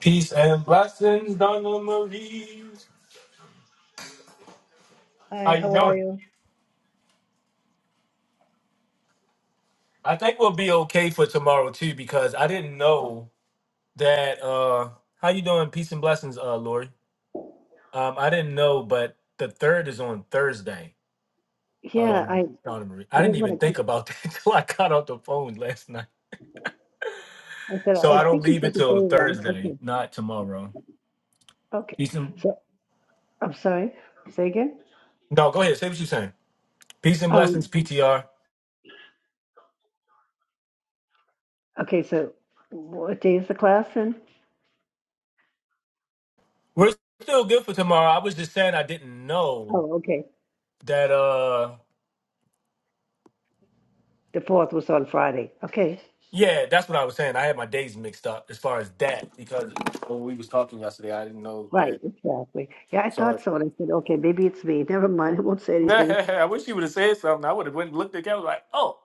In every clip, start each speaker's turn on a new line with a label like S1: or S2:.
S1: Peace and blessings, Donna Marie.
S2: Hi,
S1: How you
S2: how are
S1: doing?
S2: you?
S1: I think we'll be okay for tomorrow too, because I didn't know that. uh How you doing? Peace and blessings, uh, Lori. Um, I didn't know, but the third is on Thursday.
S2: Yeah, I,
S1: Um,
S2: I
S1: Donna Marie. I didn't
S2: didn't want
S1: even
S2: to.
S1: think about that until I got off the phone last night.
S2: I said
S1: So
S2: I
S1: I don't
S2: think you
S1: leave
S2: said the day
S1: until
S2: wrong.
S1: Thursday,
S2: Okay,
S1: not tomorrow.
S2: okay.
S1: Peace and
S2: So I'm sorry. Say again.
S1: no, go ahead. Say what you're saying. Peace and
S2: Um.
S1: blessings, PTR.
S2: Okay. So what day is the class then?
S1: We're still good for tomorrow. I was just saying I didn't know
S2: Oh, okay.
S1: that. uh
S2: The fourth was on Friday. Okay.
S1: Yeah, that's what I was saying. I had my days mixed up as far as that because when we was talking yesterday, I didn't know
S2: Right.
S1: that.
S2: Exactly. Yeah, I
S1: So
S2: thought
S1: if,
S2: so, and I said, okay, maybe it's me. Never mind. I won't say anything.
S1: I wish you would have said something. I would have went and looked at the camera like, oh.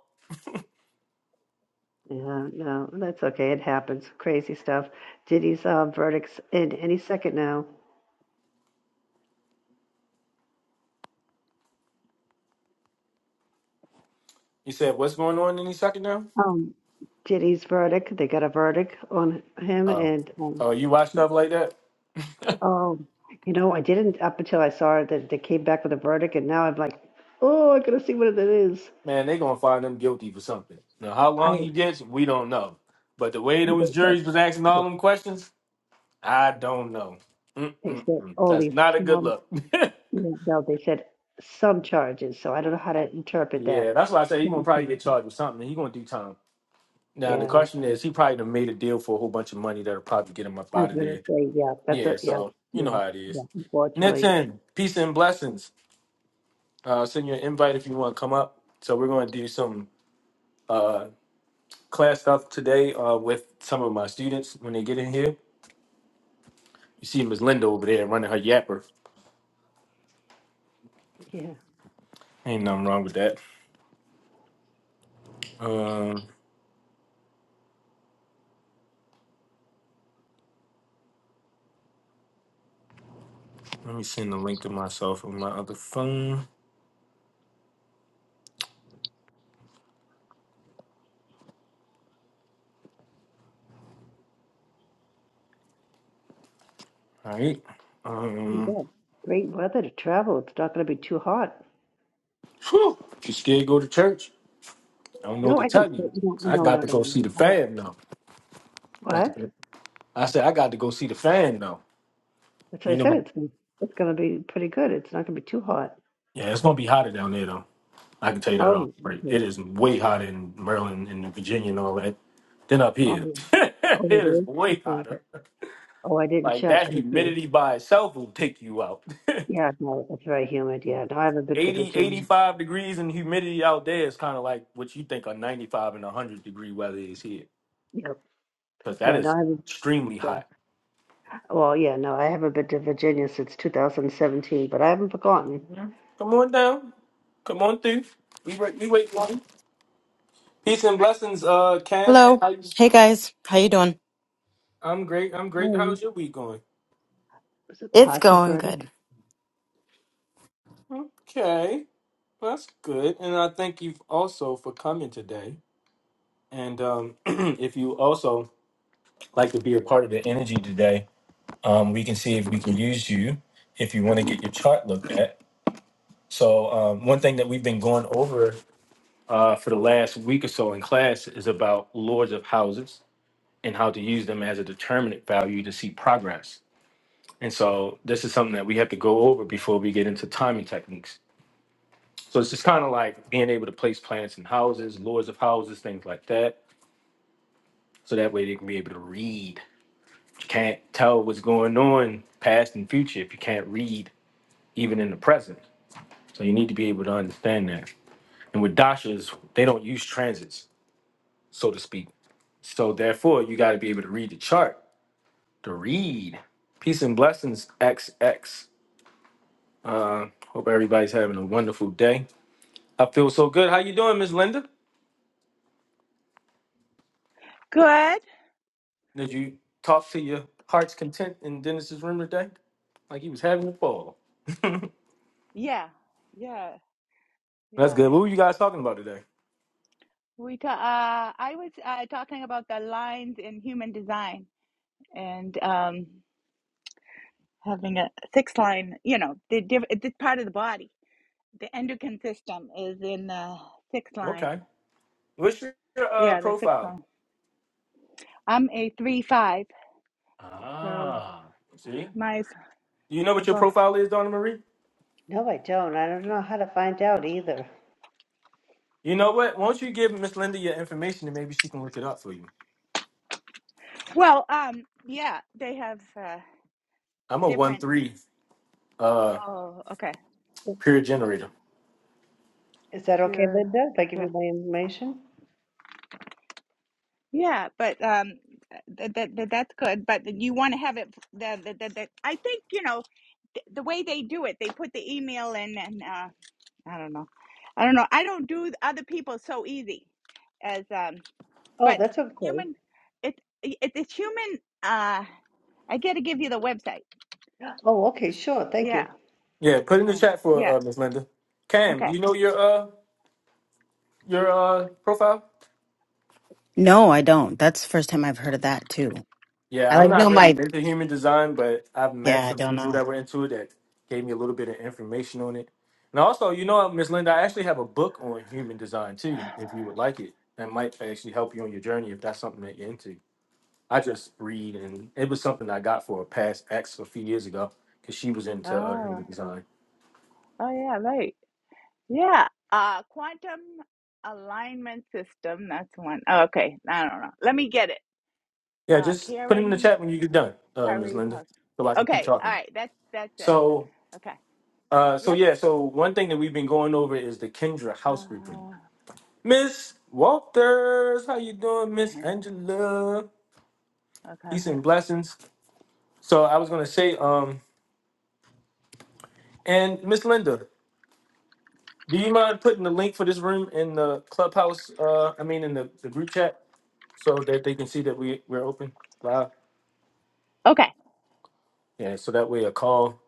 S2: Yeah. No, that's okay. It happens. Crazy stuff. Diddy's uh, verdicts in any second now.
S1: You said, what's going on any second now?
S2: um Diddy's verdict. They got a verdict on him,
S1: Oh.
S2: and um,
S1: Oh, you watch stuff like that?
S2: oh, you know, I didn't up until I saw that they came back with a verdict, and now I'm like, oh, I gotta see what it is.
S1: Man, they gonna find him guilty for something. Now, how
S2: I
S1: long he gets, we don't know. But the way those
S2: they said
S1: juries was asking
S2: yeah,
S1: all them questions, I don't know.
S2: they
S1: Mm-mm-mm.
S2: said
S1: That's
S2: only
S1: not a good
S2: some.
S1: look.
S2: No, they said some charges. So I don't know how to interpret
S1: yeah,
S2: that.
S1: that's why I say he's gonna
S2: Some
S1: probably get
S2: charges.
S1: charged with something. He's gonna do time. Now the
S2: Yeah,
S1: question is, he probably done made a deal for a whole bunch of money that'll probably get him up
S2: I was
S1: out of
S2: gonna
S1: there.
S2: say yeah. That's a
S1: Yeah,
S2: yeah,
S1: so you know
S2: yeah,
S1: how it
S2: yeah.
S1: is.
S2: Unfortunately,
S1: Nitin, peace and blessings. Uh, send you an invite if you want to come up. So we're going to do some uh, class stuff today uh, with some of my students when they get in here. You see Miss Linda over there running her yapper.
S2: yeah.
S1: Ain't nothing wrong with that. Um, let me send the link to myself on my other phone. All right. Um,
S2: Yeah. Great weather to travel. It's not gonna be too hot.
S1: whew, you scared to go to church? I don't know what
S2: No,
S1: to
S2: I didn't.
S1: tell you.
S2: say- No,
S1: I
S2: no,
S1: got
S2: no,
S1: to
S2: no.
S1: go see
S2: no.
S1: the
S2: no. I-
S1: fan now. Got to
S2: What?
S1: go- I said I got to go see the fan now.
S2: That's what I
S1: You know,
S2: said. It's gonna, it's gonna be pretty good. It's not gonna be too hot.
S1: yeah, it's gonna be hotter down there though. I can tell you that off.
S2: Oh,
S1: Right,
S2: okay.
S1: it is way hotter in Maryland and Virginia and all that than up here.
S2: Oh,
S1: it
S2: oh, it
S1: is
S2: is.
S1: way
S2: Okay.
S1: hotter.
S2: Oh, I didn't
S1: Like
S2: check.
S1: that
S2: Okay.
S1: humidity by itself will take you out.
S2: Yeah, no, it's very humid. Yeah, no, I haven't been to
S1: 80 Eighty
S2: Virginia.
S1: five degrees and humidity out there is kind of like what you think a 95 and 100 degree weather is here.
S2: Yep.
S1: Because that
S2: Yeah, no,
S1: is
S2: I haven't.
S1: extremely
S2: so-
S1: hot.
S2: Well, yeah, no, I haven't been to Virginia since 2017, but I haven't forgotten.
S1: Mhm. Come on down. Come on through. We wait, we wait. Peace and blessings, uh, Cam.
S3: Hello.
S1: I,
S3: Hey guys, how you doing?
S1: I'm great. I'm great.
S2: Oh,
S1: How's your week going?
S2: is it
S3: It's
S2: partial
S3: going
S2: verdict?
S3: good.
S1: Okay, well, that's good. And I thank you also for coming today. And um, if you also like to be a part of the energy today, um, we can see if we can use you if you want to get your chart looked at. So um, one thing that we've been going over uh, for the last week or so in class is about lords of houses and how to use them as a determinant value to see progress. And so this is something that we have to go over before we get into timing techniques. So it's just kind of like being able to place plants in houses, lures of houses, things like that. So that way they can be able to read. You can't tell what's going on past and future if you can't read even in the present. So you need to be able to understand that. And with dashas, they don't use transits, so to speak. So therefore, you got to be able to read the chart, to read. Peace and blessings, XX. Hope everybody's having a wonderful day. I feel so good. How you doing, Miss Linda?
S4: Good.
S1: Did you talk to your heart's content in Dennis's room today? Like he was having a ball.
S4: Yeah. Yeah.
S1: That's
S4: Yeah.
S1: good. What were you guys talking about today?
S4: We ta- uh, I was uh, talking about the lines in human design and um, having a six line, you know, the diff- it's part of the body. The endocrine system is in the sixth line.
S1: Okay. What's your uh,
S4: Yeah, the sixth
S1: profile?
S4: line. I'm a three five, so
S1: Ah, see,
S4: my
S1: you know what your profile is, Donna Marie.
S2: No, I don't. I don't know how to find out either.
S1: You know what? Why don't you give Miss Linda your information and maybe she can look it up for you?
S4: well, um, yeah, they have uh,
S1: I'm a one
S4: different.
S1: three uh
S4: Oh, okay,
S1: period generator.
S2: Is that okay,
S4: pure.
S2: Linda? If I
S4: yeah.
S2: give you my information?
S4: Yeah, but um, that that that that's good. But you want to have it. The the the, the I think you know th- the way they do it. They put the email in, and uh, I don't know. I don't know. I don't do other people so easy as um.
S2: Oh,
S4: But
S2: that's okay.
S4: human, it, it it's human. Uh, I got to give you the website.
S2: Oh, okay, sure. Thank
S4: Yeah,
S2: you.
S1: Yeah, put in the
S4: uh,
S1: chat for
S4: yeah.
S1: uh, Miss Linda. Cam, do
S4: Okay.
S1: you know your uh your uh profile?
S3: No, I don't. That's the first time I've heard of that too. I
S1: Yeah, I'm
S3: like know
S1: not really
S3: my
S1: into human design, but I've met
S3: yeah, I
S1: some
S3: don't
S1: people
S3: know.
S1: that were into it that gave me a little bit of information on it. And also, you know, Miss Linda, I actually have a book on human design too, if you would like it. That might actually help you on your journey if that's something that you're into. I just read, and it was something I got for a past ex a few years ago because she was into uh,
S4: Oh,
S1: human design.
S4: oh yeah, right. Yeah, uh, quantum alignment system. That's one. Oh, okay, I don't know. Let me get it.
S1: Yeah,
S4: Uh,
S1: just put it in the
S4: Karen
S1: chat when you get done, uh, Miss
S4: Curry
S1: Linda,
S4: Post.
S1: so I can keep
S4: Okay, all
S1: talking.
S4: right. That's that's it.
S1: So,
S4: Okay.
S1: uh, so
S4: Yep.
S1: yeah, so one thing that we've been going over is the Kendra house grouping.
S4: Uh,
S1: Miss Walters, how you doing, Miss
S4: okay.
S1: Angela?
S4: Okay.
S1: Peace and blessings. So I was gonna say, um, and Miss Linda, do you mind putting the link for this room in the clubhouse? Uh, I mean, in the, the group chat, so that they can see that we we're open live.
S4: Okay.
S1: Yeah, so that way a call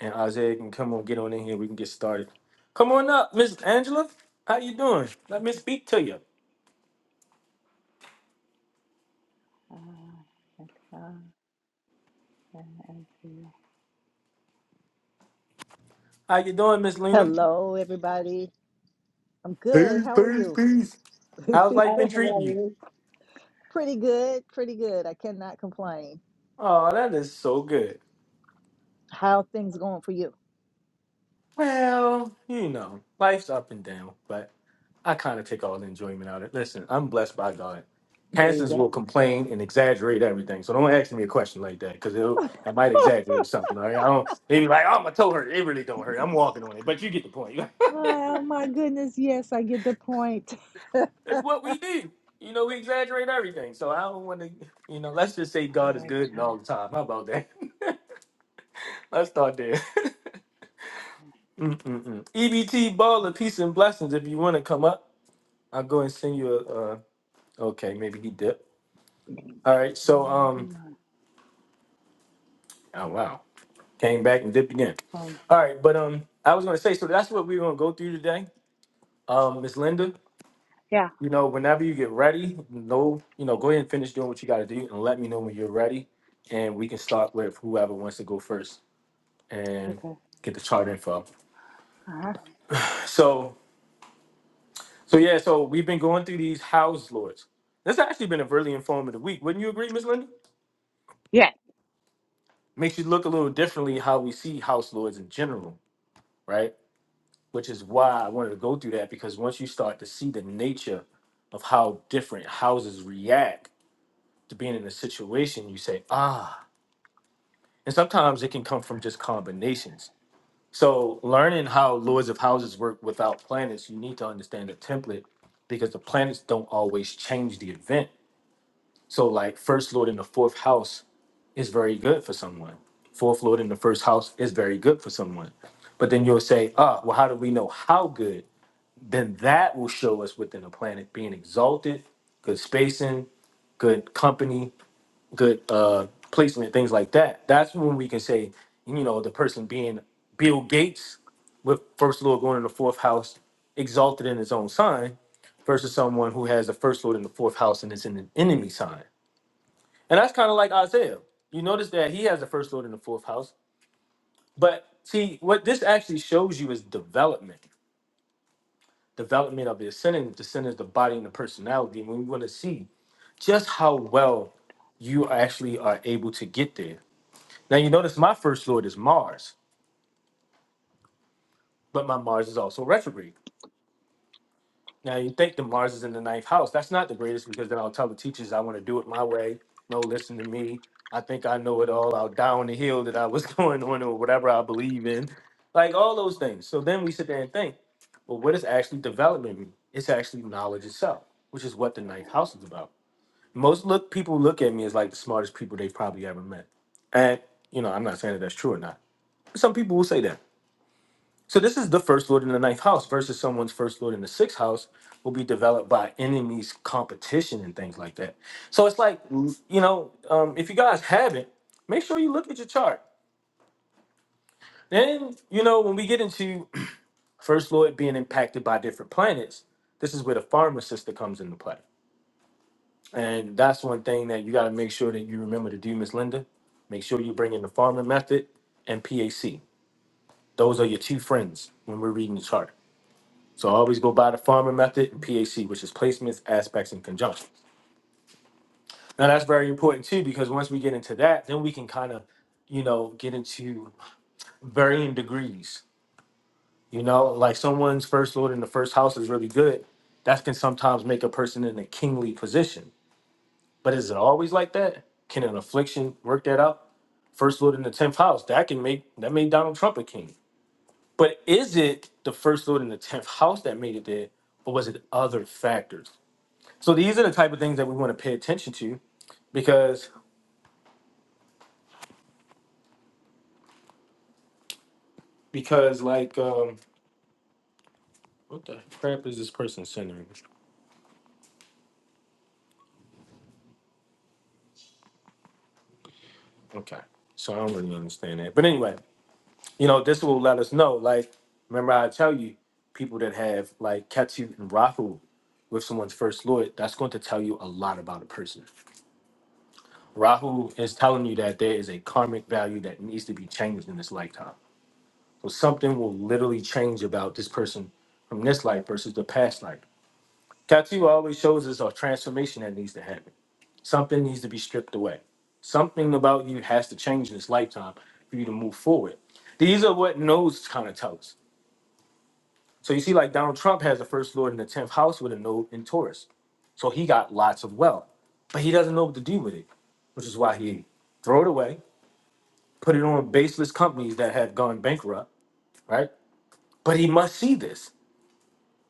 S1: and Isaiah can come on, get on in here, we can get started. Come on up, Miss Angela. How you doing? Let me speak to you.
S4: Uh,
S1: How you doing, Miss Lena?
S5: Hello, everybody. I'm good.
S1: Peace,
S5: How are
S1: peace,
S5: you?
S1: peace. How's
S2: Hi,
S1: life been
S2: how
S1: treating
S2: are
S1: you?
S2: you?
S5: pretty good. Pretty good. I cannot complain.
S1: Oh, that is so good.
S5: How things going for you?
S1: Well, you know, life's up and down, but I kind of take all the enjoyment out of it. Listen, I'm blessed by God.
S5: There you
S1: Pastors will
S5: go.
S1: complain and exaggerate everything, so don't ask me a question like that because I might exaggerate something. All right, I don't. They be like, "Oh, my toe hurt." It really don't hurt. I'm walking on it, but you get the point.
S5: Oh my goodness. Yes, I get the point.
S1: It's what we do. You know, we exaggerate everything. So I don't want to. You know, let's just say God is good and all the time. How about that? let's start there. Mm-mm-mm. EBT ball of peace and blessings. If you want to come up. I'll go and send you a. Uh, okay, maybe he dipped. All right, so um, oh wow, came back and dipped again.
S4: Oh,
S1: All right, but um, I was gonna say, so that's what we're gonna go through today. Um, Miss Linda,
S4: yeah.
S1: you know, whenever you get ready, no, you know, go ahead and finish doing what you gotta do, and let me know when you're ready, and we can start with whoever wants to go first and
S4: Okay.
S1: get the chart info.
S4: Uh huh.
S1: So, so yeah, so we've been going through these house lords. This has actually been a really informative week, wouldn't you agree, Miss Linda?
S4: Yeah.
S1: makes you look a little differently
S4: Okay.
S1: how we see house lords in general, right? Which is why I wanted to go through that because once you start to see the nature of how different houses react to being in a situation, you say, ah. And sometimes it can come from just combinations. So, learning how lords of houses work without planets, you need to understand the template because the planets don't always change the event. So, like, first lord in the fourth house is very good for someone. Fourth Lord in the first house is very good for someone. But then you'll say, ah, well, how do we know how good? Then that will show us within a planet being exalted, good spacing, good company, good uh, placement, things like that. That's when we can say, you know, the person being Bill Gates with first lord going in the fourth house, exalted in his own sign, versus someone who has a first lord in the fourth house and is in an enemy sign. And that's kind of like Isaiah. You notice that he has the first lord in the fourth house. But see, what this actually shows you is development, development of the ascendant, the ascendant, the body, and the personality. And we want to see just how well you actually are able to get there. Now, you notice my first lord is Mars, but my Mars is also retrograde. Now you think the Mars is in the ninth house. That's not the greatest because then I'll tell the teachers I want to do it my way. No, listen to me. I think I know it all. I'll die on the hill that I was going on or whatever I believe in. Like all those things. So then we sit there and think, well, what does actually development mean? It's actually knowledge itself, which is what the ninth house is about. Most look people look at me as like the smartest people they've probably ever met. And you know, I'm not saying that that's true or not. Some people will say that. So this is the first lord in the ninth house versus someone's first lord in the sixth house will be developed by enemies, competition, and things like that. So it's like you know, um, if you guys haven't, make sure you look at your chart. Then you know when we get into first lord being impacted by different planets, this is where the farmer sister comes into play, and that's one thing that you got to make sure that you remember to do, Miss Linda. Make sure you bring in the farmer method and PAC. Those are your two friends when we're reading the chart. So I always go by the farmer method and PAC, which is placements, aspects, and conjunctions. Now that's very important too, because once we get into that, then we can kind of, you know, get into varying degrees. You know, like someone's first lord in the first house is really good. That can sometimes make a person in a kingly position. But is it always like that? Can an affliction work that out? First lord in the tenth house, that can make that made Donald Trump a king. But is it the first lord in the tenth house that made it there, or was it other factors? So these are the type of things that we want to pay attention to because because like um what the crap is this person sending me? Okay. So I don't really understand that. But anyway, you know, this will let us know. Like, remember I tell you people that have like Ketu and Rahu with someone's first lord, that's going to tell you a lot about a person. Rahu is telling you that there is a karmic value that needs to be changed in this lifetime. So something will literally change about this person from this life versus the past life. Tattoo always shows us a transformation that needs to happen. Something needs to be stripped away. Something about you has to change in this lifetime for you to move forward. These are what nodes kind of tell us. So you see, like Donald Trump has the first lord in the 10th house with a node in Taurus. So he got lots of wealth, but he doesn't know what to do with it, which is why he throw it away, put it on baseless companies that have gone bankrupt, right? But he must see this.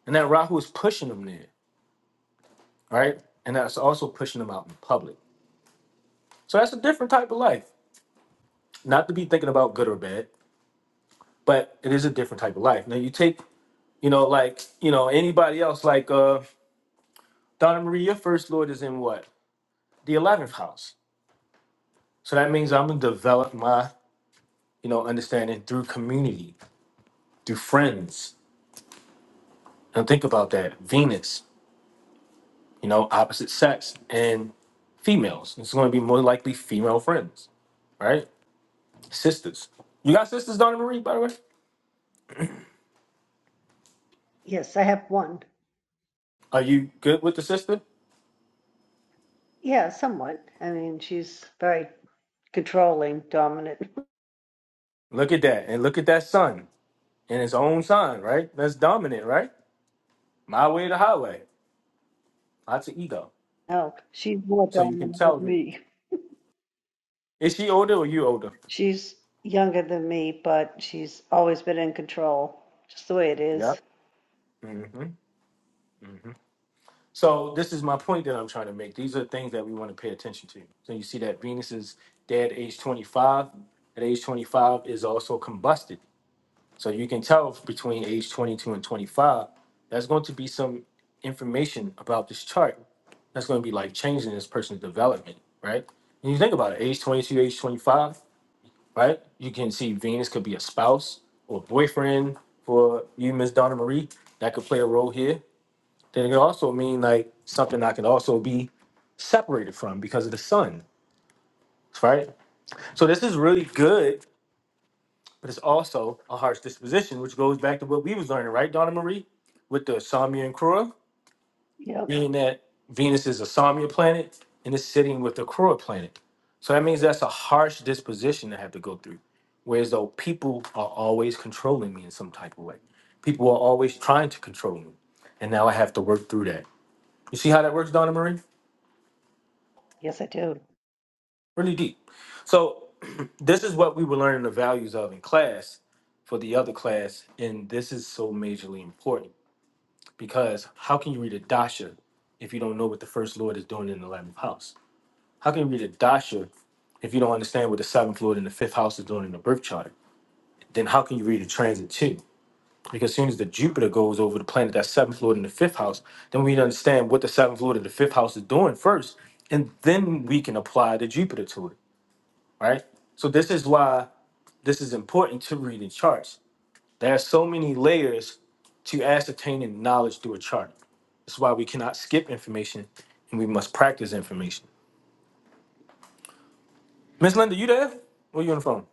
S1: And that Rahu is pushing him there, right? And that's also pushing him out in public. So that's a different type of life. Not to be thinking about good or bad, but it is a different type of life. Now you take, you know, like, you know, anybody else, like uh Donna Marie, your first lord is in what? The eleventh house. So that means I'm gonna develop my, you know, understanding through community, through friends. And think about that. Venus, you know, opposite sex and females. It's gonna be more likely female friends, right? Sisters. You got sisters, Donna Marie, by the way?
S2: Yes, I have one.
S1: Are you good with the sister?
S2: Yeah, somewhat. I mean, she's very controlling, dominant.
S1: Look at that. And look at that sun and its own sign, right? That's dominant, right? My way or the highway. Lots of ego.
S2: No, she's more
S1: So you can
S2: dominant
S1: tell.
S2: with
S1: that-
S2: me.
S1: Is she older or you older?
S2: She's younger than me, but she's always been in control, just the way it
S1: Yeah.
S2: is.
S1: hmm So this is my point that I'm trying to make. These are things that we want to pay attention to. So you see that Venus is dead at age 25. At age 25 is also combusted. So you can tell between age 22 and 25, there's going to be some information about this chart that's going to be like changing this person's development, right? And you think about it, age 22, age 25, right? You can see Venus could be a spouse or boyfriend for you, Miss Donna Marie. That could play a role here. Then it could also mean like something I could also be separated from because of the sun, right? So this is really good but it's also a heart's disposition, which goes back to what we was learning, right, Donna Marie, with the Samia and Krura,
S2: Yep.
S1: being that Venus is a Samia planet and it's sitting with the Krura planet. So that means that's a harsh disposition to have to go through. Whereas though people are always controlling me in some type of way. People are always trying to control me. And now I have to work through that. You see how that works, Donna Marie?
S2: Yes, I do.
S1: Really deep. So this is what we were learning the values of in class for the other class. And this is so majorly important Because how can you read a dasha if you don't know what the first lord is doing in the eleventh house? How can you read a dasha if you don't understand what the seventh lord and the fifth house is doing in the birth chart? Then how can you read a transit too? Because as soon as the Jupiter goes over the planet that's seventh lord and the fifth house, then we understand what the seventh lord and the fifth house is doing first, and then we can apply the Jupiter to it, right? So this is why this is important to reading charts. There are so many layers to ascertaining knowledge through a chart. That's why we cannot skip information and we must practice information. Miss Linda, you there? Or you on the phone?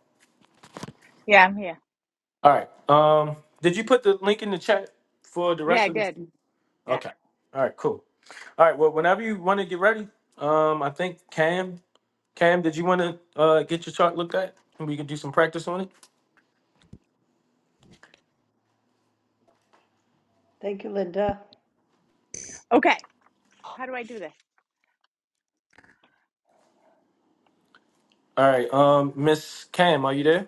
S4: Yeah, I'm here.
S1: All right. Um, did you put the link in the chat for the rest
S4: Yeah,
S1: of
S4: good.
S1: the
S4: Yeah.
S1: Okay. All right, cool. All right, well, whenever you want to get ready, um, I think Cam, Cam, did you want to uh get your chart looked at? And we can do some practice on it.
S2: Thank you, Linda.
S4: Okay. How do I do this?
S1: All right, um, Miss Cam, are you there?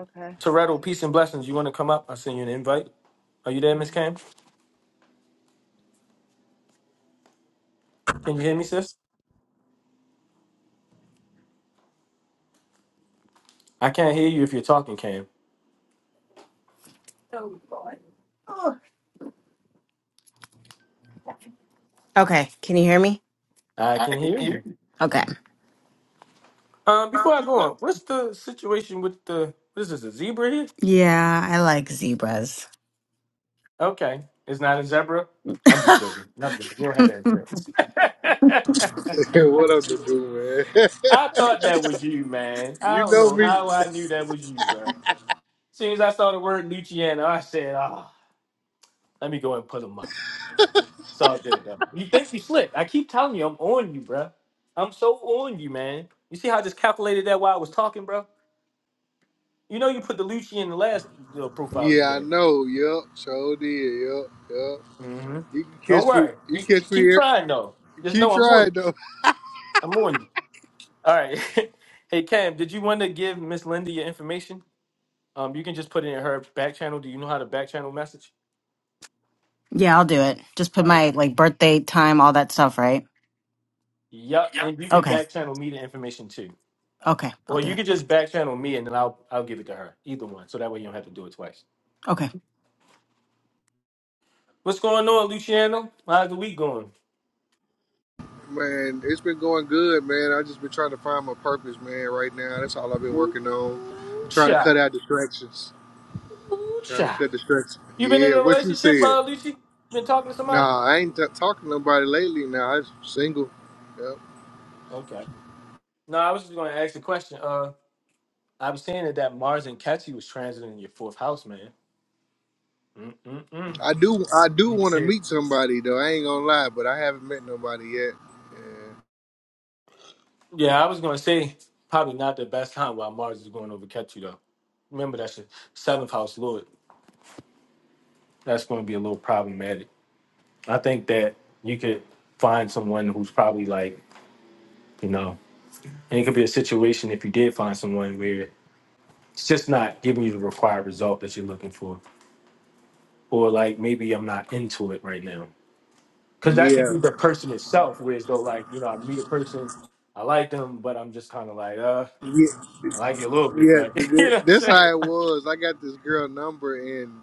S4: Okay.
S1: Toretto, peace and blessings. You want to come up? I send you an invite. Are you there, Miss
S4: hmm.
S1: Cam? Can you hear me, sis? I can't hear you if you're talking, Cam.
S3: Okay, can you hear me?
S1: I
S3: I
S1: can
S3: can
S1: hear
S3: hear
S1: you.
S3: you. Okay.
S1: Um, before I go on, what's the situation with the what is this, a zebra here?
S3: Yeah, I like zebras.
S1: Okay. It's not a zebra. I'm just
S3: yeah,
S1: joking. Not joking. You don't have to answer that.
S6: Hey, what up, the dude, man?
S1: I thought that was you, man. I
S6: you
S1: don't
S6: know
S1: know
S6: me.
S1: how I knew that was you, bro. soon as I saw the word Luciano, I said, ah, let me go and put him up. It's all good though. You think you slick. I keep telling you, I'm on you, bro. I'm so on you, man. You see how I just calculated that while I was talking, bro? You know you put the Lucci in the last uh, profile you
S6: Yeah, I
S1: had.
S6: know. Yup, sure did. Yup, yup.
S1: hmm
S6: You can
S1: Don't
S6: catch me.
S1: worry.
S6: You
S1: You, you
S6: catch me
S1: keep
S6: here.
S1: trying though. Just
S6: Keep
S1: know I'm on
S6: trying
S1: you.
S6: though,
S1: I'm on you. All right. hey Cam, did you want to give Miss Linda your information? Um, you can just put it in her back channel. Do you know how to back channel message?
S3: I'll do it. Just put
S1: All right.
S3: my like birthday time, all that stuff, right?
S1: Yup.
S3: Yeah.
S1: And you can
S3: Okay.
S1: back channel me the information too.
S3: Okay, I'll
S1: Or
S3: do
S1: you
S3: it.
S1: can just back channel me and then I'll I'll give it to her. Either one. So that way you don't have to do it twice.
S3: Okay.
S1: What's going on, Luciano? How's the week going?
S6: man. It's been going good, man. I just been trying to find my purpose, man. Right now, that's all I've been working on.
S1: Ooh,
S6: Trying to cut
S1: Cha.
S6: out distractions.
S1: Ooh,
S6: Trying to
S1: cha.
S6: cut distractions.
S1: You been in
S6: Yeah,
S1: a
S6: what you
S1: relationship,
S6: said?
S1: uh, Lucy? Been talking to somebody?
S6: Nah, I ain't t- talking to nobody lately. Now I'm single. Yep.
S1: Okay. No, I was just going to ask the question. Uh, I was saying that that Mars and Catchy was transiting your fourth house, man. Mm-mm-mm.
S6: I do. I do
S1: Need to
S6: want to
S1: pay.
S6: meet somebody though. I ain't gonna lie, but I haven't met nobody yet.
S1: Yeah, I was going to say probably not the best time while Mars is going over Catchy, though. Remember, that's your seventh house lord. That's going to be a little problematic. I think that you could find someone who's probably like, you know, and it could be a situation if you did find someone where it's just not giving you the required result that you're looking for. Or like maybe I'm not into it right now. Because that could
S6: Yeah.
S1: be the person itself, whereas though, like, you know, I meet a person, I like them, but I'm just kind of like, uh,
S6: Yeah.
S1: I like you a little bit,
S6: Yeah,
S1: but
S6: th-
S1: you know
S6: th-
S1: what I'm
S6: this
S1: saying?
S6: how it was. I got this girl number and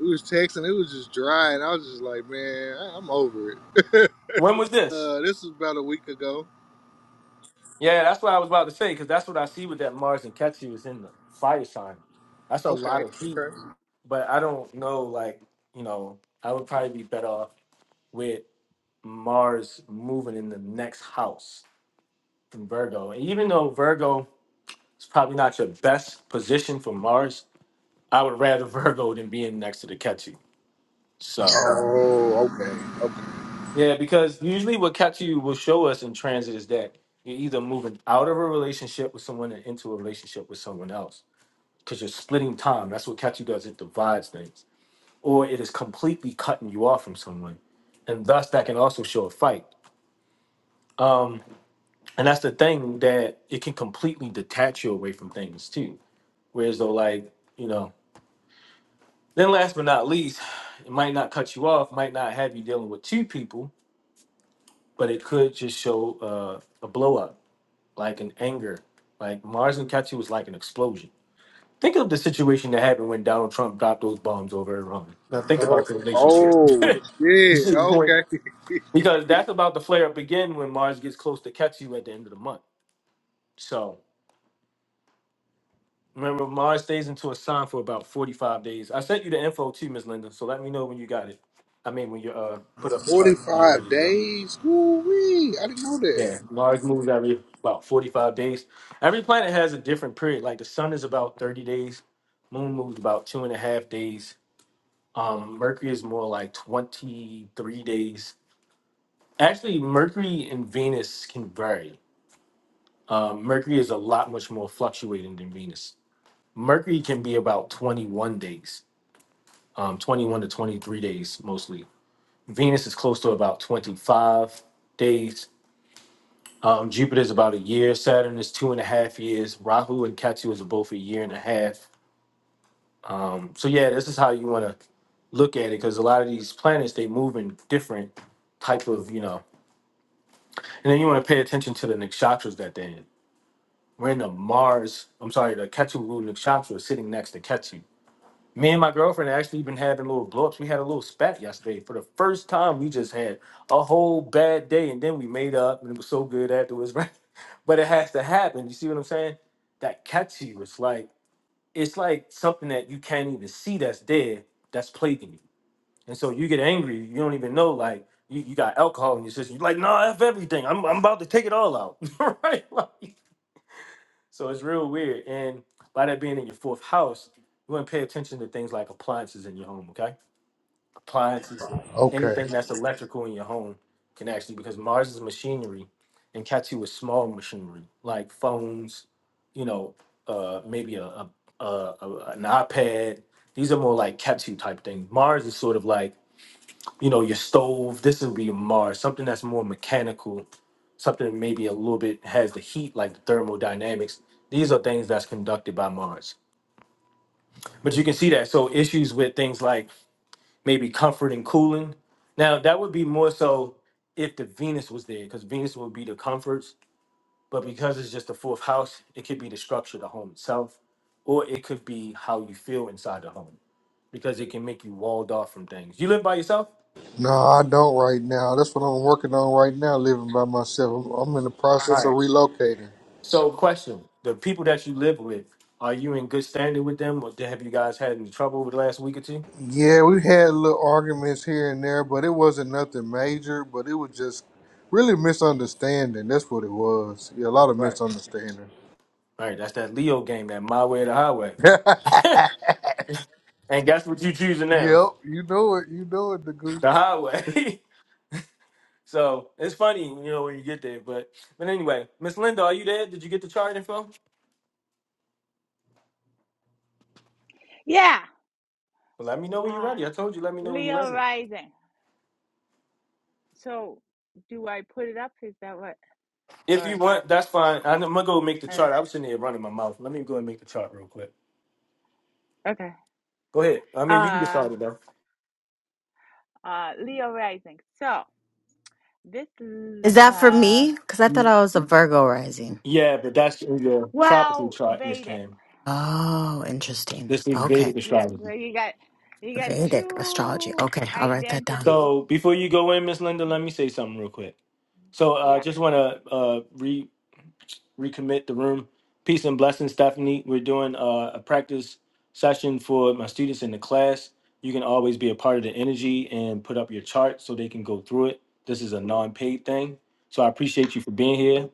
S6: we was texting. It was just dry, and I was just like, man, I- I'm over it.
S1: When was this?
S6: uh, this was about a week ago.
S1: Yeah, that's what I was about to say, because that's what I see with that Mars and Ketsu is in the fire sign. That's a
S6: Okay.
S1: lot of heat,
S6: Okay.
S1: but I don't know, like, you know, I would probably be better off with Mars moving in the next house in Virgo. And even though Virgo is probably not your best position for Mars, I would rather Virgo than being next to the Ketsu. So
S6: Oh, okay. Okay.
S1: yeah, because usually what Katsu will show us in transit is that you're either moving out of a relationship with someone and into a relationship with someone else because you're splitting time. That's what Katsu does. It divides things, or it is completely cutting you off from someone, and thus that can also show a fight. Um, and that's the thing that it can completely detach you away from things too. Whereas though, like you know, then last but not least, it might not cut you off, might not have you dealing with two people, but it could just show uh, a blow up like an anger. Like Mars and Katsu was like an explosion. Think of the situation that happened when Donald Trump dropped those bombs over Iran. Now think
S6: Oh,
S1: about the relationship.
S6: oh
S1: you
S6: shit.
S1: see the point?
S6: Okay.
S1: Because that's about to flare up again when Mars gets close to Katsu at the end of the month. So remember, Mars stays into a sign for about 45 days. I sent you the info too, Miss Linda. So let me know when you got it. I mean, when you uh, put up the chart and you're
S6: Forty-five
S1: ready to go.
S6: days. Ooh wee. I didn't know that.
S1: Yeah, Mars moves every about 45 days. Every planet has a different period. Like the sun is about 30 days, moon moves about two and a half days. Um, Mercury is more like 23 days. Actually, Mercury and Venus can vary. Um, Mercury is a lot much more fluctuating than Venus. Mercury can be about 21 days, um, 21 to 23 days mostly. Venus is close to about 25 days Um, Jupiter is about a year. Saturn is two and a half years. Rahu and Ketu is both a year and a half. Um, so yeah, this is how you want to look at it because a lot of these planets they move in different type of you know. And then you want to pay attention to the nakshatras that they're in. We're in the Mars. I'm sorry, the Ketu ruled nakshatra is sitting next to Ketu. Me and my girlfriend actually been having little blowups. We had a little spat yesterday. For the first time, we just had a whole bad day, and then we made up, and it was so good afterwards, right? But it has to happen. You see what I'm saying? That catch you. It's like it's like something that you can't even see that's there, that's plaguing you. And so you get angry. You don't even know. Like you, you got alcohol in your system. You're like, no, nah, f everything. I'm I'm about to take it all out, right? Like, so it's real weird. And by that being in your fourth house, you want to pay attention to things like appliances in your home, okay? appliances,
S6: Okay.
S1: anything that's electrical in your home can actually because Mars is machinery and Ketu is small machinery like phones, you know, uh, maybe a, a, a, a an iPad. These are more like Ketu type things. Mars is sort of like you know your stove. This would be Mars, something that's more mechanical, something maybe a little bit has the heat like the thermodynamics. These are things that's conducted by Mars. But you can see that. So issues with things like maybe comfort and cooling. Now that would be more so if the Venus was there, because Venus would be the comforts. But because it's just the fourth house, it could be the structure of the home itself, or it could be how you feel inside the home, because it can make you walled off from things. You live by yourself?
S6: No, I don't right now. That's what I'm working on right now, living by myself. I'm, I'm in the
S1: All
S6: process of
S1: right.
S6: relocating.
S1: So, question: The people that you live with, are you in good standing with them, or have you guys had any trouble over the last week or two?
S6: Yeah, we had little arguments here and there, but it wasn't nothing major. But it was just really misunderstanding. That's what it was. Yeah, a lot of
S1: Right.
S6: misunderstanding.
S1: All right. That's that Leo game, that my way or the highway.
S6: yep,
S1: and guess what you choosing now?
S6: you know it. You know it, the
S1: The highway. So it's funny, you know, when you get there. But but anyway, Miss Linda, are you there? Did you get the chart info?
S4: Yeah.
S1: Well, let me know when you're
S4: Uh,
S1: ready. I told you, let me know when you're
S4: Leo
S1: ready.
S4: rising. So do I put it up? Is that what?
S1: If you
S4: Or
S1: want, that's fine. I'm gonna go make the
S4: uh,
S1: chart. I was sitting here running my mouth. Let me go and make the chart real quick.
S4: okay.
S1: Go ahead. I mean, you can get
S4: Uh,
S1: started though.
S4: uh, Leo rising. So this l-
S3: Is that for
S4: uh,
S3: me? Because I thought I was a Virgo rising.
S1: Yeah, but that's in your tropical
S4: well
S1: chart, Miss
S4: Vedic.
S1: Cam.
S3: Oh, interesting.
S1: This is
S3: Okay.
S1: Vedic
S4: Yeah. So
S1: astrology.
S4: you got you got
S3: Vedic astrology.
S4: two
S3: Okay, I'll write that down.
S4: identities.
S1: So before you go in, Miss Linda, let
S4: Hmm.
S1: me say something real quick. So I uh,
S4: Yeah.
S1: just want to uh, recommit the room. Peace and blessings, Stephanie. We're doing uh, a practice session for my students in the class. You can always be a part of the energy and put up your chart so they can go through it. This is a non-paid thing, so I appreciate you for being here.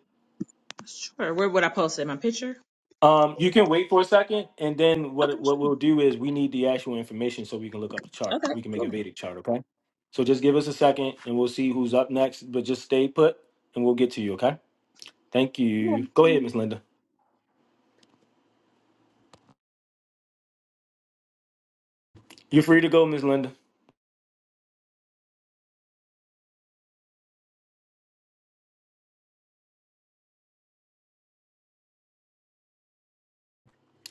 S7: Sure. Where would I post it? My picture?
S1: Um, you can wait for a second, and then
S7: Okay,
S1: what what
S7: sure.
S1: we'll do is we need the actual information so we can look up the chart.
S7: Okay,
S1: We can make a
S7: cool.
S1: Vedic chart, okay? So just give us a second, and we'll see who's up next. But just stay put, and we'll get to you, okay? Thank
S7: You're
S1: you. Go ahead, Miss
S7: welcome.
S1: Linda. You're free to go, Miss Linda.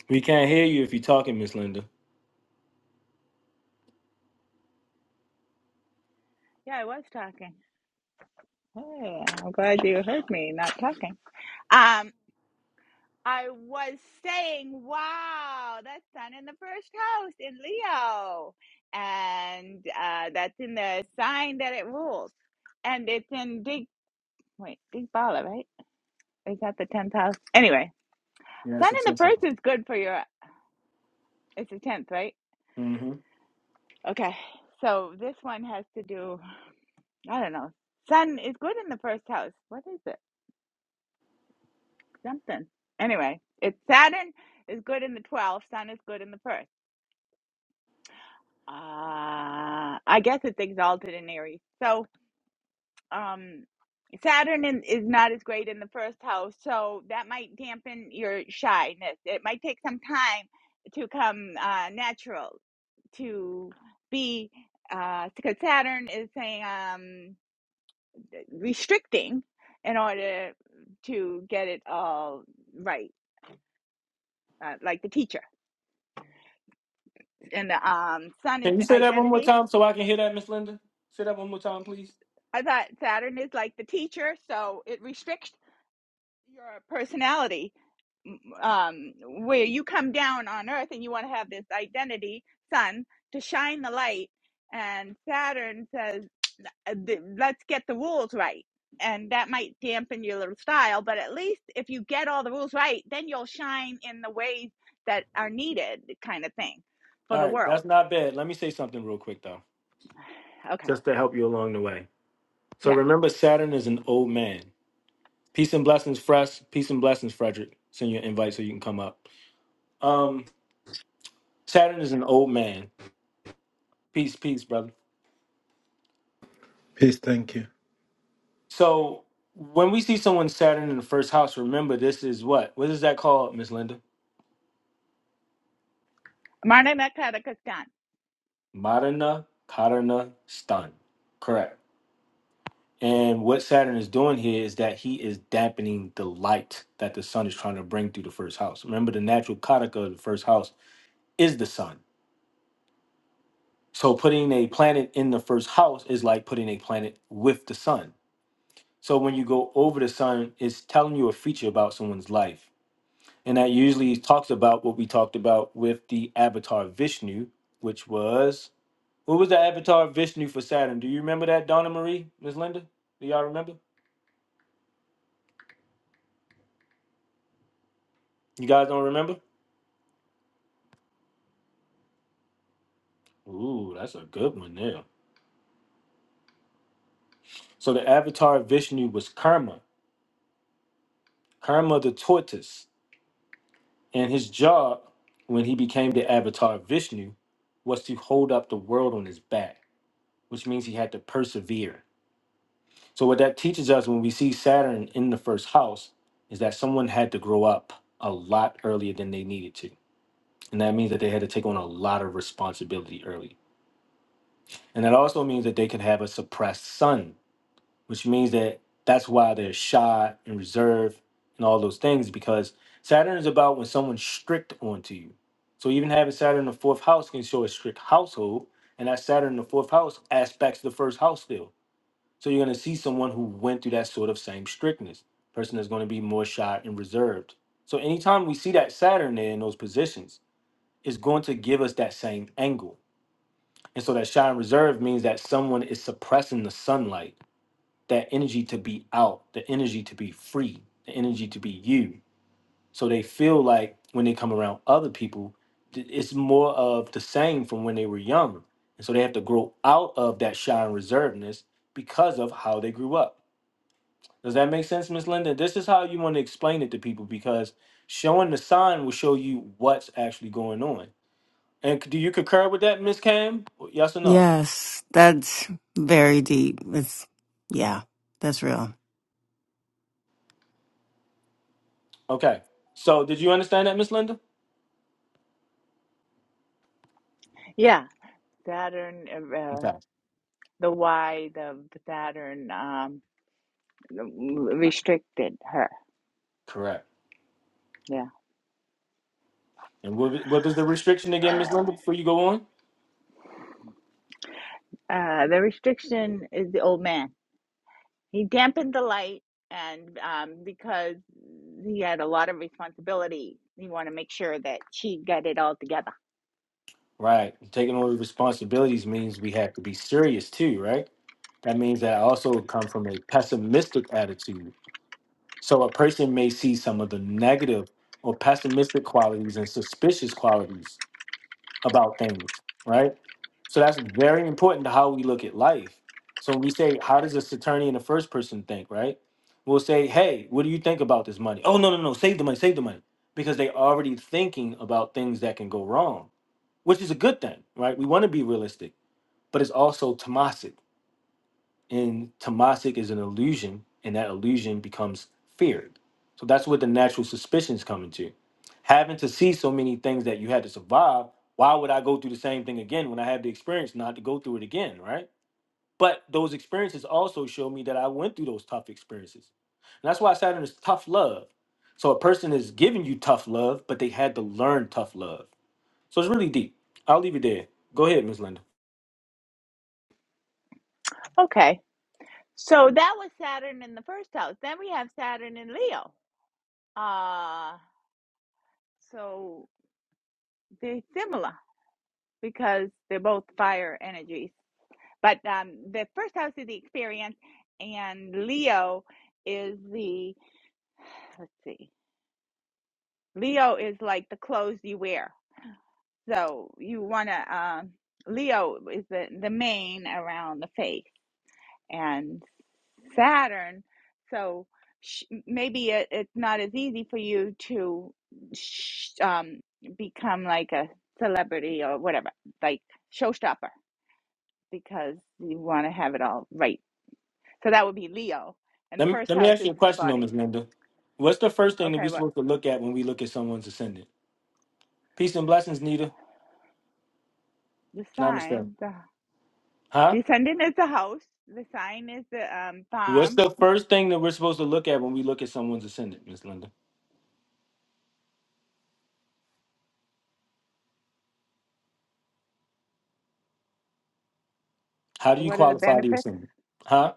S1: We can't hear you if you're talking, Miss Linda.
S4: Yeah. I was talking. Hey, I'm glad you heard me not talking. Um. I was saying, wow, that's sun in the first house in Leo. And uh, that's in the sign that it rules. And it's in Big, wait, Big Bala, right? Is that the 10th house? Anyway,
S1: Yes,
S4: sun
S1: it's
S4: in the
S1: something.
S4: first is good for your, it's the 10th, right?
S1: hmm
S4: Okay. So this one has to do, I don't know. Sun is good in the first house. What is it? Something. Anyway, it's Saturn is good in the 12th, Sun is good in the first. Uh, I guess it's exalted in Aries. So, um, Saturn in, is not as great in the first house, so that might dampen your shyness. It might take some time to come uh, natural to be, uh, because Saturn is saying um, restricting in order to get it all right, uh, like the teacher. And the um, Sun is
S1: Can you
S4: the
S1: say that one more
S4: identity.
S1: time so I can hear that, Miss Linda? Say that one more time, please.
S4: I thought Saturn is like the teacher, so it restricts your personality um, where you come down on earth and you want to have this identity sun to shine the light and saturn says uh, let's get the rules right and that might dampen your little style but at least if you get all the rules right then you'll shine in the ways that are needed kind of thing for
S1: All
S4: the
S1: right, that's
S4: world
S1: not bad. Let me say something real quick, though,
S4: okay
S1: just to help you along the way. So
S4: yeah
S1: remember, Saturn is an old man. Peace and blessings, Fresh. Peace and blessings, Frederick. Send your invite so you can come up. Um, Saturn is an old man. Peace, peace, brother.
S8: Peace, thank you.
S1: So when we see someone Saturn in the first house, remember this is what? What is that called, Miss Linda?
S4: Marna Nakara Kaskan.
S1: Madana Karana Stan. Correct. And what Saturn is doing here is that he is dampening the light that the sun is trying to bring through the first house. Remember, the natural karaka of the first house is the sun. So putting a planet in the first house is like putting a planet with the sun. So when you go over the sun, it's telling you a feature about someone's life. And that usually talks about what we talked about with the avatar Vishnu, which was Who was the avatar of Vishnu for Saturn? Do you remember that, Donna Marie, Miss Linda? Do y'all remember? You guys don't remember? Ooh, that's a good one there. So the avatar of Vishnu was Karma, Karma the tortoise, and his job when he became the avatar of Vishnu was to hold up the world on his back, which means he had to persevere. So what that teaches us when we see Saturn in the first house is that someone had to grow up a lot earlier than they needed to. And that means that they had to take on a lot of responsibility early. And that also means that they can have a suppressed son, which means that that's why they're shy and reserved and all those things, because Saturn is about when someone's strict onto you. So even having Saturn in the fourth house can show a strict household, and that Saturn in the fourth house aspects the first house still. So you're going to see someone who went through that sort of same strictness, person that's going to be more shy and reserved. So anytime we see that Saturn there in those positions, it's going to give us that same angle and so that shine reserve means that someone is suppressing the sunlight, that energy to be out, the energy to be free, the energy to be you. So they feel like when they come around other people, th- it's more of the same from when they were young. And so they have to grow out of that shine reservedness because of how they grew up. Does that make sense, Miss Linda? This is how you want to explain it to people because showing the sign will show you what's actually going on. And c- do you concur with that, Miss Cam? Yes or no?
S3: Yes, that's very deep. It's yeah, that's real.
S1: Okay. So did you understand that, Miss Linda?
S4: yeah saturn uh,
S1: Okay.
S4: the why the saturn um. Mm, restricted her.
S1: Correct.
S4: Yeah.
S1: And what, what was the restriction again, Miss Linda, before you go on?
S4: Uh, the restriction is the old man. He dampened the light, and um, because he had a lot of responsibility, he wanted to make sure that she got it all together.
S1: Right. Taking on responsibilities means we have to be serious too, right? That means that I also come from a pessimistic attitude. So a person may see some of the negative or pessimistic qualities and suspicious qualities about things, right? So that's very important to how we look at life. So when we say, how does this attorney in the first person think, right? We'll say, hey, what do you think about this money? Oh, no, no, no, save the money, save the money. Because they already thinking about things that can go wrong, which is a good thing, right? We want to be realistic, but it's also tamasic. And tamasic is an illusion, and that illusion becomes feared. So that's what the natural suspicions come into. Having to see so many things that you had to survive, why would I go through the same thing again when I have the experience not to go through it again, right? But those experiences also show me that I went through those tough experiences. And that's why Saturn is tough love. So a person is giving you tough love, but they had to learn tough love. So it's really deep. I'll leave it there. Go ahead, Ms. Linda.
S4: Okay. So that was Saturn in the first house. Then we have Saturn in Leo. Uh, so they're similar because they're both fire energies. But um, the first house is the experience, and Leo is the, let's see. Leo is like the clothes you wear. So you want to, um, Leo is the, the mane around the face and Saturn. So sh- maybe it, it's not as easy for you to sh- um, become like a celebrity or whatever, like showstopper, because you want to have it all right. So that would be Leo. And the
S1: Let me
S4: first
S1: let me
S4: house
S1: ask
S4: is
S1: you a
S4: the
S1: question though,
S4: body.
S1: Ms. Linda. What's the first thing that
S4: Okay,
S1: we're
S4: well,
S1: supposed to look at when we look at someone's ascendant? Peace and blessings, Nita.
S4: the
S1: Namaste.
S4: sign.
S1: Huh?
S4: The ascendant is the house. The sign is the um,
S1: What's
S4: farm.
S1: the first thing that we're supposed to look at when we look at someone's ascendant, Ms. Linda? How do you
S4: What are the
S1: qualify the
S4: benefits?
S1: ascendant? Huh?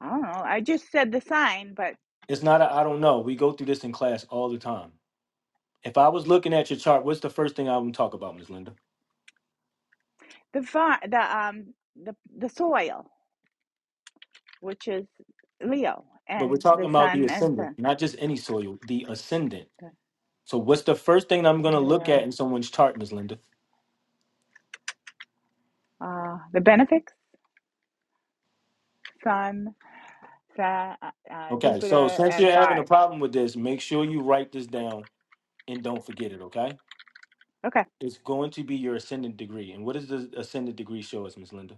S4: I don't know. I just said the sign, but
S1: It's not I I don't know. We go through this in class all the time. If I was looking at your chart, what's the first thing I would talk about, Ms. Linda?
S4: the farm, the um, the the soil, which is Leo,
S1: But we're
S4: and
S1: talking
S4: the
S1: about the
S4: sun and
S1: ascendant,
S4: the,
S1: not just any soil, the ascendant.
S4: the
S1: So what's the first thing I'm gonna
S4: Leo.
S1: look at in
S4: Uh,
S1: someone's chart, Ms. Linda?
S4: uh, the benefits: Sun, Sa uh, uh,
S1: Okay, so
S4: Jupiter,
S1: since you're
S4: and
S1: having a
S4: Mars.
S1: problem with this, make sure you write this down and don't forget it, okay?
S4: Okay,
S1: It's going to be your ascendant degree. And what does the ascendant degree show us, Miss Linda?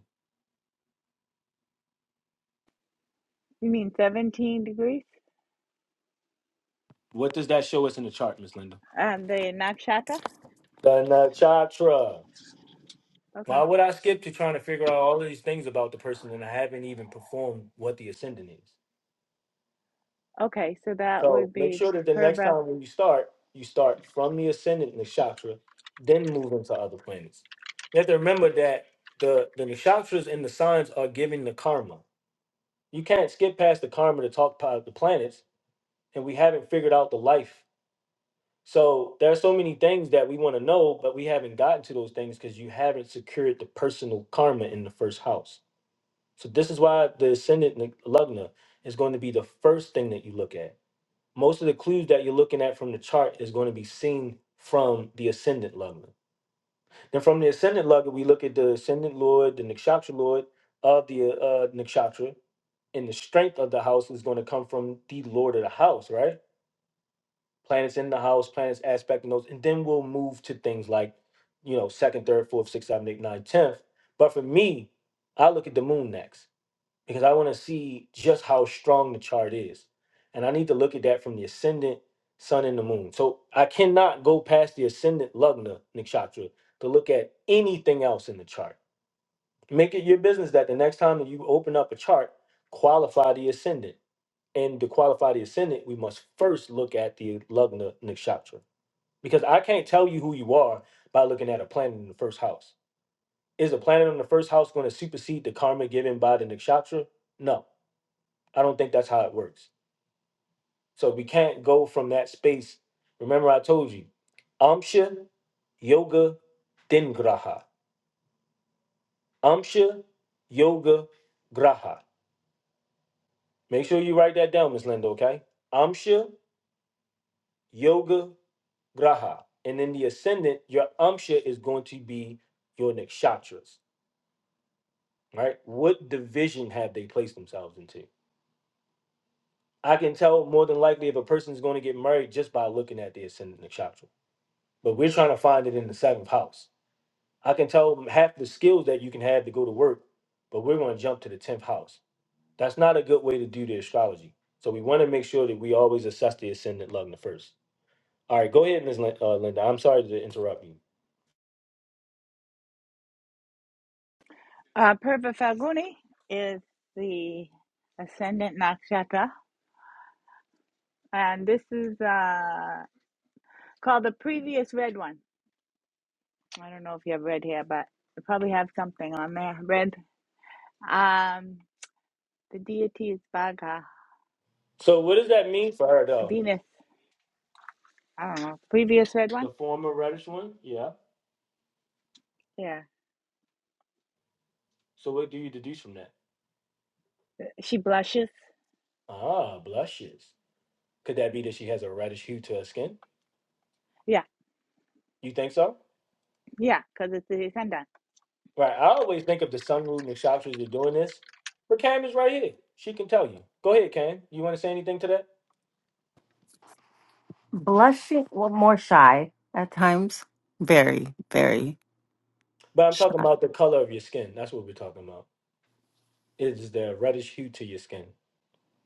S4: you mean seventeen degrees?
S1: What does that show us in the chart, Miss Linda?
S4: And um, the nakshatra.
S1: The nakshatra.
S4: Okay.
S1: Why would I skip to trying to figure out all of these things about the person and I haven't even performed what the ascendant is?
S4: Okay, so that
S1: So
S4: would
S1: make
S4: be
S1: sure that the next
S4: Purva.
S1: time when you start, you start from the ascendant nakshatra, then move into other planets. You have to remember that the, the nakshatras and the signs are giving the karma. you can't skip past the karma to talk about the planets, and we haven't figured out the life. So there are so many things that we want to know, but we haven't gotten to those things because you haven't secured the personal karma in the first house. So this is why the ascendant neg- lugna is going to be the first thing that you look at. Most of the clues that you're looking at from the chart is going to be seen from the ascendant lugna. Then from the ascendant lugger, we look at the ascendant lord, the nakshatra lord of the uh, nakshatra, and the strength of the house is going to come from the lord of the house, right? Planets in the house, planets aspecting those, and then we'll move to things like, you know, second, third, fourth, sixth, seventh, eighth, ninth, tenth. But for me, I look at the moon next because I want to see just how strong the chart is. And I need to look at that from the ascendant, sun, and the moon. So I cannot go past the ascendant lugna nakshatra to look at anything else in the chart. Make it your business that the next time that you open up a chart, qualify the ascendant. And to qualify the ascendant, we must first look at the lugna nakshatra. Because I can't tell you who you are by looking at a planet in the first house. Is a planet in the first house going to supersede the karma given by the nakshatra? No I don't think that's how it works. So we can't go from that space. Remember, I told you, Amsha, Yoga, then Graha. Amsha, Yoga, Graha. Make sure you write that down, Miss Linda, okay? Amsha, Yoga, Graha. And then the ascendant, your Amsha is going to be your nakshatras, right? What division have they placed themselves into? I can tell more than likely if a person is going to get married just by looking at the ascendant nakshatra. But we're trying to find it in the seventh house. I can tell them half the skills that you can have to go to work, but we're going to jump to the 10th house. That's not a good way to do the astrology. So we want to make sure that we always assess the ascendant Lugna first. All right, go ahead, Ms. Lin- uh, Linda. I'm sorry to interrupt you.
S4: Uh, Purva Falguni is the ascendant nakshatra, and this is uh, called the previous red one. I don't know if you have red hair, but you probably have something on there. Red. Um, the deity is Bhaga
S1: So what does that mean for her, though?
S4: Venus. I don't know. Previous red
S1: The
S4: one.
S1: former reddish one? Yeah.
S4: Yeah,
S1: So what do you deduce from that?
S4: she blushes.
S1: Ah, blushes. Could that be that she has a reddish hue to her skin?
S4: Yeah,
S1: You think so?
S4: yeah, because it's the ascendant.
S1: Right. I always think of the sun rule and the chakras that are doing this. But Cam is right here. She can tell you. Go ahead, Cam. You want to say anything to that?
S3: Blushing, well, more shy at times. Very, very
S1: But I'm talking
S3: shy.
S1: about the color of your skin. That's what we're talking about. Is there a reddish hue to your skin?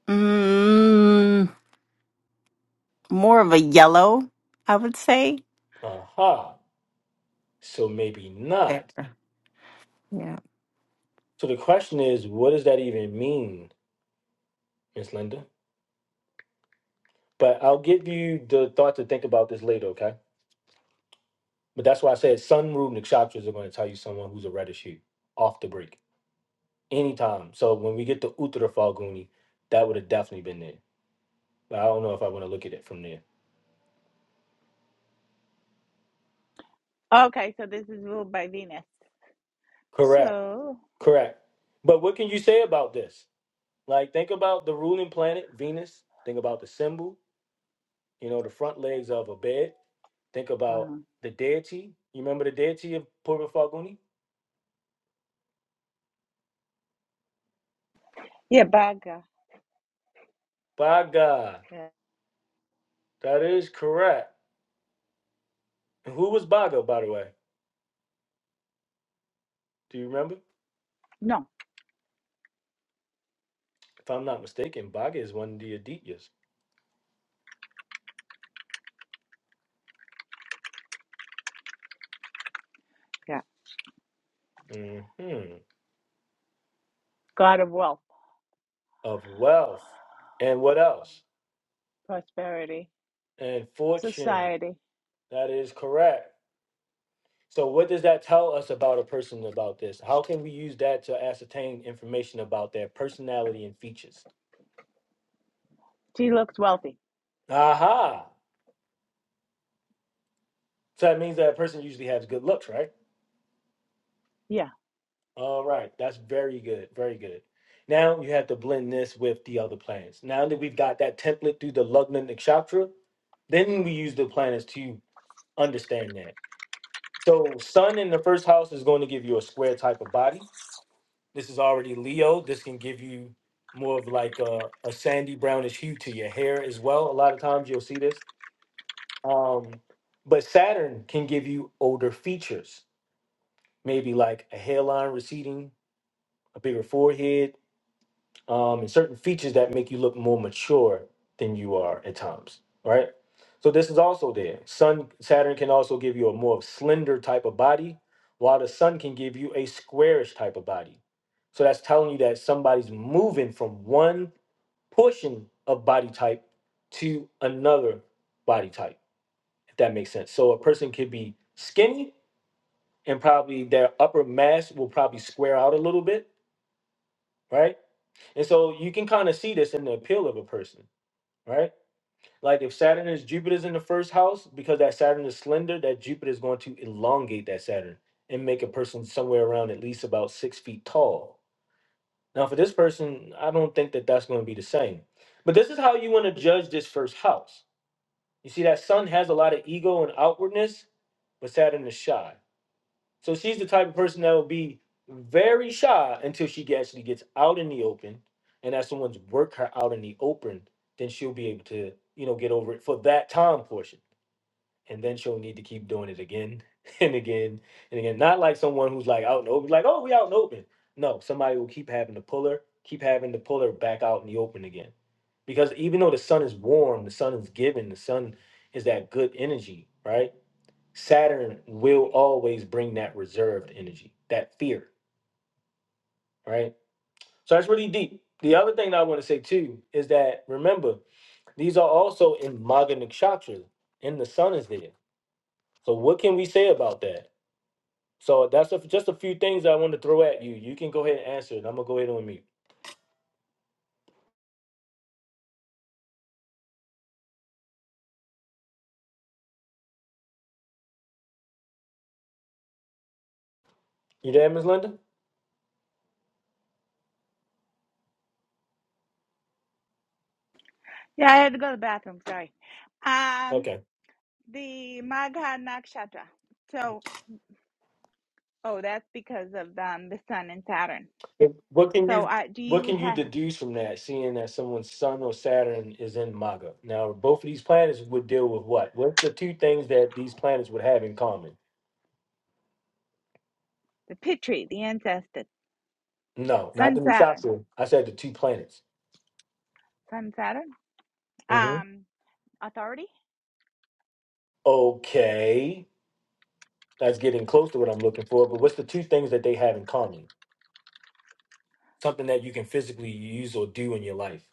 S3: Mm, more of a yellow, I would say.
S1: Aha. So maybe
S3: Fair.
S1: not.
S3: Yeah.
S1: So the question is, what does that even mean, Miss Linda? But I'll give you the thought to think about this later, okay? But that's why I said sun rule nakshatras are going to tell you someone who's a reddish hue off the break anytime. So when we get to Uttara Falguni, that would have definitely been there. But I don't know if I want to look at it from there.
S4: Okay, so this is ruled by Venus.
S1: Correct.
S4: So,
S1: Correct. But what can you say about this? Like think about the ruling planet, Venus. Think about the symbol, you know, the front legs of a bed. Think about
S4: uh,
S1: the deity. You remember the deity of Purva Faguni?
S4: yeah, Bhaga.
S1: Bhaga.
S4: Yeah.
S1: That is correct. And who was Bhaga, by the way? Do you remember?
S4: No,
S1: If I'm not mistaken, Bhaga is one of the Adityas.
S4: yeah,
S1: hmm
S4: god of wealth,
S1: Of wealth. And what else?
S4: prosperity.
S1: And fortune.
S4: Society.
S1: That is correct. So what does that tell us about a person about this? How can we use that to ascertain information about their personality and features?
S4: She looked wealthy.
S1: Aha. So that means that person usually has good looks, right?
S4: Yeah.
S1: All right. That's very good. Very good. Now you have to blend this with the other planets. Now that we've got that template through the Lugnan Nakshatra, then we use the planets to understand that. So sun in the first house is going to give you a square type of body. This is already Leo. This can give you more of like a, a sandy brownish hue to your hair as well. A lot of times you'll see this. Um, but Saturn can give you older features, maybe like a hairline receding, a bigger forehead, um, and certain features that make you look more mature than you are at times, right? So this is also there. Sun Saturn can also give you a more slender type of body, while the sun can give you a squarish type of body. So that's telling you that somebody's moving from one portion of body type to another body type, if that makes sense. So a person could be skinny and probably their upper mass will probably square out a little bit, right? And so you can kind of see this in the appeal of a person right? Like if Saturn is Jupiter's in the first house, because that Saturn is slender, that Jupiter is going to elongate that Saturn and make a person somewhere around at least about six feet tall. Now, for this person, I don't think that that's going to be the same. But this is how you want to judge this first house. You see, that Sun has a lot of ego and outwardness, but Saturn is shy. So she's the type of person that will be very shy until she actually gets out in the open, and as someone's work her out in the open, then she'll be able to, you know, get over it for that time portion, and then she'll need to keep doing it again and again and again. Not like someone who's like out in the open, like oh we out in the open. No, somebody will keep having to pull her, keep having to pull her back out in the open again, because even though the sun is warm, the sun is giving, the sun is that good energy, right? Saturn will always bring that reserved energy, that fear, right? So that's really deep. The other thing that I want to say too is that remember, these are also in Maga Nakshatra, and the sun is there. So what can we say about that? So that's a, just a few things I want to throw at you. You can go ahead and answer it. I'm gonna go ahead on mute. You there, Ms. Linda?
S4: Yeah, I had to go to the bathroom. Sorry. Um,
S1: Okay.
S4: the Magha Nakshatra. So, oh, that's because of um, the sun and Saturn.
S1: If- What can
S4: So,
S1: you
S4: uh, do
S1: what
S4: you
S1: can you
S4: have
S1: deduce from that, seeing that someone's Sun or Saturn is in Maga? Now, both of these planets would deal with what? What's the two things that these planets would have in common?
S4: the Pitri, the ancestor,
S1: No, not
S4: Sun
S1: the
S4: Saturn,
S1: Musashi. I said the two planets.
S4: Sun Saturn,
S1: hmm
S4: um, authority?
S1: Okay, that's getting close to what I'm looking for. But what's the two things that they have in common? Something that you can physically use or do in your life,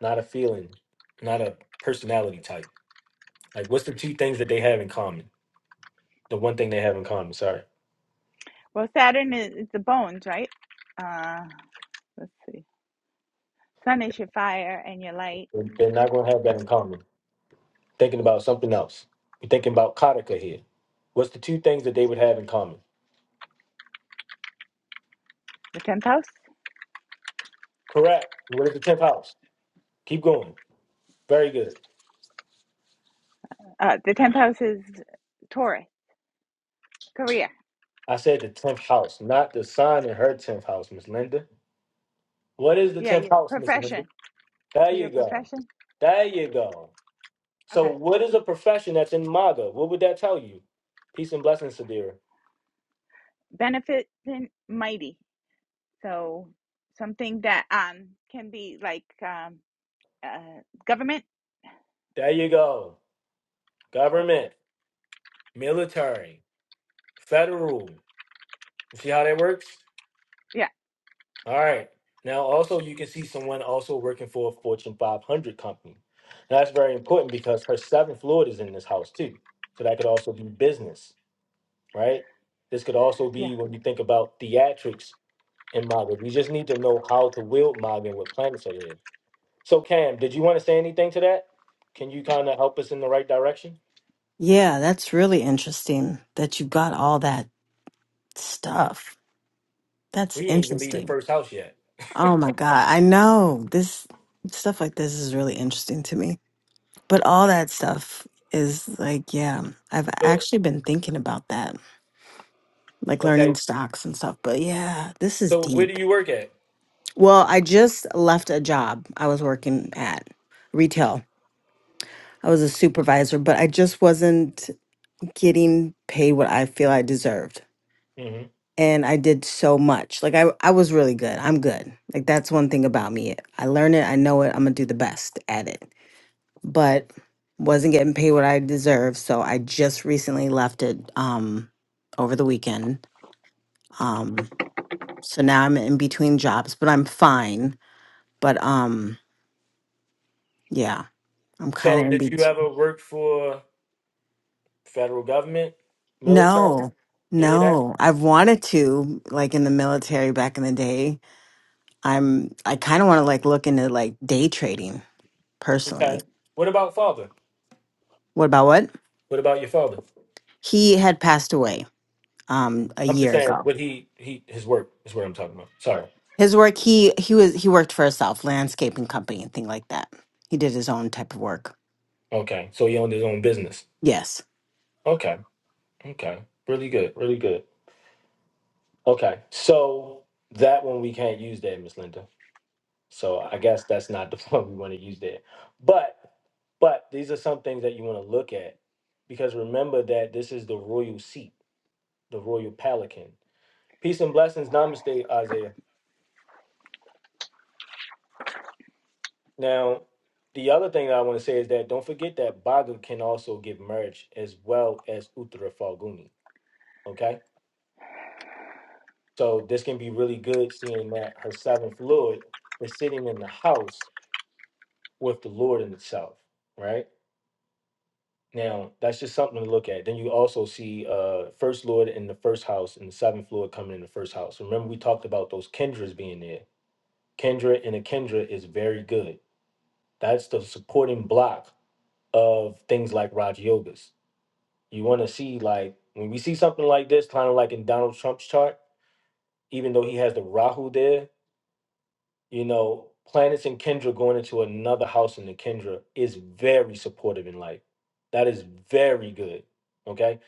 S1: not a feeling, not a personality type. Like, what's the two things that they have in common? The one thing they have in common. Sorry,
S4: Well, Saturn is, is the bones, right? Uh, let's see. Sun is your fire and your light.
S1: they're they're not going to have that in common. thinking about something else. you are thinking about Kataka here. What's the two things that they would have in common?
S4: The tenth house.
S1: Correct. What is the 10th house? Keep going. Very good.
S4: Uh, the tenth house is Taurus, career.
S1: I said the 10th house, not the sign in her 10th house, Miss Linda. What is the
S4: Yeah,
S1: 10th
S4: yeah,
S1: house, Miss Linda?
S4: profession.
S1: There
S4: for
S1: you
S4: your
S1: go.
S4: profession?
S1: There you go. So,
S4: Okay.
S1: what is a profession that's in MAGA? What would that tell you? Peace and blessings, Sadira.
S4: Benefiting mighty. So something that um can be like um uh government.
S1: There you go.
S4: Okay.
S1: Government, military, federal. You see how that works?
S4: Yeah.
S1: All right. Now, also, you can see someone also working for a Fortune 500 company. Now, that's very important because her seventh lord is in this house, too. So that could also be business, right? This could also
S4: Yeah.
S1: be when you think about theatrics in Maga. We just need to know how to wield Maga and what planets are there. So, Cam, did you want to say anything to that? Can you kind of help us in the right direction?
S3: Yeah, that's really interesting that you got all that stuff. That's
S1: We ain't even leave the
S3: interesting.
S1: first house yet.
S3: Oh my God. I know this stuff like this is really interesting to me. But all that stuff is like, yeah, I've
S1: So,
S3: actually been thinking about that, like learning
S1: okay.
S3: stocks and stuff. But yeah, this is
S1: So, where do
S3: deep.
S1: you work at?
S3: Well, I just left a job I was working at retail. I was a supervisor, but I just wasn't getting paid what I feel I deserved.
S1: hmm
S3: and I did so much. Like I, I was really good. I'm good. Like that's one thing about me. I learn it, I know it, I'm gonna do the best at it. But wasn't getting paid what I deserved, so I just recently left it um over the weekend. Um so now I'm in between jobs, but I'm fine. But um yeah, I'm kind
S1: So,
S3: of in
S1: did you
S3: between.
S1: ever work for? Federal government, military,
S3: No.
S1: any of that?
S3: No, I've wanted to like in the military back in the day. I'm I kind of want to like look into like day trading personally
S1: Okay. What about father?
S3: What about what?
S1: What about your father?
S3: He had passed away um a
S1: I'm just
S3: year
S1: saying
S3: ago.
S1: what he he his work is what I'm talking about. Sorry.
S3: His work he he was he worked for himself, landscaping company and thing like that. He did his own type of work.
S1: Okay. So he owned his own business.
S3: Yes.
S1: Okay. Okay. Really good. Really good. Okay. So that one we can't use there, Miss Linda. So I guess that's not the one we want to use there. But but these are some things that you want to look at because remember that this is the royal seat, the royal pelican. Peace and blessings. Namaste, Isaiah. Now, the other thing that I want to say is that don't forget that Bhaga can also give merge as well as Uttara Falguni. Okay? So this can be really good seeing that her seventh Lord is sitting in the house with the Lord in itself, right? Now, that's just something to look at. Then you also see uh first Lord in the first house and the seventh Lord coming in the first house. Remember, we talked about those Kendras being there. Kendra and a Kendra is very good. That's the supporting block of things like Raj Yogas you want to see like when we see something like this, kind of like in Donald Trump's chart, even though he has the Rahu there, you know, planets in Kendra going into another house in the Kendra is very supportive in life. That is very good. Okay.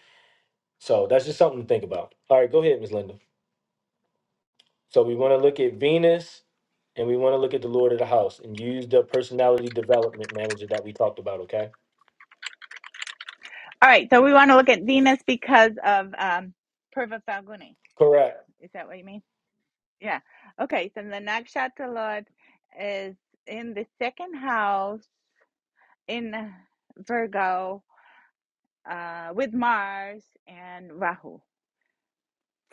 S1: So that's just something to think about. All right, go ahead, Ms. Linda. So we want to look at Venus and we want to look at the Lord of the House and use the personality development manager that we talked about. Okay.
S4: All right. So we want to look at Venus because of um Purva Falguni.
S1: Correct.
S4: Is that what you mean? Yeah. Okay. So the Nakshatra Lord is in the second house in Virgo uh with Mars and Rahu.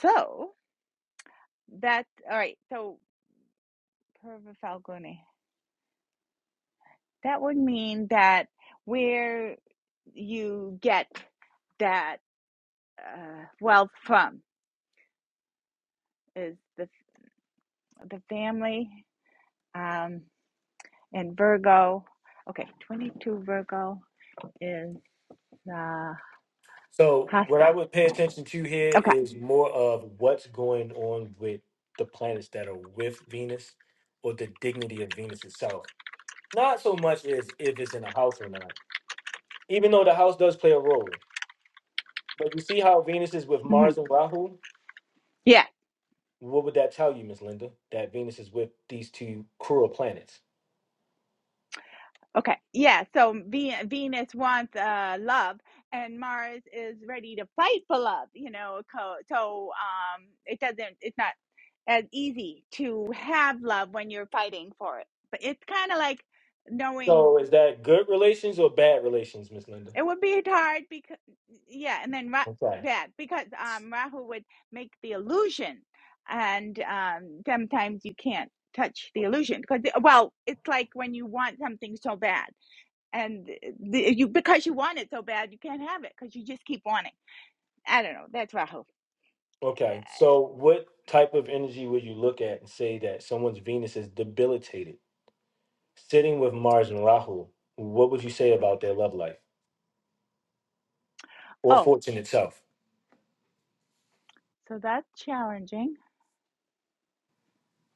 S4: So that's all right. So Purva Falguni. That would mean that where you get that uh, wealth from is the the family um, and Virgo. Okay, twenty two Virgo is uh,
S1: So what I
S4: Hasta.
S1: would pay attention to here
S4: Okay,
S1: is more of what's going on with the planets that are with Venus or the dignity of Venus itself. Not so much as if it's in a house or not, even though the house does play a role. But you see how Venus is with
S4: hmm
S1: Mars and Rahu?
S4: yeah.
S1: What would that tell you, Miss Linda? That Venus is with these two cruel planets.
S4: Okay, yeah. So Venus wants uh, love, and Mars is ready to fight for love. You know, so um, it doesn't. It's not. as easy to have love when you're fighting for it. But it's kind of like knowing
S1: So is that good relations or bad relations, Miss Linda?
S4: it would be hard because yeah, and then Ra-
S1: Okay.
S4: bad because um Rahu would make the illusion, and um sometimes you can't touch the illusion because well it's like when you want something so bad and the, you because you want it so bad you can't have it because you just keep wanting i don't know that's rahu
S1: Okay. So what type of energy would you look at and say that someone's Venus is debilitated? Sitting with Mars and Rahu, what would you say about their love life or
S4: oh
S1: fortune itself?
S4: so that's challenging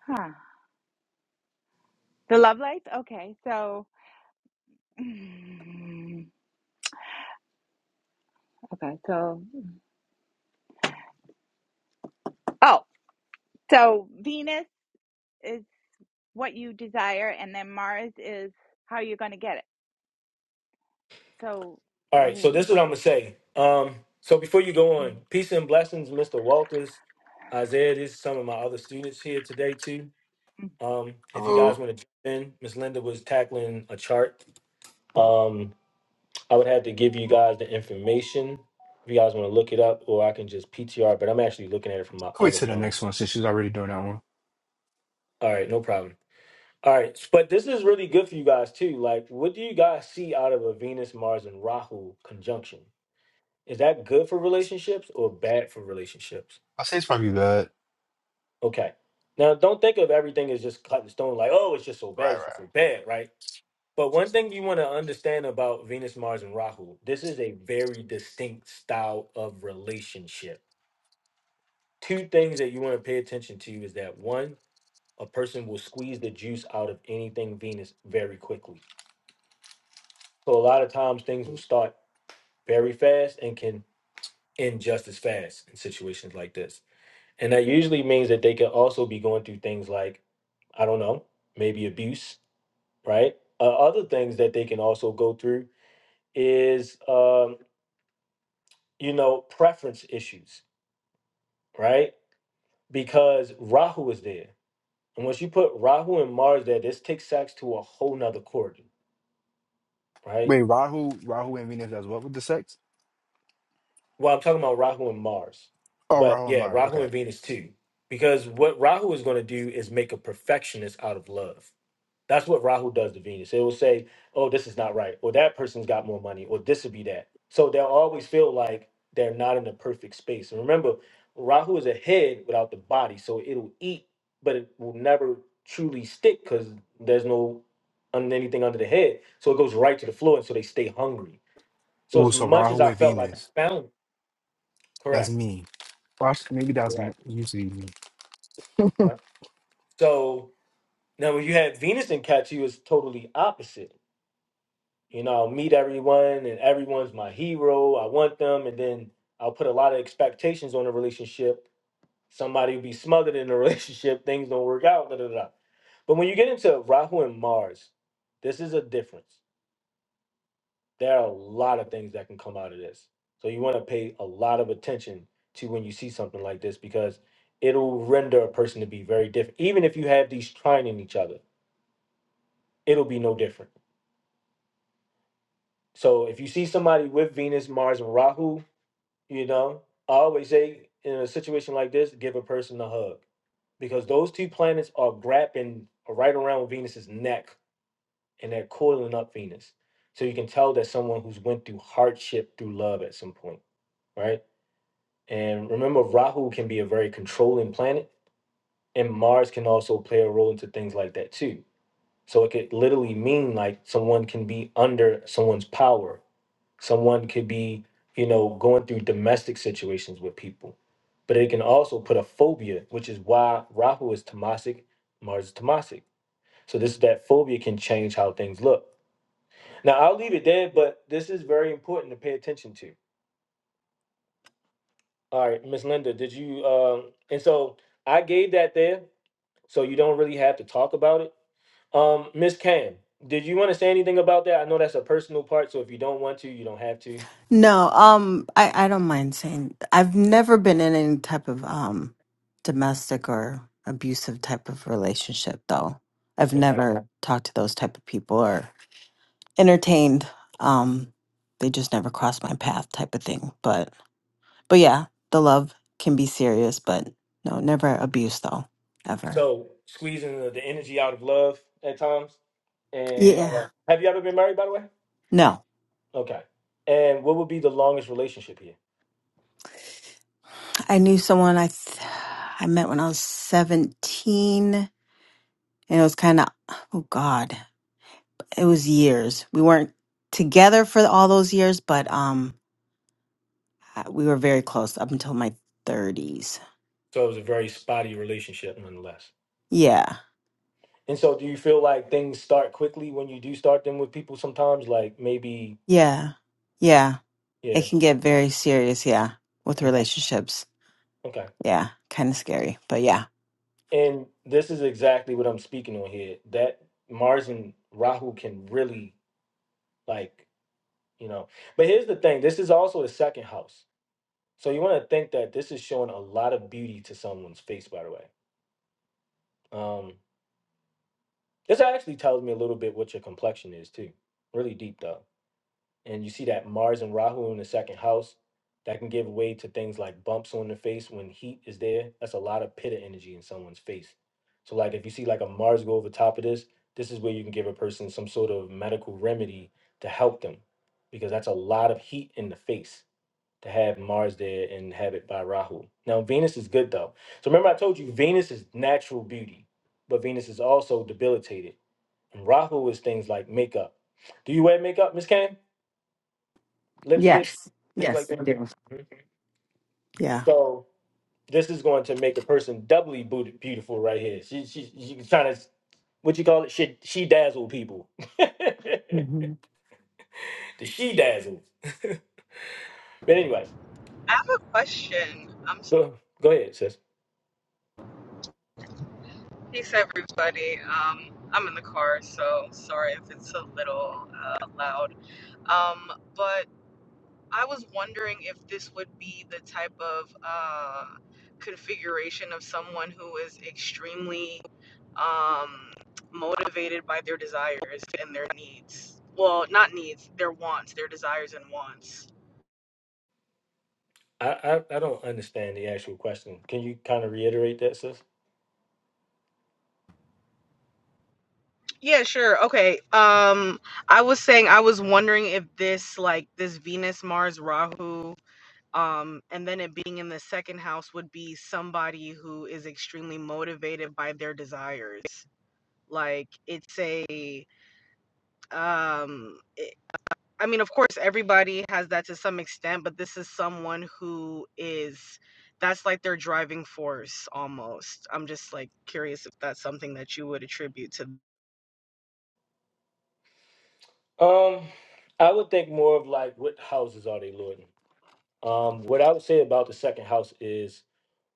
S4: huh the love life okay so Mm, Okay, so oh, so Venus is what you desire, and then Mars is how you're going to get it. So,
S1: All right, so this
S4: mm,
S1: is what I'm gonna say. Um, so before you go
S4: mm,
S1: on, peace and blessings, Mr. Walters, Isaiah. These are some of my other students here today too.
S4: mm.
S1: Um, if you guys
S9: Hello.
S1: want to jump in, Miss Linda was tackling a chart. Um, I would have to give you guys the information if you guys want to look it up, or I can just PTR. But I'm actually looking at it from my
S9: I'll wait
S1: other
S9: till the
S1: phone.
S9: next one since she's already doing that one.
S1: All right, no problem. All right, but this is really good for you guys too. Like, what do you guys see out of a Venus, Mars, and Rahu conjunction? Is that good for relationships or bad for relationships?
S9: I say it's probably bad.
S1: Okay. Now, don't think of everything as just cut in stone, like, oh, it's just so bad,
S9: Right,
S1: it's
S9: right.
S1: just so bad, right? But one thing you want to understand about Venus, Mars, and Rahu, this is a very distinct style of relationship. Two things that you want to pay attention to is that one, a person will squeeze the juice out of anything Venus very quickly. So a lot of times things will start very fast and can end just as fast in situations like this. And that usually means that they can also be going through things like, I don't know, maybe abuse, right? Uh, other things that they can also go through is, um, you know, preference issues, right? Because Rahu is there. And once you put Rahu and Mars there, this takes sex to a whole nother chord, right?
S9: Wait, Rahu, Rahu and Venus as what with the sex?
S1: Well, I'm talking about Rahu and Mars.
S9: Oh,
S1: But
S9: Rahu and
S1: yeah,
S9: Mars.
S1: Rahu
S9: Okay.
S1: and Venus too. Because what Rahu is going to do is make a perfectionist out of love. That's what Rahu does to Venus. It will say, oh, this is not right. Or that person's got more money. Or this would be that. So they'll always feel like they're not in the perfect space. And remember, Rahu is a head without the body. So it'll eat, but it will never truly stick because there's no un- anything under the head. So it goes right to the floor. And so they stay hungry. So
S9: Oh,
S1: as
S9: so
S1: much as
S9: Rahu
S1: I
S9: and
S1: felt like I
S9: Venus.
S1: found,
S9: That's
S1: correct.
S9: me. Well, actually, maybe that's mo-
S1: Correct.
S9: usually me.
S1: Yeah. So now when you had Venus and Cat, you was totally opposite. You know, I'll meet everyone and everyone's my hero. I want them. And then I'll put a lot of expectations on a relationship. Somebody will be smothered in a relationship. Things don't work out. Da, da, da. But when you get into Rahu and Mars, this is a difference. There are a lot of things that can come out of this. So you want to pay a lot of attention to when you see something like this because it'll render a person to be very different, even if you have these trying in each other it'll be no different. So if you see somebody with Venus, Mars, and Rahu, you know, I always say in a situation like this, give a person a hug because those two planets are grabbing right around Venus's neck and they're coiling up Venus. So you can tell that someone who's went through hardship through love at some point, right? And remember, Rahu can be a very controlling planet, and Mars can also play a role into things like that too. So it could literally mean like someone can be under someone's power Someone could be, you know, going through domestic situations with people. But it can also put a phobia, which is why Rahu is Tamasic, Mars is Tamasic. So this that phobia can change how things look. Now I'll leave it there, but this is very important to pay attention to. All right, Miss Linda, did you um and so I gave that there, so you don't really have to talk about it. Um, Miss Cam, did you want to say anything about that? I know that's a personal part, so if you don't want to, you don't have to.
S3: No, um I I don't mind saying I've never been in any type of um domestic or abusive type of relationship though. I've
S1: Okay.
S3: never talked to those type of people or entertained um they just never crossed my path type of thing. But But yeah, the love can be serious, but no, never abuse though, ever.
S1: So squeezing the, the energy out of love at times. And
S3: Yeah.
S1: uh, have you ever been married, by the way?
S3: No.
S1: Okay. And what would be the longest relationship here?
S3: I knew someone I th- I met when I was 17 and it was kind of oh god, it was years. We weren't together for all those years, but um we were very close up until my 30s.
S1: So it was a very spotty relationship, nonetheless.
S3: Yeah.
S1: And so, do you feel like things start quickly when you do start them with people? Sometimes, like maybe,
S3: Yeah. Yeah.
S1: yeah,
S3: It can get very serious, yeah, with
S1: okay,
S3: relationships.
S1: okay.
S3: Yeah, kind of scary, but yeah.
S1: And this is exactly what I'm speaking on here. That Mars and Rahu can really, like, you know. But here's the thing: this is also the second house. So you want to think that this is showing a lot of beauty to someone's face, by the way. Um, this actually tells me a little bit what your complexion is too. Really deep though. And you see that Mars and Rahu in the second house, that can give way to things like bumps on the face when heat is there. That's a lot of pitta energy in someone's face. So like if you see like a Mars go over top of this, this is where you can give a person some sort of medical remedy to help them, because that's a lot of heat in the face. to have Mars there and have it by Rahu. Now Venus is good though. So remember I told you Venus is natural beauty, but Venus is also debilitated. And Rahu is things like makeup. Do you wear makeup, Miss Kane? Lipstick,
S3: Yes.
S1: things like
S3: Yes, I
S1: that.
S3: do.
S1: Mhm.
S3: Yeah.
S1: So this is going to make a person doubly booty- beautiful right here. She she she's trying to what you call it? She she dazzle people.
S3: hmm
S1: the she dazzle. but anyway,
S10: I have a question. Um,
S1: go go ahead, sis.
S10: peace, everybody. Um, I'm in the car, so sorry if it's a little uh, loud. Um, but I was wondering if this would be the type of uh, configuration of someone who is extremely um, motivated by their desires and their needs. Well, not needs, their wants, their desires and wants.
S1: I, I I don't understand the actual question. Can you kind of reiterate that, sis?
S10: Yeah, sure. Okay. Um I was saying I was wondering if this like this Venus Mars Rahu um and then it being in the second house would be somebody who is extremely motivated by their desires. Like it's a um it, I mean of course everybody has that to some extent, but this is someone who is that's like their driving force almost. I'm just like curious if that's something that you would attribute to
S1: Um, I would think more of like what houses are they lording? Um, what I would say about the second house is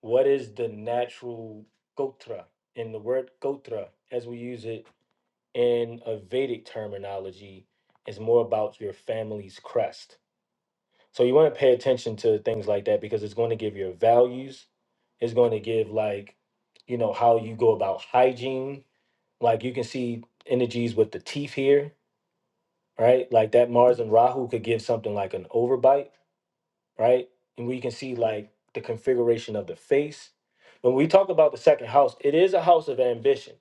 S1: what is the natural gotra? And the word gotra, as we use it in a Vedic terminology, is more about your family's crest. So you want to pay attention to things like that because it's going to give your values. It's going to give like, you know, how you go about hygiene Like you can see energies with the teeth here, right? Like that Mars and Rahu could give something like an overbite, right? And we can see like the configuration of the face. When we talk about the second house, it is a house of ambition,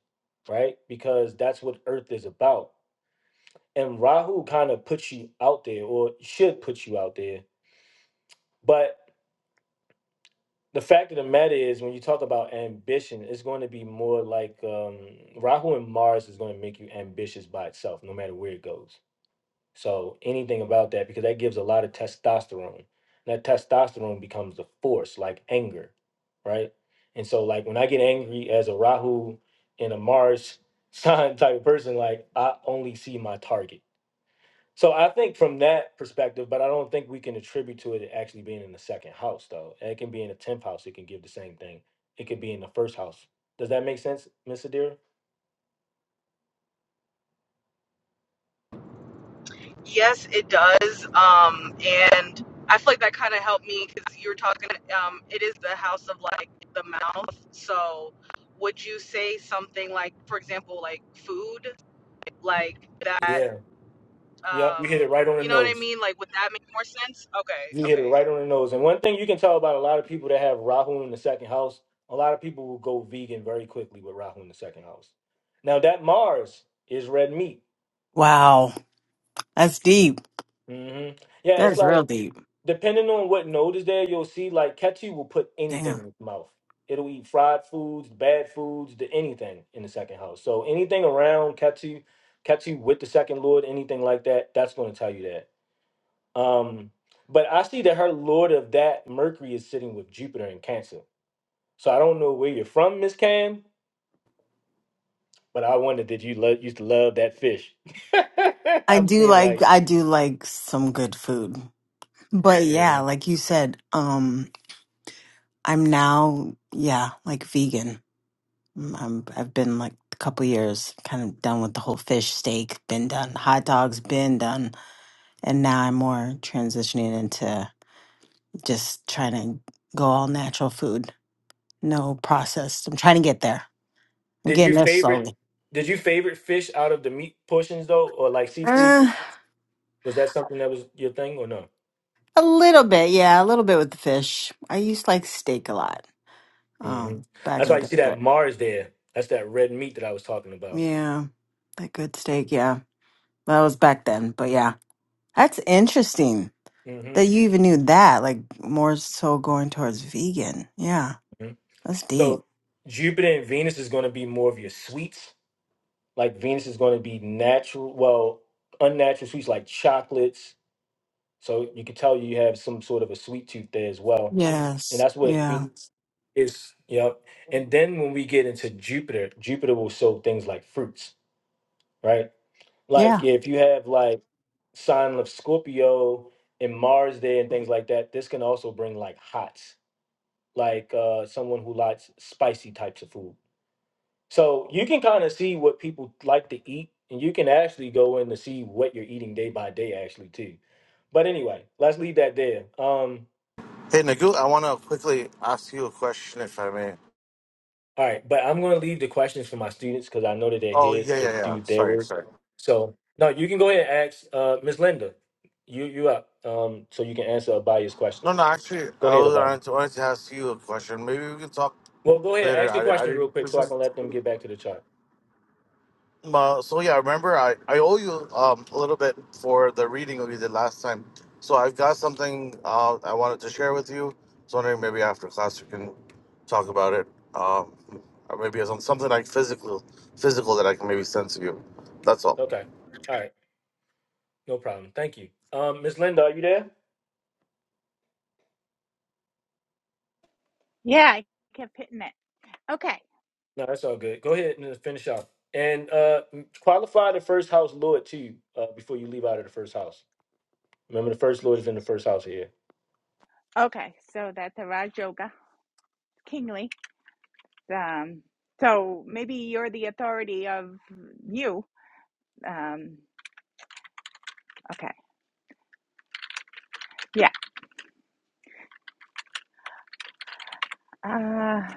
S1: right? Because that's what Earth is about. And Rahu kind of puts you out there or should put you out there. But the fact of the matter is when you talk about ambition it's going to be more like um, rahu and mars is going to make you ambitious by itself no matter where it goes So anything about that because that gives a lot of testosterone. That testosterone becomes the force, like anger, right? And so like when I get angry as a Rahu and a Mars sign type of person, like I only see my target. So I think from that perspective, but I don't think we can attribute to it actually being in the second house though. It can be in the tenth house, it can give the same thing. It could be in the first house. Does that make sense, Miss Adira?
S10: Yes, it does. Um, and I feel like that kind of helped me because you were talking. Um, it is the house of like the mouth. So, would you say something like, for example, like food, like that?
S1: Yeah. Yep,
S10: Um,
S1: you hit it right on the
S10: you know what I
S1: nose.
S10: mean? Like, would that make more sense?
S1: You
S10: Okay,
S1: hit it
S10: okay.
S1: right on the nose. And one thing you can tell about a lot of people that have Rahu in the second house, a lot of people will go vegan very quickly with Rahu in the second house. Now that Mars is red meat.
S3: Wow, that's deep.
S1: hmm Yeah,
S3: That
S1: it's
S3: is real
S1: like
S3: deep.
S1: depending on what node is there, you'll see like Ketu will put anything
S3: Damn.
S1: in his mouth. It'll eat fried foods, bad foods, the anything in the second house. So anything around Ketu, Ketu with the second lord, anything like that, that's going to tell you that. Um, but I see that her lord of that Mercury is sitting with Jupiter in Cancer. So I don't know where you're from, Miss Cam, but I wonder did you love used to love that fish?
S3: I
S1: I'm
S3: do
S1: seeing
S3: like
S1: like,
S3: I do like some good food. But yeah,
S1: yeah.
S3: like you said, um I'm now yeah, like vegan. Mm, I'm I've been like a couple years kind of done with the whole fish steak, been done. Hot dogs been done. And now I'm more transitioning into just trying to go all natural food. No processed. I'm trying to get there. I'm
S1: Did you
S3: getting there
S1: favorite
S3: slowly.
S1: did you favorite fish out of the meat portions though, or like seafood? Was that something that was your thing or no?
S3: A little bit, yeah, a little bit with the fish. I used to like steak a lot,
S1: hmm
S3: um, back
S1: That's
S3: in the
S1: why you
S3: day,
S1: see
S3: but
S1: that Mars there. That's that red meat that I was talking about.
S3: yeah, that good steak, yeah. That was back then, but yeah. That's interesting
S1: hmm
S3: that you even knew that, like more so going towards vegan. Yeah,
S1: hmm
S3: that's deep.
S1: So Jupiter and Venus is going to be more of your sweets. Like Venus is going to be natural, well, unnatural sweets like chocolates, So you could tell you have some sort of a sweet tooth there as well. And
S3: Yes,
S1: that's what
S3: yeah.
S1: Venus is. Yep. And then when we get into Jupiter, Jupiter will show things like fruits, right? Like
S3: Yeah.
S1: if you have like sign of Scorpio and Mars there and things like that, this can also bring like hots, like uh someone who likes spicy types of food. So you can kind of see what people like to eat and you can actually go in to see what you're eating day by day actually too. But anyway, let's leave that there. Um
S11: Hey, Nagu, I want to quickly ask you a question, if I may.
S1: All right, but I'm going to leave the questions for my students because I know that they're
S11: Oh,
S1: here
S11: yeah,
S1: to
S11: yeah, yeah.
S1: do their
S11: Sorry,
S1: work.
S11: sorry.
S1: So, no, you can go ahead and ask uh, Ms. Linda. You you up? Um, so you can answer Abaya's
S11: No,
S1: question.
S11: no, actually,
S1: Go
S11: I
S1: ahead,
S11: was
S1: Abaya.
S11: wanted to, wanted to ask you a question. Maybe we can talk
S1: Well, go ahead.
S11: later.
S1: Ask your
S11: I, I
S1: question real
S11: didn't.
S1: quick
S11: This
S1: so I
S11: is.
S1: can let them get back to the chart.
S11: Uh, so yeah, remember, I I owe you um a little bit for the reading we did last time. So I've got something uh, I wanted to share with you. I was wondering maybe after class we can talk about it. Um, or maybe some something like physical, physical that I can maybe send to you. That's all.
S1: Okay. All right. No problem. Thank you. Um, Ms. Linda, are you there?
S4: yeah, I kept hitting it. Okay,
S1: No, that's all good. Go ahead and finish off. And uh, qualify the first house Lord too uh, before you leave out of the first house. Remember, the first Lord is in the first house here.
S4: okay, so that's a Raj Yoga, kingly. Um, so maybe you're the authority of you. Um, okay, yeah. Uh,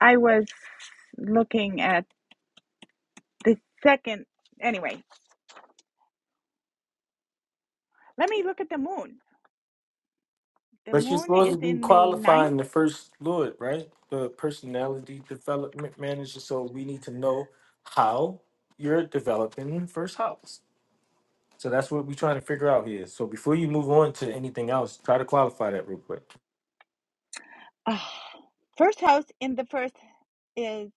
S4: I was looking at the second. Anyway, let me look at the moon. The
S1: But you're
S4: moon is
S1: supposed to be
S4: in the ninth
S1: qualifying the first Lord, right? The personality development manager. So we need to know how you're developing in first house. So that's what we're trying to figure out here. So before you move on to anything else, try to qualify that real quick.
S4: Ah, first house in the first is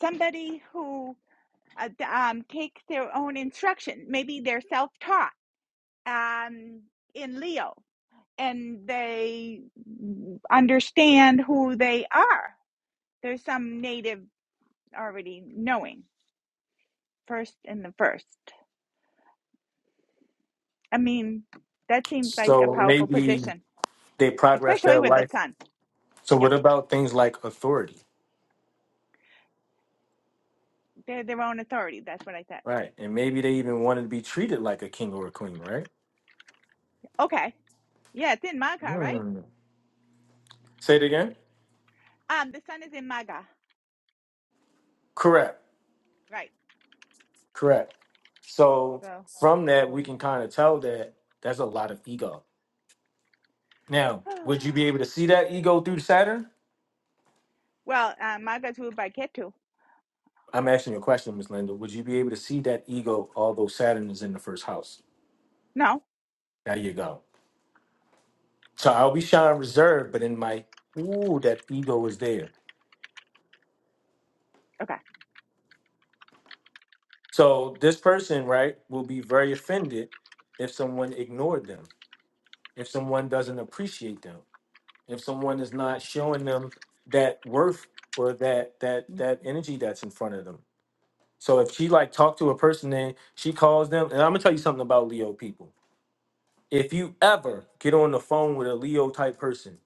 S4: somebody who uh, th- um, takes their own instruction. Maybe they're self-taught um, in Leo, and they understand who they are. There's some native already knowing first in the first. I mean, that seems like a
S1: So
S4: powerful
S1: maybe
S4: position,
S1: they progress their
S4: especially with the
S1: life.
S4: sun.
S1: So
S4: Yeah,
S1: what about things like authority,
S4: they're their own authority. That's what I said.
S1: right? And maybe they even wanted to be treated like a king or a queen, right?
S4: Okay. Yeah, it's in Maga, right?
S1: Hmm. Say it again.
S4: Um, the sun is in Maga.
S1: Correct.
S4: Right.
S1: Correct. So
S4: So,
S1: from that, we
S4: oh.
S1: can kind of tell that that's a lot of ego. Now, would you be able to see that ego through Saturn?
S4: well, uh, Magatu by Ketu.
S1: I'm asking you a question, Ms. Linda. Would you be able to see that ego, although Saturn is in the first house?
S4: No?
S1: There you go. So I'll be shine reserved, but in my, ooh, that ego is there.
S4: Okay.
S1: So this person, right, will be very offended if someone ignored them, if someone doesn't appreciate them. if someone is not showing them that worth or that that
S4: Mm.
S1: that energy that's in front of them. So if she like talked to a person and she calls them, and I'm gonna tell you something about Leo people. If you ever get on the phone with a Leo type person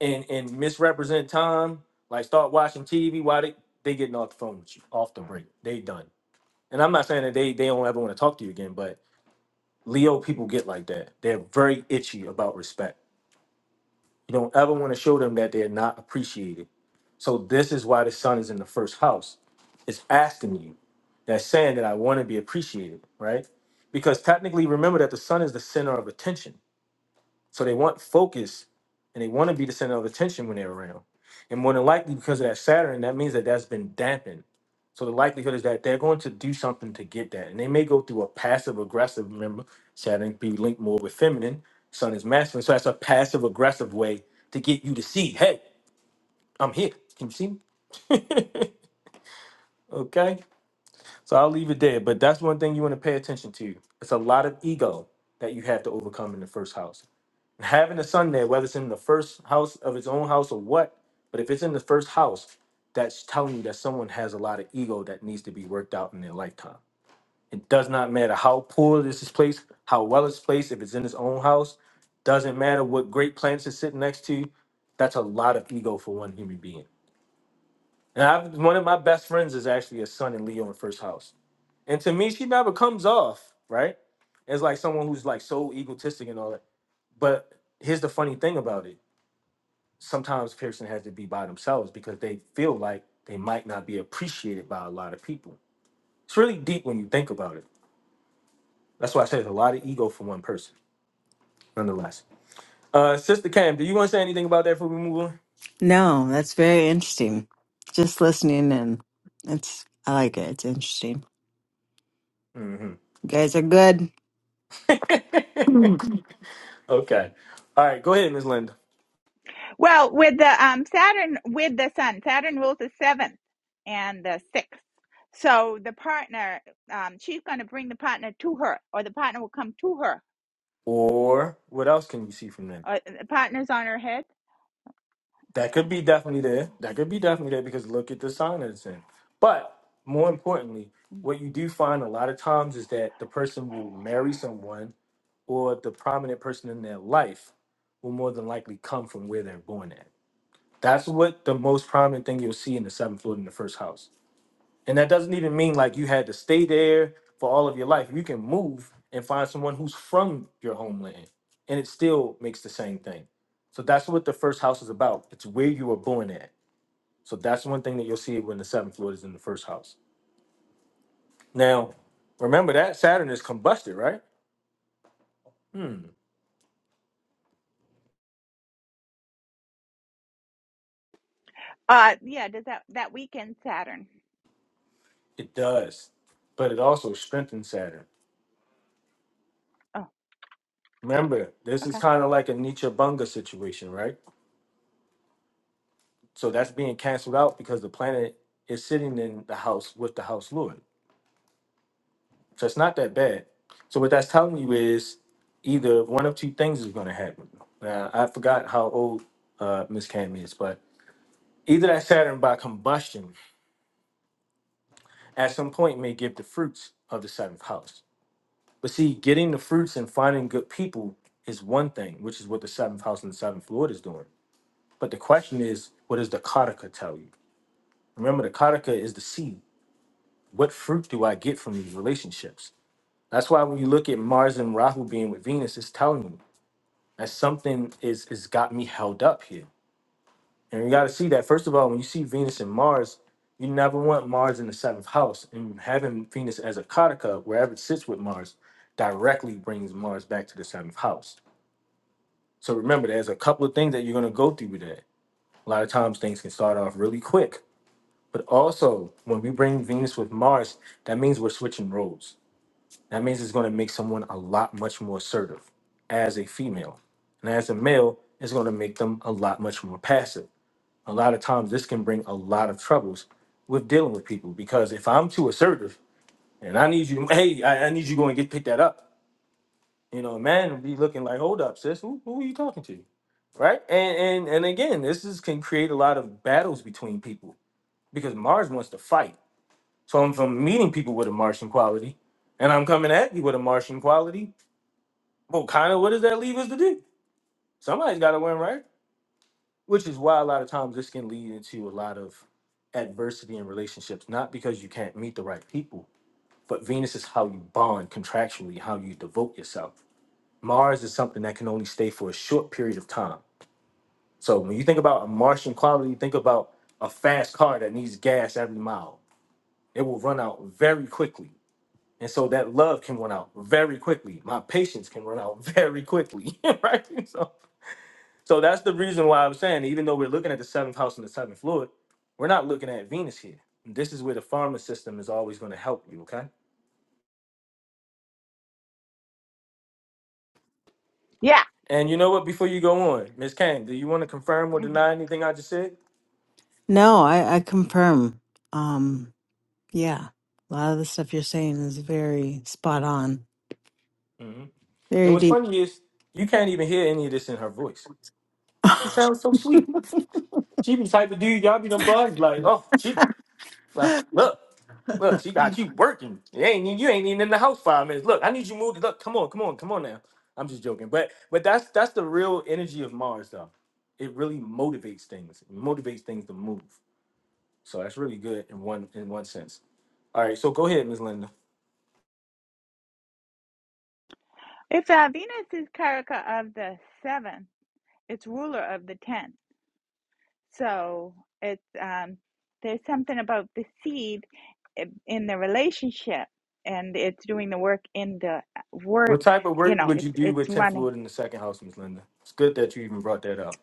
S1: and and misrepresent time, like start watching TV while they they getting off the phone with you, off the break, they done. And I'm not saying that they they don't ever want to talk to you again, but Leo people get like that. They're very itchy about respect. You don't ever want to show them that they're not appreciated So this is why the sun is in the first house. It's asking you. That's saying that I want to be appreciated, right? Because technically, remember that the sun is the center of attention. So they want focus, and they want to be the center of attention when they're around. And more than likely, because of that Saturn, that means that that's been dampened. So the likelihood is that they're going to do something to get that, and they may go through a passive aggressive. Remember, Saturn be linked more with feminine. Sun is masculine. So that's a passive aggressive way to get you to see, hey, I'm here. Can you see me? Okay, so I'll leave it there. But that's one thing you want to pay attention to. It's a lot of ego that you have to overcome in the first house. Having a son there, whether it's in the first house of his own house or what, but if it's in the first house, that's telling you that someone has a lot of ego that needs to be worked out in their lifetime. It does not matter how poor this is placed, how well it's placed, if it's in his own house, doesn't matter what great plants it's sitting next to. That's a lot of ego for one human being. And I've, one of my best friends is actually a son in Leo in first house and to me, she never comes off, right? As like someone who's like so egotistic and all that. But here's the funny thing about it. Sometimes Pearson has to be by themselves because they feel like they might not be appreciated by a lot of people. It's really deep when you think about it. That's why I say it's a lot of ego for one person, nonetheless. Uh, Sister Cam, do you want to say anything about that before we move on?
S3: No, that's very interesting. Just listening and it's I like it. It's interesting.
S1: mm
S3: You guys are good.
S1: hmm okay. All right, go ahead, Ms. Linda.
S4: Well, with the um, Saturn, with the Sun, Saturn rules the seventh and the sixth. So the partner, um, she's going to bring the partner to her, or the partner will come to her.
S1: Or what else can you see from that?
S4: Uh, the partner's on her head.
S1: That could be definitely there. That could be definitely there because look at the sign that it's in. But more importantly,
S4: Mm.
S1: what you do find a lot of times is that the person will marry someone or the prominent person in their life will more than likely come from where they're born at. That's what the most prominent thing you'll see in the seventh floor in the first house. And that doesn't even mean like you had to stay there for all of your life. You can move and find someone who's from your homeland, and it still makes the same thing. So that's what the first house is about. It's where you were born at so that's one thing that you'll see when the seventh lord is in the first house. Now, remember that Saturn is combusted, right? Hmm,
S4: Uh, yeah, does that that weekend Saturn?
S1: it does. But it also strengthens Saturn.
S4: Oh,
S1: Remember, this is
S4: okay.
S1: kind of like a Nietzsche Bunga situation, right? So that's being canceled out because the planet is sitting in the house with the house lord. So it's not that bad. So what that's telling you is either one of two things is going to happen. Now, I forgot how old uh, Miss Cam is, but either that Saturn by combustion at some point may give the fruits of the seventh house. But see, getting the fruits and finding good people is one thing, which is what the seventh house and the seventh lord is doing. But the question is, what does the karaka tell you? Remember, the karaka is the seed. What fruit do I get from these relationships? That's why when you look at Mars and Rahu being with Venus, it's telling you that something is is got me held up here. And you got to see that, first of all, when you see Venus and Mars, you never want Mars in the seventh house. And having Venus as a kataka, wherever it sits with Mars, directly brings Mars back to the seventh house. So remember, there's a couple of things that you're going to go through with that. A lot of times things can start off really quick. But also, when we bring Venus with Mars, that means we're switching roles. That means it's going to make someone a lot much more assertive as a female. And as a male, it's going to make them a lot much more passive a lot of times this can bring a lot of troubles with dealing with people because if I'm too assertive and I need you, hey, I, I need you to go and get pick that up. You know, a man will be looking like, hold up, sis, who, who are you talking to? Right? And and and again, this is can create a lot of battles between people because Mars wants to fight. So if I'm meeting people with a Martian quality and I'm coming at you with a Martian quality, well, kind of what does that leave us to do? Somebody's gotta win, right? which is why a lot of times this can lead into a lot of adversity in relationships not because you can't meet the right people but venus is how you bond contractually how you devote yourself mars is something that can only stay for a short period of time so when you think about a martian quality think about a fast car that needs gas every mile it will run out very quickly and so that love can run out very quickly my patience can run out very quickly right So. So that's the reason why I'm saying, even though we're looking at the seventh house and the seventh fluid, we're not looking at Venus here. This is where the pharma system is always going to help you, okay?
S4: Yeah.
S1: And you know what? Before you go on, Miss Kane, do you want to confirm or
S4: hmm
S1: deny anything I just said?
S3: No, I, I confirm. Um Yeah. A lot of the stuff you're saying is very spot on,
S1: hmm And
S3: very
S1: what's
S3: deep.
S1: funny is you can't even hear any of this in her voice. She sounds so sweet. She be the type of dude y'all be done blind like, oh, she ah,
S3: the
S1: look. Look, she got you working. You ain't you ain't even in the house five minutes. Look, I need you moved. Look, come on, come on, come on now. I'm just joking, but but that's that's the real energy of Mars though. It really motivates things. It motivates things to move. So that's really good in one in one sense. All right, so go ahead, Ms. Linda.
S4: If uh, Venus is Karaka of the seventh, it's ruler of the tenth. So it's um, there's something about the seed in the relationship, and it's doing the work in the uh,
S1: What
S4: work.
S1: type of
S4: You
S1: work
S4: know,
S1: would you
S4: it's
S1: do
S4: it's
S1: with 10th
S4: running.
S1: fluid in the second house, Ms. Linda? It's good that you even brought that up.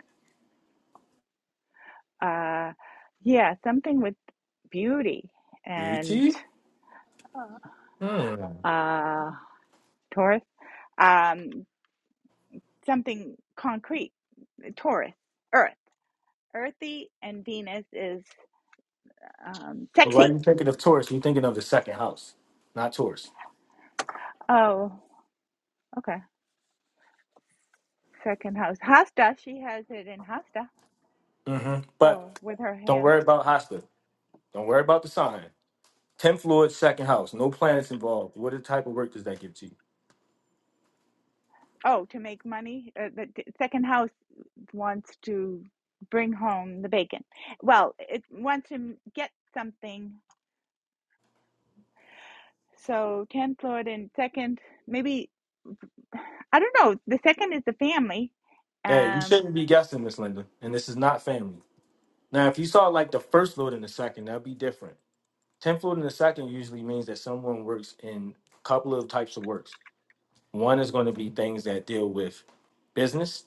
S4: Uh, yeah, something with beauty and
S1: Beauty? Hmm.
S4: uh, Taurus. Um, something concrete. uh, Taurus, Earth, earthy, and Venus is um,
S1: But why are
S4: sexy.
S1: you thinking of Taurus? You're thinking of the second house, not Taurus.
S4: Oh, okay. Second house, Hasta. She has it in Hasta.
S1: hmm
S4: So
S1: But
S4: with her
S1: don't
S4: hand.
S1: worry about Hasta. Don't worry about the sign. 10th floor, second house. No planets involved. What type of work does that give to you?
S4: Oh, to make money? Uh, the, the second house wants to bring home the bacon. Well, it wants to m- get something. So 10th Lord and second, maybe, I don't know. The second is the family.
S1: Yeah, you
S4: Um,
S1: shouldn't be guessing Miss Linda. And this is not family. Now, if you saw like the first load in the second, that'd be different. 10th load in the second usually means that someone works in a couple of types of works. One is going to be things that deal with business,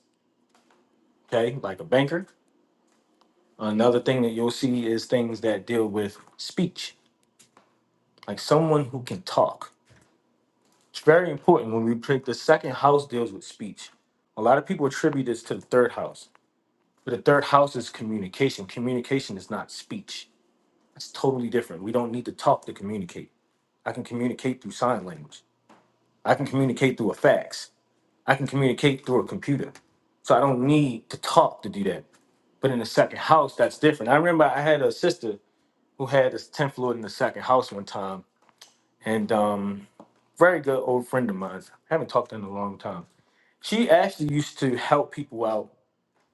S1: okay, like a banker. Another thing that you'll see is things that deal with speech, like someone who can talk. It's very important when we pick the second house deals with speech. A lot of people attribute this to the third house But the third house is communication. Communication is not speech. It's totally different. We don't need to talk to communicate. I can communicate through sign language. I can communicate through a fax. I can communicate through a computer. So I don't need to talk to do that. But in the second house, that's different. I remember I had a sister who had this 10th Lord in the second house one time, and um, very good old friend of mine. I haven't talked to her in a long time. She actually used to help people out,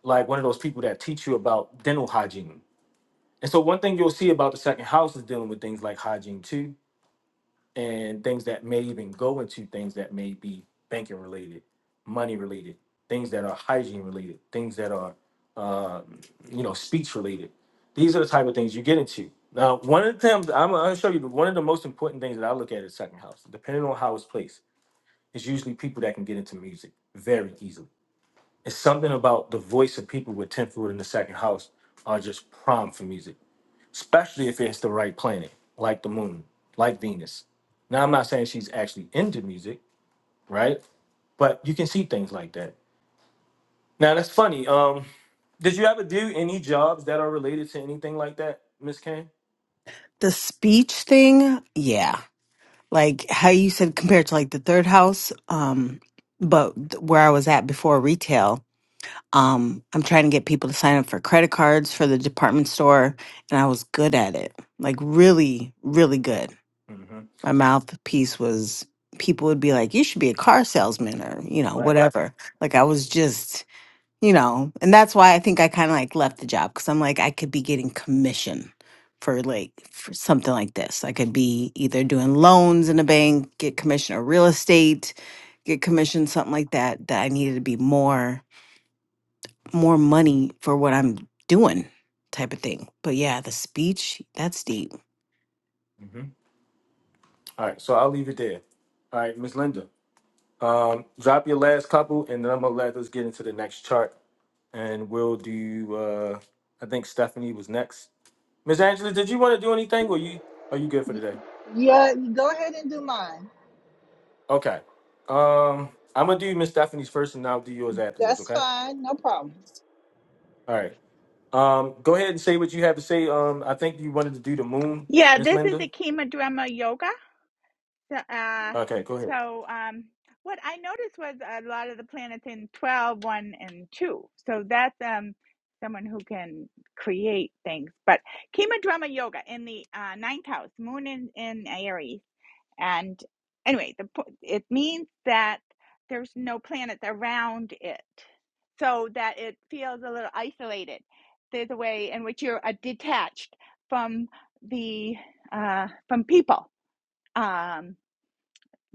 S1: like one of those people that teach you about dental hygiene. And so one thing you'll see about the second house is dealing with things like hygiene too, and things that may even go into things that may be banking related, money related, things that are hygiene related, things that are, um, you know, speech related. These are the type of things you get into. Now, one of the things I'm going to show you, the- one of the most important things that I look at is second house. Depending on how it's placed, it's usually people that can get into music very easily. It's something about the voice of people with 10th foot in the second house are just prime for music especially if it's the right planet, like the moon, like Venus. Now, I'm not saying she's actually into music, right? But you can see things like that. Now, that's funny. Um, did you ever do any jobs that are related to anything like that, Miss Kane?
S3: speech thing, yeah. Like how you said compared to like the third house, um, but th- where I was at before retail, um, I'm trying to get people to sign up for credit cards for the department store, and I was good at it. Like really, really good.
S1: Mm-hmm.
S3: My mouthpiece was people would be like, You should be a car salesman or, you know, Right.
S1: Right.
S3: whatever. Like I was just you know, and that's why I think I kind of like left the job because I'm like, I could be getting commission for like for something like this. I could be either doing loans in a bank, get commission or real estate, get commission, something like that, that I needed to be more more money for what I'm doing type of thing. But yeah, the speech, that's deep.
S1: Mm-hmm. All right. So I'll leave it there. All right, Miss Linda. Um, drop your last couple, and then I'm gonna let us get into the next chart, and we'll do. Uh, I think Stephanie was next. Miss Angela, did you want to do anything? Or you are you good for
S5: Y-
S1: today?
S5: Yeah, go ahead and do mine.
S1: Okay. Um, I'm gonna do Miss Stephanie's first, and I'll do yours afterwards.
S5: That's
S1: Okay.
S5: fine, no problem.
S1: All right. Um, go ahead and say what you have to say. Um, I think you wanted to do the moon,
S4: yeah,
S1: Miss
S4: this is
S1: Linda.
S4: the Kema Drama Yoga. So, uh,
S1: Okay, go ahead.
S4: so um, what I noticed was a lot of the planets in twelve, one, and 2. So that's um, someone who can create things. But Kema Drama Yoga in the uh, ninth house, moon in, in Aries. And anyway, the po- it means that there's no planets around it. So that it feels a little isolated. There's a way in which you're uh, detached from the uh, from people. Um,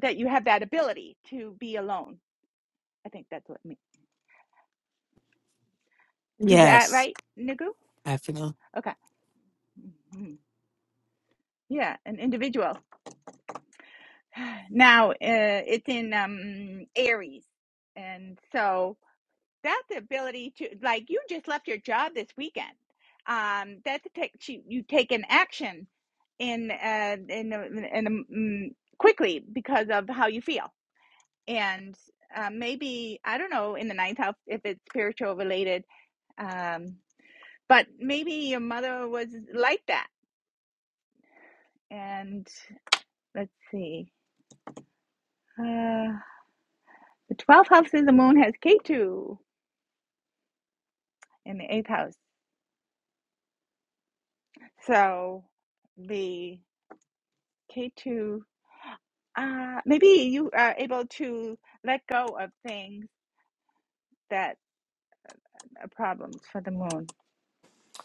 S4: that you have that ability to be alone. I think that's what it means. Is that
S3: Yes.
S4: right, Nugu?
S3: I feel
S4: Okay. Mhm. Yeah, an individual. Now uh, it's in um, Aries, and so that's the ability to like you just left your job this weekend. Um, that's a take you, you take an action in uh, in a- in a- mm, quickly because of how you feel, and uh, maybe I don't know in the ninth house if it's spiritual related. Um, But maybe your mother was like that. And let's see. Uh, the 12th house of the moon has K2 in the 8th house. So the K2, uh, maybe you are able to let go of things that are problems for the moon.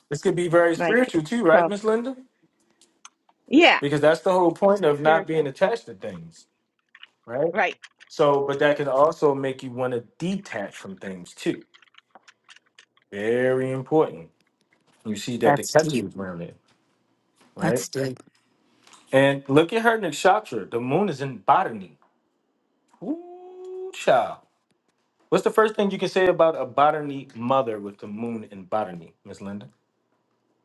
S1: This could be very
S4: Like
S1: spiritual
S4: it's
S1: too, right,
S4: 12.
S1: Miss Linda?
S4: Yeah,
S1: Because that's the whole point of not being
S4: spiritual.
S1: attached to things, right?
S4: Right.
S1: So, but that can also make you want to detach from things too. Very important. You see that the
S3: that's deep.
S1: Ketu is around it, right?
S3: That's deep.
S1: And look at her nakshatra. The moon is in botany. Ooh, child. What's the first thing you can say about a botany mother with the moon in botany, Miss Linda?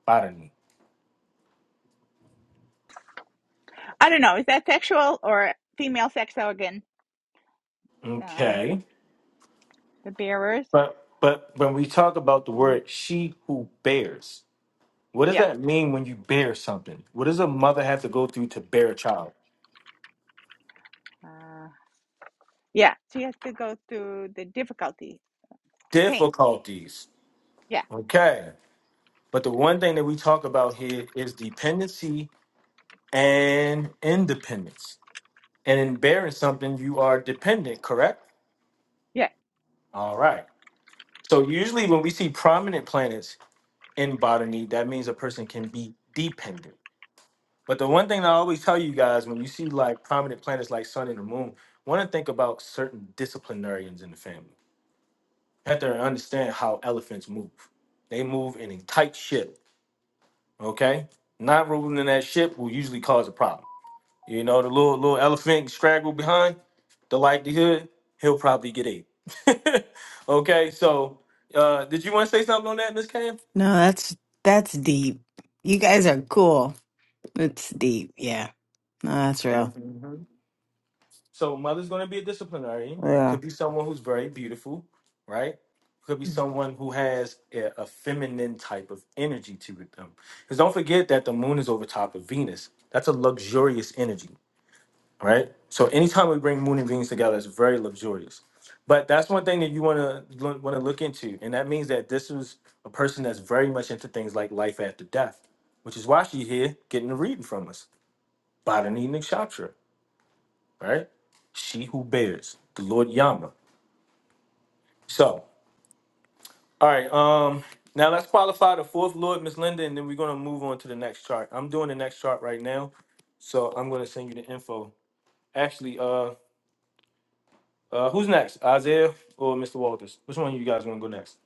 S1: Botany.
S4: I don't know. Is that sexual or female sex organ? Um,
S1: Okay.
S4: the bearers?
S1: But but when we talk about the
S4: Mm,
S1: word she who bears, what does
S4: Yeah.
S1: that mean when you bear something? What does a mother have to go through to bear a child?
S4: Uh, Yeah, she has to go through the difficulty, pain.
S1: Difficulties.
S4: Yeah,
S1: Okay. But the one thing that we talk about here is dependency and independence. And in bearing something, you are dependent, correct?
S4: yeah.
S1: All right. So usually when we see prominent planets in botany, that means a person can be dependent. But the one thing that I always tell you guys when you see like prominent planets like Sun and the Moon, want to think about certain disciplinarians in the family. You have to understand how elephants move. They move in a tight ship, okay? Not ruling in that ship will usually cause a problem. You know, the little little elephant straggle behind, the likelihood he'll probably get ate. okay, so uh, did you want to say something on that, Miss Cam?
S3: No, that's that's deep. You guys are cool. It's deep. Yeah. No, that's real.
S1: So mother's going to be a disciplinarian.
S3: Yeah.
S1: Could be someone who's very beautiful, right? Could be someone who has a, a feminine type of energy to them. Because don't forget that the moon is over top of Venus. That's a luxurious energy, right? So anytime we bring moon and Venus together, it's very luxurious. But that's one thing that you want to want to look into, and that means that this is a person that's very much into things like life after death, which is why she's here getting a reading from us, Botany Nikshatra right? She who bears the Lord Yama. So, all right. Um, now let's qualify the fourth Lord, Miss Linda, and then we're gonna move on to the next chart. I'm doing the next chart right now, so I'm gonna send you the info. Actually, uh, uh, who's next, Isaiah or Mr. Walters? Which one of you guys wanna go next?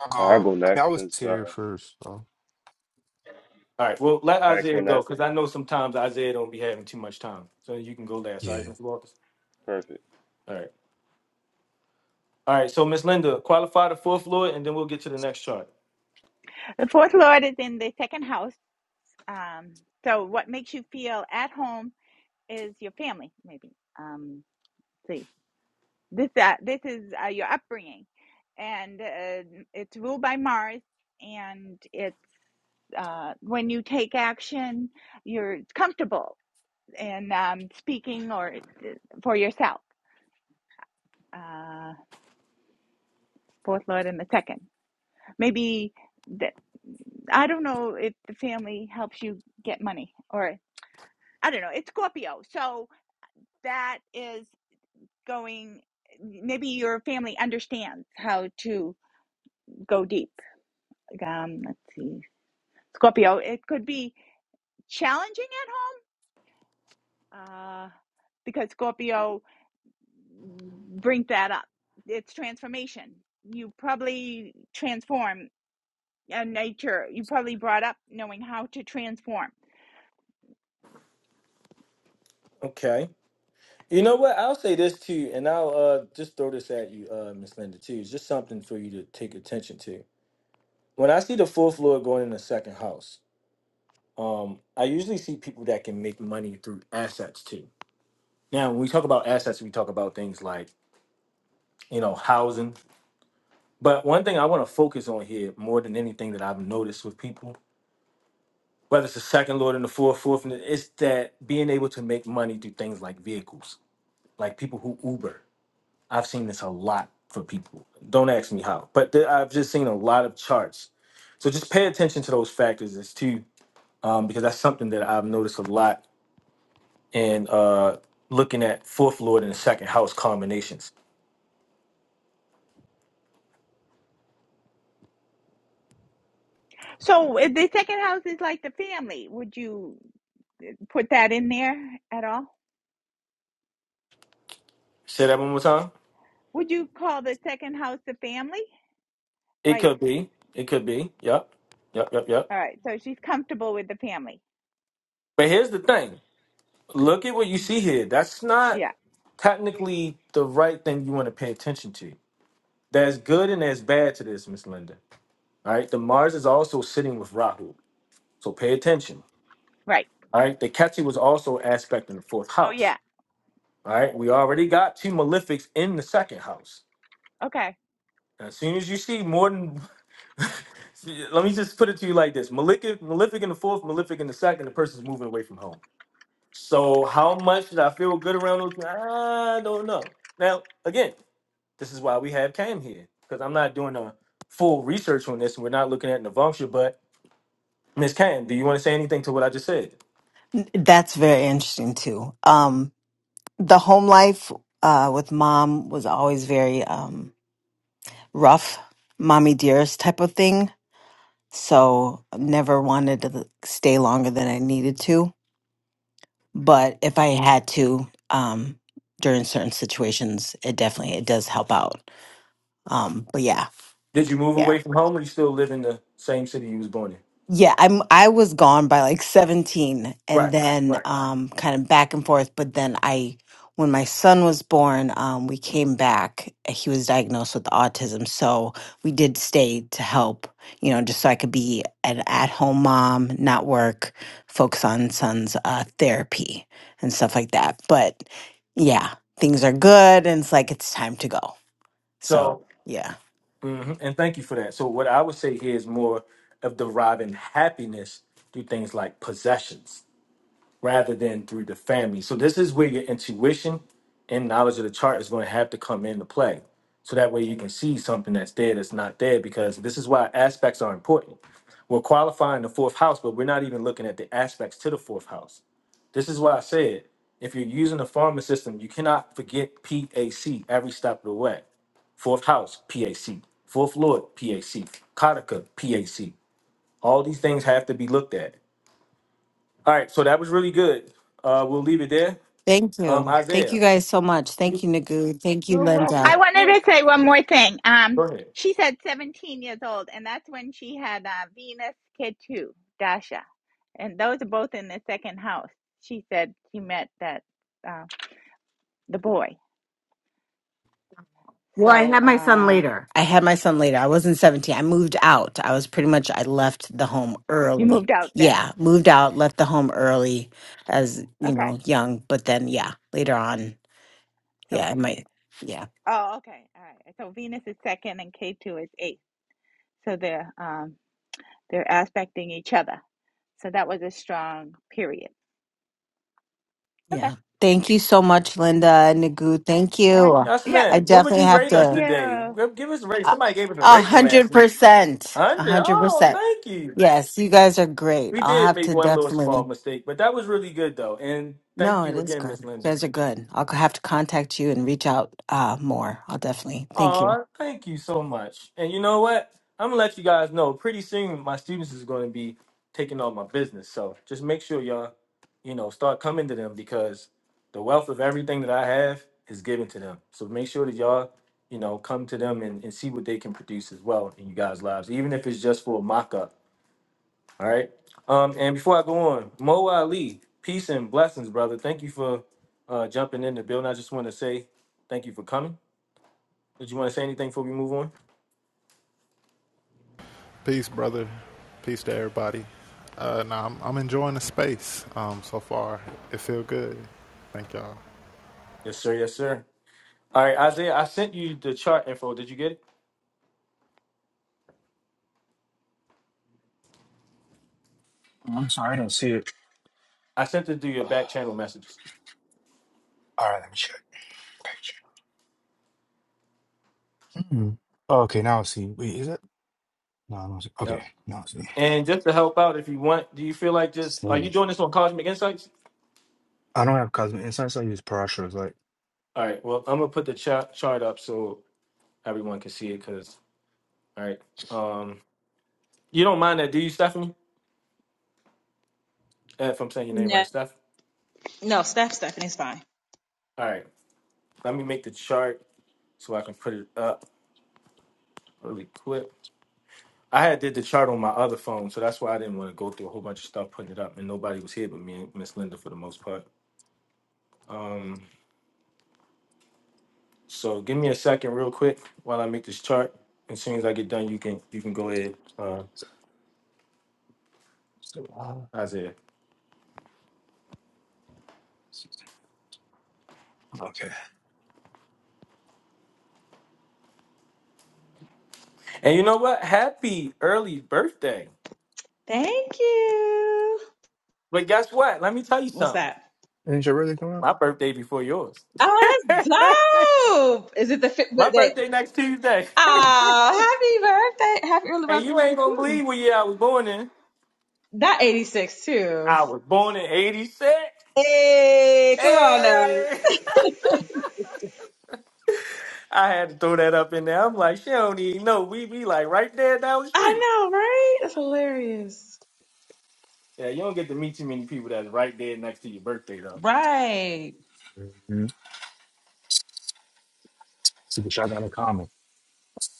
S9: I'll
S12: I'll
S9: go.
S12: go
S9: I mean, I
S12: next
S9: was
S12: since uh,
S9: here first. So.
S1: All right. Well, let
S12: Max
S1: Isaiah
S12: went
S1: go
S12: that.
S1: because I know sometimes Isaiah don't be having too much time, so you can go last. All right,
S9: Yeah.
S1: Mr. Walters.
S12: Perfect.
S1: All right. All right. So, Miss Linda, qualify the fourth Lord, and then we'll get to the next chart.
S4: The fourth lord is in the second house. Um, so what makes you feel at home is your family, maybe. Um, see, this uh, this is uh, your upbringing, and uh, it's ruled by Mars, and it's uh, when you take action, you're comfortable in um, speaking or uh, for yourself. Uh, fourth lord in the second, maybe. The, I don't know if the family helps you get money or I don't know. It's Scorpio. So that is going, maybe your family understands how to go deep. Like, Um, let's see. Scorpio, it could be challenging at home uh, because Scorpio brings that up. It's transformation. You probably transform a nature. You probably brought up knowing how to transform
S1: Okay. You know
S4: Hmm.
S1: what? I'll say this too, and I'll uh, just throw this at you, uh, Miss Linda too. It's just something for you to take attention to. When I see the fourth floor going in the second house, um, I usually see people that can make money through assets too. Now, when we talk about assets, we talk about things like you know housing. But one thing I want to focus on here more than anything that I've noticed with people, whether it's the second lord and the fourth, fourth, and it's that being able to make money through things like vehicles, like people who Uber I've seen this a lot for people. Don't ask me how, but th- I've just seen a lot of charts. So just pay attention to those factors as too, um, because that's something that I've noticed a lot in uh, looking at fourth lord and second house combinations.
S4: So if the second house is like the family, would you eh, put that in there at all?
S1: Say that one more time.
S4: Would you call the second house the family?
S1: It
S4: Like,
S1: could be. It could be. Yep. Yep. Yep. Yep.
S4: all right, so she's comfortable with the family.
S1: But here's the thing. Look at what you
S4: Mm.
S1: see here. That's not
S4: Yeah,
S1: technically the right thing you want to pay attention to. There's good and there's bad to this, Miss Linda. All right. The Mars is also sitting with Rahu. So pay attention.
S4: right.
S1: All right. The Ketu was also an aspect in the fourth
S4: Oh,
S1: house.
S4: yeah.
S1: All right. We already got two malefics in the second house.
S4: Okay.
S1: As soon as you see more than, see, let me just put it to you like this malefic, malefic in the fourth, malefic in the second, the person's moving away from home. So how much did I feel good around those? I don't know. Now, again, this is why we have Cam here because I'm not doing a full research on this and we're not looking at Navamsha, but Miss Cam, do you want to say anything to what I just said?
S3: N- That's very interesting too. Um the home life uh with mom was always very um rough, mommy dearest type of thing. So never wanted to stay longer than I needed to. But if I had to, um during certain situations, it definitely it does help out. Um but yeah.
S1: Did you move
S3: Yeah.
S1: away from home or you still live in the same city you was born in?
S3: Yeah, I'm I was gone by like 17 and
S1: Right,
S3: then
S1: right.
S3: um kind of back and forth, but then I when my son was born, um we came back. eh, He was diagnosed with autism, so we did stay to help, you know, just so I could be an at-home mom, not work, focus on son's uh therapy and stuff like that. But yeah, things are good and it's like it's time to go. So,
S1: So,
S3: yeah.
S1: mhm, and thank you for that. So, what I would say here is more of deriving happiness through things like possessions rather than through the family. So, this is where your intuition and knowledge of the chart is going to have to come into play. So that way you can see something that's there that's not there because this is why aspects are important. We're qualifying the fourth house, but we're not even looking at the aspects to the fourth house. This is why I said if you're using the farming system, you cannot forget PAC every step of the way. Fourth house, PAC. Fourth lord, PAC. Kataka, PAC. All these things have to be looked at. All right, so that was really good. Uh, we'll leave it there.
S3: Thank
S1: Um,
S3: you. Thank you
S1: Isaiah,
S3: guys so much. Thank
S1: you-
S3: you, Nagu. Thank you,
S1: are
S3: Linda.
S4: I
S1: welcome.
S4: wanted to say one more thing.
S1: Go
S4: Um,
S1: ahead.
S4: she said 17 years old, and that's when she had uh, Venus Ketu, Dasha, and those are both in the second house. She said she met that uh, the boy,
S3: Well, I
S4: so
S3: had my son
S4: uh,
S3: later. I had my son later. I wasn't 17. I moved out. I was pretty much, I left the home
S4: he
S3: early.
S4: moved out then.
S3: Yeah, moved out, left the home early as, you
S4: Okay,
S3: know, young. But then, yeah, later on,
S4: so
S3: yeah, I might, yeah,
S4: oh, okay, all right. So Venus is second, and Ketu is eighth. So they're um, they're aspecting each other. So that was a strong period. Okay.
S3: yeah. Thank you so much, Linda and Nagu. Thank
S4: Okay.
S3: you.
S1: Yes,
S4: Yep.
S3: I
S1: man. What would
S3: definitely
S1: you
S3: have
S1: rate
S4: Thank
S1: us
S3: to,
S1: today?
S4: you.
S1: Give give us a rate.
S3: a
S1: Somebody gave us a
S3: a
S1: rating last
S3: hundred
S1: week.
S3: percent,
S1: one
S3: a
S1: Hundred.
S3: hundred
S1: Oh,
S3: percent.
S1: thank you.
S3: Yes, you guys are great.
S1: We
S3: I'll
S1: did
S3: have
S1: make
S3: to
S1: one little small
S3: definitely.
S1: mistake, but that was really good though. And thank
S3: No, it
S1: you
S3: is
S1: again,
S3: good.
S1: Miss
S3: You
S1: Linda.
S3: guys are good. I'll have to contact you and reach out uh, more. I'll definitely. Thank you.
S1: Aw, thank you so much. And you know what? I'm gonna let you guys know pretty soon my students is gonna be taking on my business. So just make sure y'all, you know, start coming to them because the wealth of everything that I have is given to them. So make sure that y'all, you know, come to them and, and see what they can produce as well in you guys' lives, even if it's just for a mock up. All right. Um, and before I go on, Mo Ali, peace and blessings, brother. Thank you for uh jumping in the building. I just wanna say thank you for coming. Did you wanna say anything before we move on?
S13: Peace, brother. Peace to everybody. Uh, nah, I'm, I'm enjoying the space um, so far. It feel good. Thank y'all.
S1: Yes, sir. Yes, sir. All right, Isaiah, I sent you the chart info. Did you get it?
S9: Oh, I'm sorry, I don't see it.
S1: I sent it to your back channel messages.
S9: All right, let me check the picture. Hmm. Oh, okay, now I see. Wait, is it? No, I don't see. Okay,
S1: Yep.
S9: now I see.
S1: And just to help out, if you want, do you feel like just are you
S9: Same.
S1: doing this on Cosmic Insights?
S9: I don't have cosmic insights. I use Parashas. Like.
S1: All right. Well, I'm gonna put the chart chart up so everyone can see it. Cause all right, um, you don't mind that, do you, Stephanie? Uh, If I'm saying your name right,
S7: No,
S1: Steph.
S7: no, Steph, Stephanie's fine.
S1: All right. Let me make the chart so I can put it up really quick. I had did the chart on my other phone, so that's why I didn't want to go through a whole bunch of stuff putting it up, and nobody was here but me and Miss Linda for the most part. So give me a second, real quick, while I make this chart. As soon as I get done, you can you can go ahead, uh,
S9: so- so,
S1: Isaiah.
S9: uh, Okay.
S1: And you know what? Happy early birthday!
S7: Thank you.
S1: But guess what? Let me tell you
S7: What's
S1: something.
S7: that?
S9: Ain't it really coming out?
S1: My birthday before yours.
S7: Oh, that's dope. Is it the fifth
S1: My
S7: birthday?
S1: birthday next Tuesday.
S7: Oh, happy birthday. Happy early
S1: and
S7: birthday to
S1: you ain't
S7: you.
S1: gonna
S7: too.
S1: believe what year I was born in.
S7: That 86 too.
S1: I was born in '86.
S7: Hey, come on now.
S1: Hey! I had to throw that up in there. I'm like, she don't even know. We be like right there down the
S7: I
S1: street.
S7: know, right? That's hilarious.
S1: Yeah, you don't get to meet too many people that's right there next to your birthday though.
S7: Right.
S9: Mm-hmm. See what y'all got in common.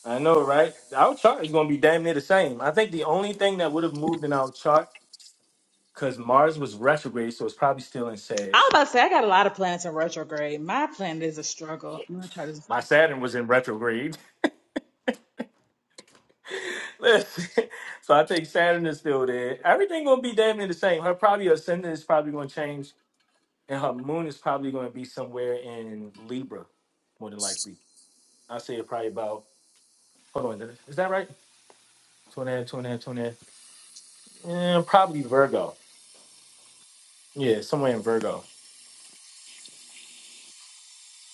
S1: I know, right? Our chart is going to be damn near the same. I think the only thing that would have moved in our chart because Mars was retrograde, so it's probably still in
S7: I
S1: Sag.
S7: was about to say, I got a lot of planets in retrograde. My planet is a struggle. My chart is a
S1: My
S7: struggle.
S1: Saturn was in retrograde. Listen, so I think Saturn is still there. Everything going to be damn near the same. Her probably ascendant is probably going to change, and her moon is probably going to be somewhere in Libra, more than likely. I say it probably about. Hold on, is that right? Two and a half, two and a half, two and a half. Yeah, probably Virgo. Yeah, somewhere in Virgo.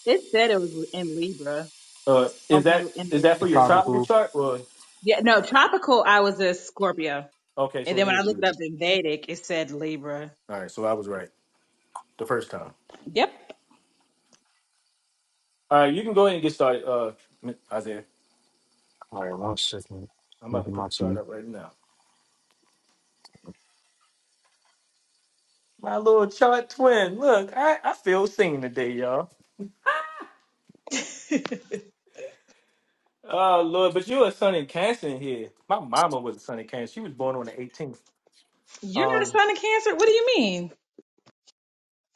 S7: It said it was in Libra,
S1: Uh, is that
S7: although in
S1: is
S7: the
S1: that for your
S7: regular
S9: Tribal
S7: one.
S1: tropical
S9: food.
S1: chart? Or
S7: Yeah, no, tropical, I was a Scorpio.
S1: okay,
S7: And
S1: so it
S7: then when I
S1: is
S7: looked it
S1: Virgo.
S7: up in Vedic, it said Libra.
S1: All right, so I was right the first time.
S7: Yep.
S1: All right, you can go ahead and get started, uh, M- Isaiah.
S9: All right, one second.
S1: I'm about
S9: Look
S1: to
S9: at
S1: put
S9: my
S1: the chart
S9: TV.
S1: up right now. My little chart twin. Look, I, I feel seen today, y'all.
S7: You're
S1: Oh Lord, but you a son in Cancer in here. My mama was a son in Cancer. She was born on the 18th.
S7: not a
S1: Um,
S7: sign of Cancer? What do you mean?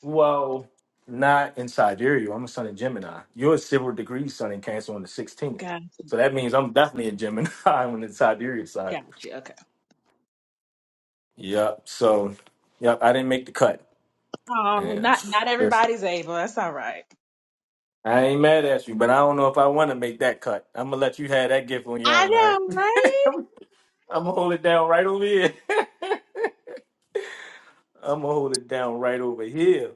S1: well, not in Sidereal. I'm a son in Gemini. You're a civil degree son in Cancer on the 16th.
S7: Got,
S1: So that means I'm definitely a Gemini on the Sidereal side.
S7: got you. Okay.
S1: Yep. So, yep, I didn't make the cut.
S7: Oh,
S1: Yeah.
S7: not not
S1: Listen,
S7: everybody's able. That's all right.
S1: I ain't mad at you, but I don't know if I want to make that cut. I'm gonna let you have that gift on your
S7: I
S1: own. All right.
S7: know, right?
S1: I'm gonna hold it down right over here. I'm gonna hold it down right over here.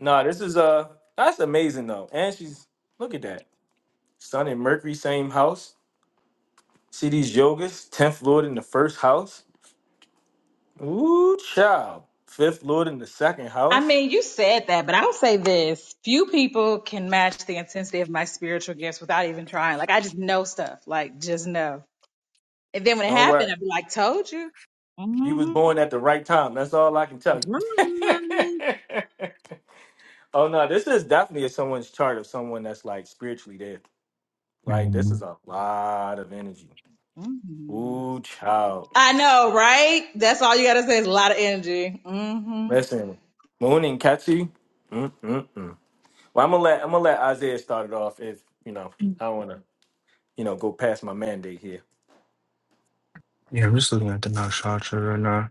S1: Nah, this is uh, that's amazing though. And she's look at that. Sun and Mercury, same house. See these yogas, tenth lord in the first house. Ooh, child. Fifth lord in the second
S7: I
S1: house.
S7: mean, you said that, but I'll say this. Few people can match the intensity of my spiritual gifts without even trying. Like, I just know stuff. Like, just know. And then when it
S1: Don't worry.
S7: happened, I'd be like, told you.
S1: You
S7: Mm-hmm.
S1: was born at the right time. That's all I can tell you.
S7: Mhm.
S1: oh no, this is definitely someone's chart of someone that's like spiritually dead. Like this
S9: Mm-hmm.
S1: is a lot of energy. Ooh, child.
S7: I know, right? That's all you got to say is a lot of energy. hmm
S1: Listen, Moon and Katsu. Mm-mm-mm. Well, I'm gonna let I'm gonna let Isaiah start it off. If you know, I don't wanna you know go past my mandate here.
S9: Yeah, I'm just looking at the Nakshatra right now.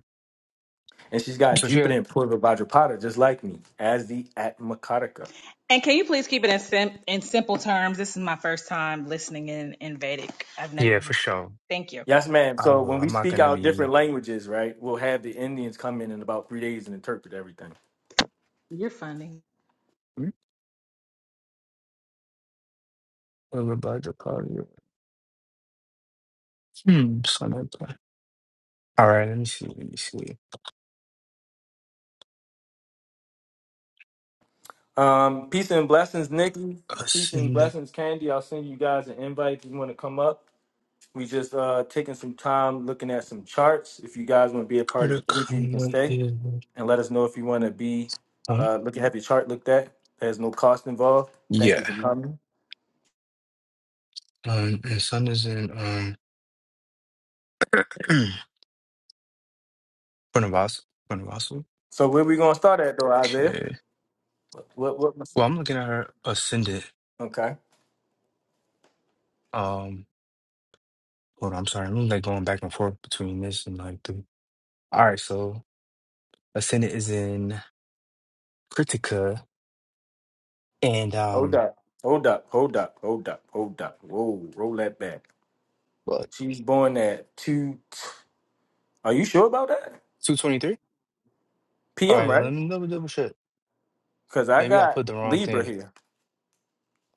S1: And she's got
S9: So she, had-
S1: Jupiter and Pluto Vajrapada just like me as the Atmakarika.
S7: And can you please keep it in sim- in simple terms? This is my first time listening in in Vedic. I've never.
S9: yeah, for sure.
S7: Thank you.
S1: Yes, ma'am.
S9: I
S1: So
S9: will.
S1: when we
S9: I'm not
S1: speak
S9: gonna
S1: out
S9: be
S1: different languages, right, we'll have the Indians come in in about three days and interpret everything.
S7: You're funny.
S9: Hmm? a little about the party. Hmm. So I'm not playing. All right. Let me see. Let me see.
S1: Um, peace and blessings, Nikki. Peace and
S9: Ascendant
S1: blessings, Candy. I'll send you guys an invite if you want to come up. We just uh taking some time looking at some charts. If you guys want to be a part of the energy, you can
S9: critical is.
S1: stay and let us know if you want to be
S9: huh?
S1: uh looking have your chart looked at. There's no cost involved. Thank
S9: Yeah.
S1: you for coming.
S9: Um, and sun is in um Pranavas. Pranavas.
S1: So where we gonna start at though, Isaiah?
S9: Okay.
S1: What what, what
S9: Well, I'm looking at her ascendant.
S1: okay.
S9: Hold on, I'm sorry. I'm like going back and forth between this and like the. All right, so Ascendant is in Critica and
S1: Hold
S9: um,
S1: up. Hold up. Hold up. Hold up. Hold up. Whoa, roll that back.
S9: what
S1: She was born at 2. Are you sure about that?
S9: two twenty three? All
S1: PM,
S9: right, well,
S1: right?
S9: let me double double check.
S1: Because I
S9: Maybe I
S1: got
S9: put the wrong
S1: Libra
S9: thing.
S1: here.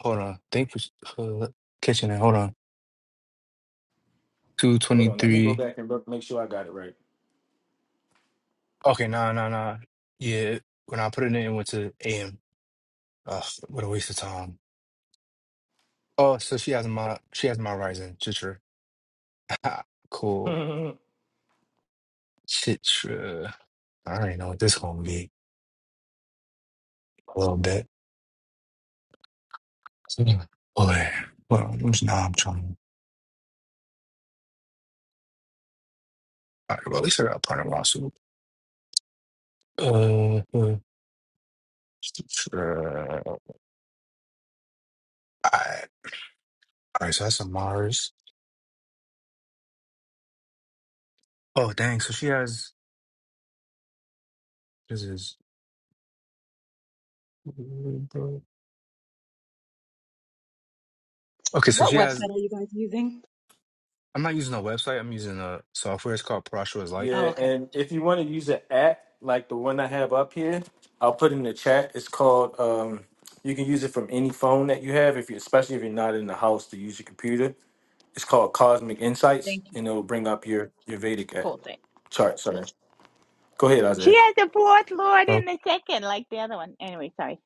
S9: Hold on, thank you for uh, catching it. Hold on, two
S1: Hold
S9: twenty
S1: on. Let me go
S9: three.
S1: back and look, make sure I got it right.
S9: Okay, nah, nah, nah. Yeah, when I put it in, it went to AM. Ugh, what a waste of time. Oh, so she has my she has my rising Chitra. cool, Chitra. I already know what this gonna be a little bit. So Anyway, Boy, well, where's now? I'm trying. All right, well, at least I got a point of lawsuit. Uh, uh, uh, I, all right, so that's a Mars. Oh, dang. So she has, this is, okay, so
S7: What
S9: she has,
S7: website are you guys using?
S9: I'm not using a website. I'm using a software. It's called Parashura's Light.
S7: Oh,
S1: yeah,
S7: okay.
S1: and if you want to use an app like the one I have up here, I'll put it in the chat. It's called, um, you can use it from any phone that you have, if you, especially if you're not in the house to use your computer. It's called Cosmic Insights,
S7: Thank you.
S1: and it'll bring up your, your Vedic app
S7: Cool. Thanks.
S1: chart. Sorry. Go ahead,
S4: She
S1: Isaiah.
S4: has the fourth lord in
S9: Okay.
S4: the second, like the other one. Anyway, sorry.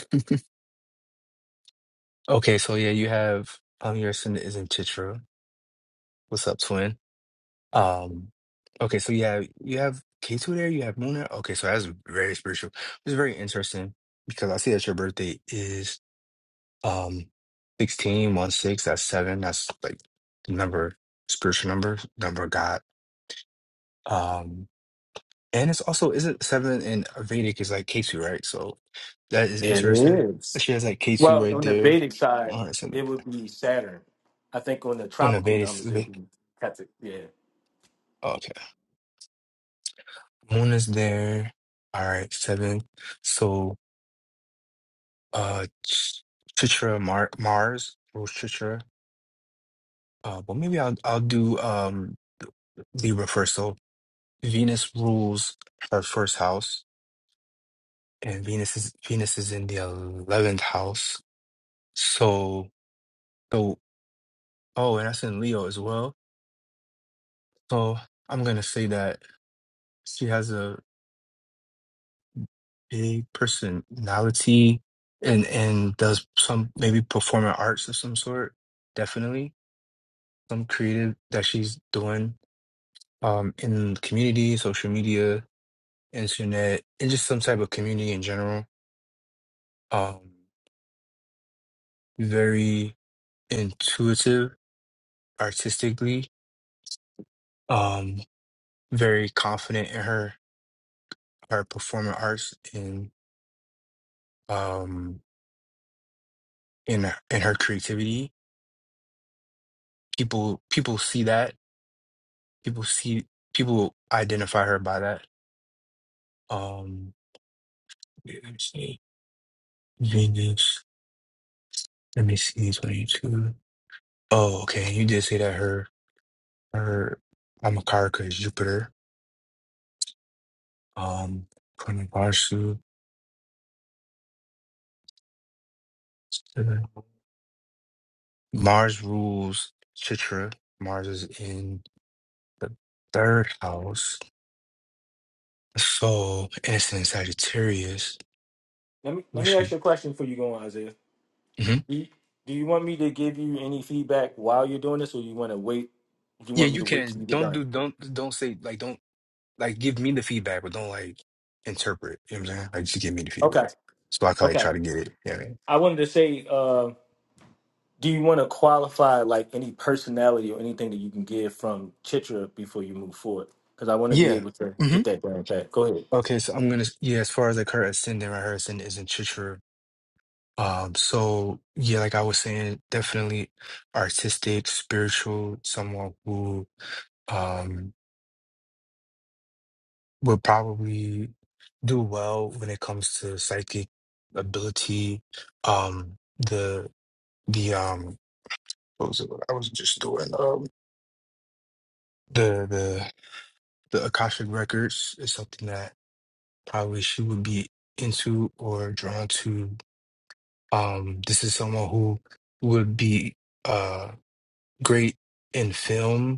S9: okay, so yeah, you have, um, your ascendant is in Chitra. What's up, twin? Um, okay, so yeah, you have K2 there, you have Moon there. Okay, so that's very spiritual. It's very interesting because I see that your birthday is um sixteen one 6, that's seven. That's like the number, spiritual number, number of God. Um, and it's also is it seven in Vedic is like K2, right? So that is
S1: It
S9: interesting.
S1: is.
S9: She has like K2
S1: Well,
S9: right
S1: on the
S9: there.
S1: Vedic side,
S9: All right, seven.
S1: it would be Saturn. I think on the
S9: On the
S1: tropical
S9: Vedic,
S1: numbers, it'd
S9: Ve-
S1: be Captain. Yeah.
S9: okay. Moon is there. All right, seven. So. uh Ch- Chitra Mar- Mars rules Chitra. Uh, well, maybe I'll I'll do um Libra first. So Venus rules her first house, and Venus is Venus is in the eleventh house. So so oh, and that's in Leo as well. So I'm gonna say that she has a big personality and and does some maybe performing arts of some sort. Definitely some creative that she's doing um, in the community, social media, internet, and just some type of community in general. Um, very intuitive artistically, um, very confident in her her performing arts and um, in in her creativity. People people see that. People see people identify her by that. Um, let me see. Venus. Let me see. Twenty two. Oh, okay. You did say that her. Her Amakarika is Jupiter. Um, according to Varsu, Mars rules Chitra. Mars is in the third house. So, innocent Sagittarius.
S1: Let me
S9: We
S1: let me ask
S9: should.
S1: you a question for you, go on, Isaiah.
S9: Mhm.
S1: You, do you want me to give you any feedback while you're doing this, or you want to wait? Do You
S9: Yeah,
S1: want me
S9: you
S1: to wait till
S9: can.
S1: you get
S9: Don't
S1: done?
S9: do. Don't don't say like. Don't like. Give me the feedback, but don't like interpret. You know what I'm saying? Like, just give me the
S1: Okay.
S9: feedback. So I can like
S1: Okay.
S9: try to get it. Yeah.
S1: I wanted to say, uh, do you want to qualify like any personality or anything that you can give from Chitra before you move forward? Because I want to be
S9: Yeah.
S1: able to
S9: hmm
S1: get that down pat. Go ahead.
S9: Okay, so I'm gonna. Yeah, as far as like her ascendant, right? Her ascendant is in Chitra Um, so yeah, like I was saying, definitely artistic, spiritual, someone who um would probably do well when it comes to psychic ability. Um, the the um what was it what I was just doing? Um the the the Akashic Records is something that probably she would be into or drawn to. Um, this is someone who would be uh great in film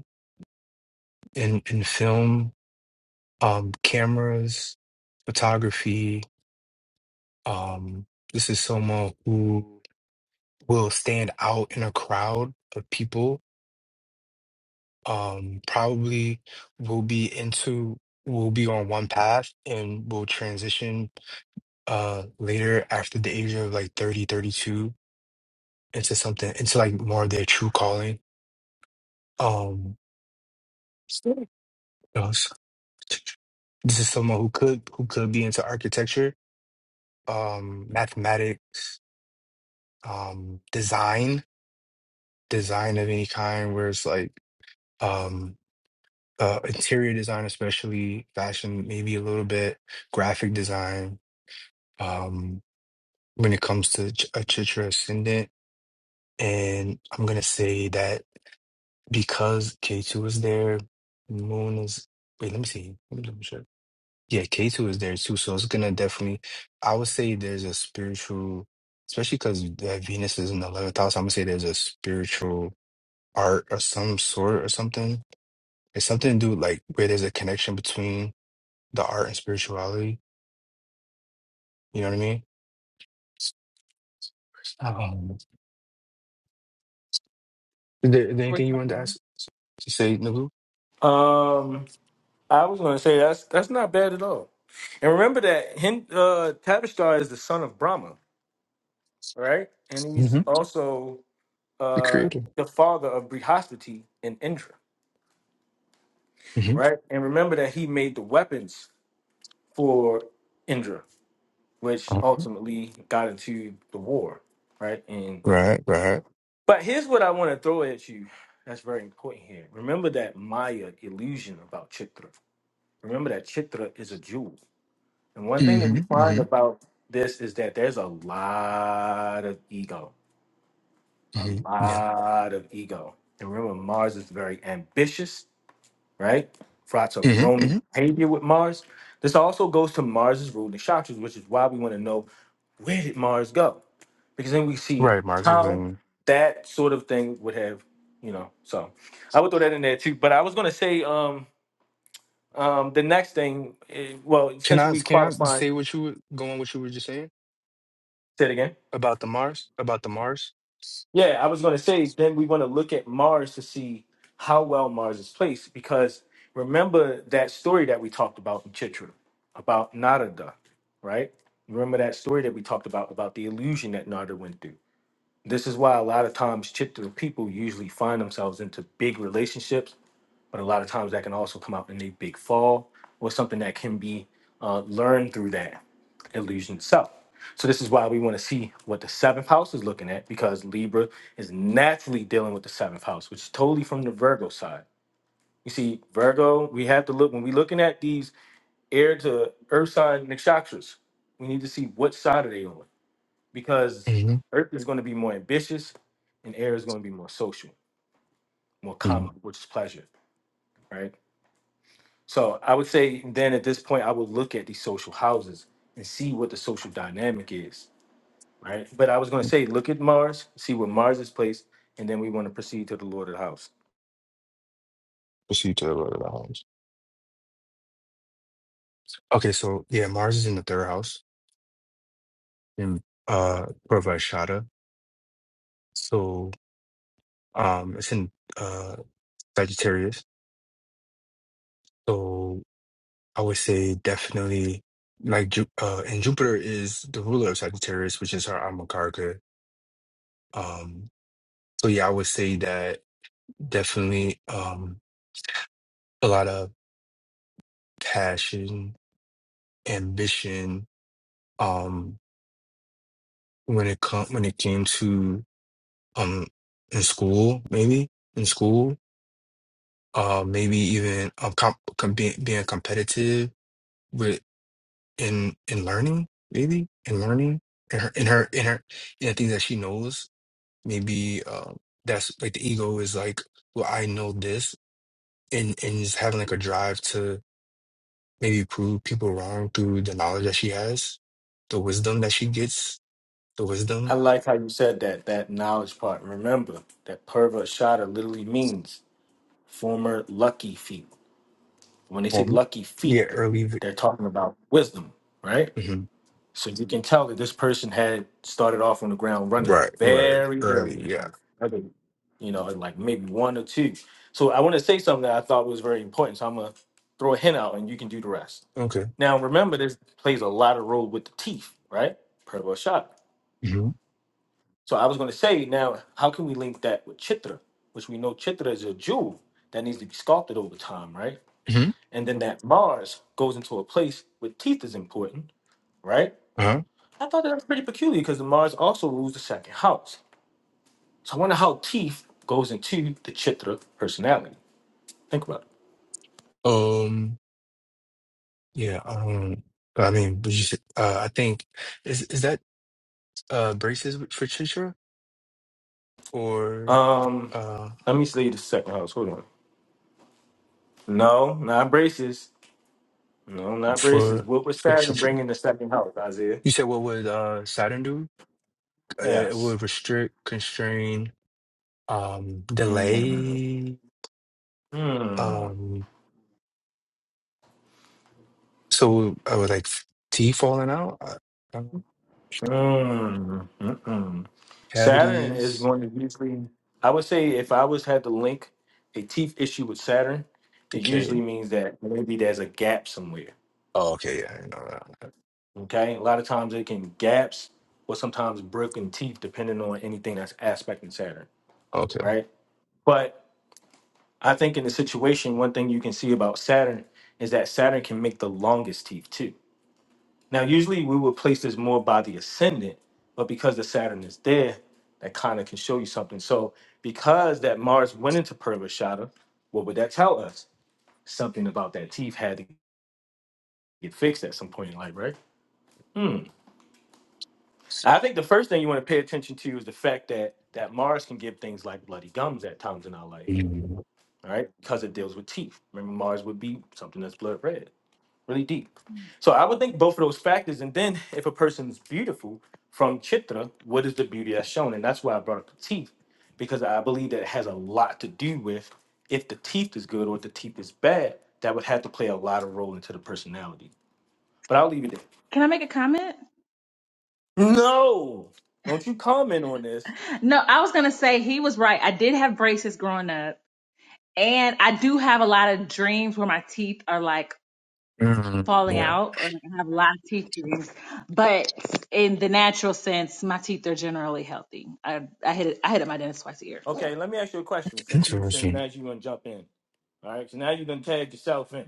S9: in in film, um, cameras, photography. Um, this is someone who will stand out in a crowd of people. Um, probably will be into will be on one path and will transition uh later after the age of like 30, 32, into something into like more of their true calling um what else? this is someone who could who could be into architecture um mathematics um design design of any kind where it's like um uh interior design especially fashion maybe a little bit graphic design um when it comes to Ch- a Chitra ascendant and I'm gonna say that because K2 is there Moon is wait let me see let me double check yeah K2 is there too so it's gonna definitely I would say there's a spiritual especially because Venus is in the 11th house I'm gonna say there's a spiritual art of some sort or something. It's something to do like where there's a connection between the art and spirituality. You know what I mean? Um, is, there, is there
S7: Were you
S9: anything you wanted
S7: talking
S9: to
S7: to me?
S9: ask to say, Nagu?
S1: Um. I was going to say that's that's not bad at all. And remember that Hind, uh, Tabishtar is the son of Brahma, right? And he's
S9: hmm
S1: also
S9: The
S1: uh,
S9: creator.
S1: the father of Brihaspati and Indra,
S9: hmm
S1: right? And remember that he made the weapons for Indra, which
S9: uh
S1: ultimately got into the war, right? And
S9: Right, right.
S1: but here's what I want to throw at you. That's very important here. Remember that Maya illusion about Chitra. Remember that Chitra is a jewel. And one thing that
S9: hmm
S1: we find
S9: hmm
S1: about this is that there's a lot of ego, a
S9: hmm Yeah.
S1: lot of ego. And remember, Mars is very ambitious, right? For lots of
S9: hmm
S1: roaming
S9: hmm
S1: behavior with Mars. This also goes to Mars's ruling chakras, which is why we want to know where did Mars go? Because then we see
S9: Right, Mars. is
S1: how
S9: in-
S1: that sort of thing would have, you know. So I would throw that in there too. But I was going to say um, um, the next thing, eh, well,
S9: Can
S1: since
S9: I
S1: we
S9: can I
S1: qualifying,
S9: say what you were going what you were just saying
S1: say it again.
S9: about the Mars about the Mars?
S1: Yeah, I was going to say, then we want to look at Mars to see how well Mars is placed. Because remember that story that we talked about in Chitra about Narada, right? Remember that story that we talked about about the illusion that Narada went through. This is why a lot of times Chitra people usually find themselves into big relationships, but a lot of times that can also come out in a big fall or something that can be uh, learned through that illusion itself. So this is why we want to see what the seventh house is looking at because Libra is naturally dealing with the seventh house, which is totally from the Virgo side. You see, Virgo, we have to look when we're looking at these air to earth sign nakshatras, we need to see what side are they on because
S9: Mm-hmm.
S1: earth is going to be more ambitious and air is going to be more social, more
S9: hmm
S1: common, which is pleasure, right? So I would say then at this point, I would look at these social houses and see what the social dynamic is right? But I was going to say, look at Mars, see where Mars is placed, and then we want to proceed to the Lord of the House.
S9: you tell about the house. Okay, so yeah, Mars is in the third house in uh Parvashada So um, it's in uh, Sagittarius. So I would say definitely like Ju- uh, and Jupiter is the ruler of Sagittarius, which is her alma carca. Um, so yeah, I would say that definitely um, a lot of passion, ambition. Um, when it come when it came to um in school, maybe in school, uh, maybe even um, comp- com- being, being competitive in in learning, maybe in learning in her in her in her in the things that she knows. Maybe um, that's like the ego is like, well, I know this, and and just having like a drive to maybe prove people wrong through the knowledge that she has, the wisdom that she gets, the
S1: I
S9: wisdom.
S1: like how you said that, that knowledge part. Remember that Purva Shada literally means former lucky feet. When they say
S9: Um,
S1: lucky
S9: yeah,
S1: feet,
S9: early.
S1: they're talking about wisdom, right?
S9: hmm
S1: So you can tell that this person had started off on the ground running
S9: Right, right,
S1: very early
S9: early.
S1: in
S9: Yeah.
S1: life. Okay. You know, like maybe one or two. So I want to say something that I thought was very important. So I'm going to throw a hint out and you can do the rest.
S9: Okay.
S1: Now remember, this plays a lot of role with the teeth, right? Purva shot.
S9: hmm
S1: So I was going to say now, how can we link that with Chitra, which we know Chitra is a jewel that needs to be sculpted over time, right?
S9: hmm
S1: And then that Mars goes into a place where teeth is important, right?
S9: Uh
S1: I thought that was pretty peculiar because the Mars also rules the second house. So I wonder how teeth goes into the Chitra personality. Think about it.
S9: huh. Um. Yeah. Um. I mean, but you said, uh, I think is is that. uh braces for Chitra or
S1: Um,
S9: uh
S1: let me see the second house. Hold on. No, not braces. No, not racist.
S9: for
S1: What was
S9: for
S1: Saturn
S9: Chitra?
S1: bringing the second house, Isaiah?
S9: You said what would uh Saturn do? Uh, it
S1: Yes.
S9: would restrict, constrain, um,
S1: Mm.
S9: delay.
S1: Mm.
S9: Um, so I would like teeth falling out, I, I don't know.
S1: Mm. Mm-mm. Saturn is
S9: cavities,
S1: going to usually, I would say, if I was had to link a teeth issue with Saturn, it usually
S9: decay.
S1: means that maybe there's a gap somewhere.
S9: Oh, okay, yeah, I know that.
S1: Okay, a lot of times it can gaps or sometimes broken teeth, depending on anything that's aspecting Saturn,
S9: Okay.
S1: right? But I think in the situation, one thing you can see about Saturn is that Saturn can make the longest teeth too Now, usually we would place this more by the ascendant, but because the Saturn is there, that kind of can show you something. So, because that Mars went into Purvashada, what would that tell us? Something about that teeth had to get fixed at some point in life, right? Hmm. I think the first thing you want to pay attention to is the fact that that Mars can give things like bloody gums at times in our life,
S9: Mm.
S1: all right? Because it deals with teeth. Remember, Mars would be something that's blood red. really deep. So I would think both of those factors. And then if a person's beautiful from Chitra, what is the beauty that's shown? And that's why I brought up the teeth, because I believe that it has a lot to do with if the teeth is good or if the teeth is bad, that would have to play a lot of role into the personality. But I'll leave it there.
S7: Can I make a comment?
S1: No, don't you comment on this.
S7: No, I was gonna say he was right. I did have braces growing up, and I do have a lot of dreams where my teeth are like
S9: Mm,
S7: falling
S9: yeah,
S7: out or like I have lots of teeth cavities. But in the natural sense, my teeth are generally healthy. I I hit it, I hit up my dentist twice a year. Yeah,
S1: Okay, let me ask you a question since you since now
S9: interesting.
S1: you're gonna jump in. All right, so now you're gonna tag yourself in.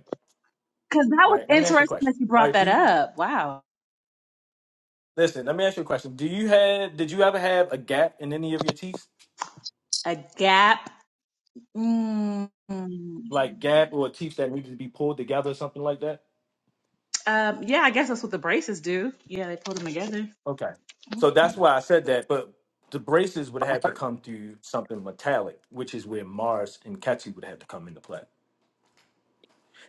S7: because that
S1: All
S7: was
S1: right, let me ask you a
S7: interesting
S1: question.
S7: that you
S1: All
S7: brought
S1: right, do
S7: that
S1: you,
S7: up. Wow,
S1: Listen, let me ask you a question. Do you have did you ever have a gap in any of your teeth?
S7: a gap. Mm, um,
S1: Like gap or teeth that needed to be pulled together or something like that?
S7: yeah, I guess that's what the braces do. Yeah, they pull them together.
S1: Okay. So that's why I said that, but the braces would
S9: I
S1: have to
S9: thought-
S1: come through something metallic, which is where Mars and Ketchy would have to come into play.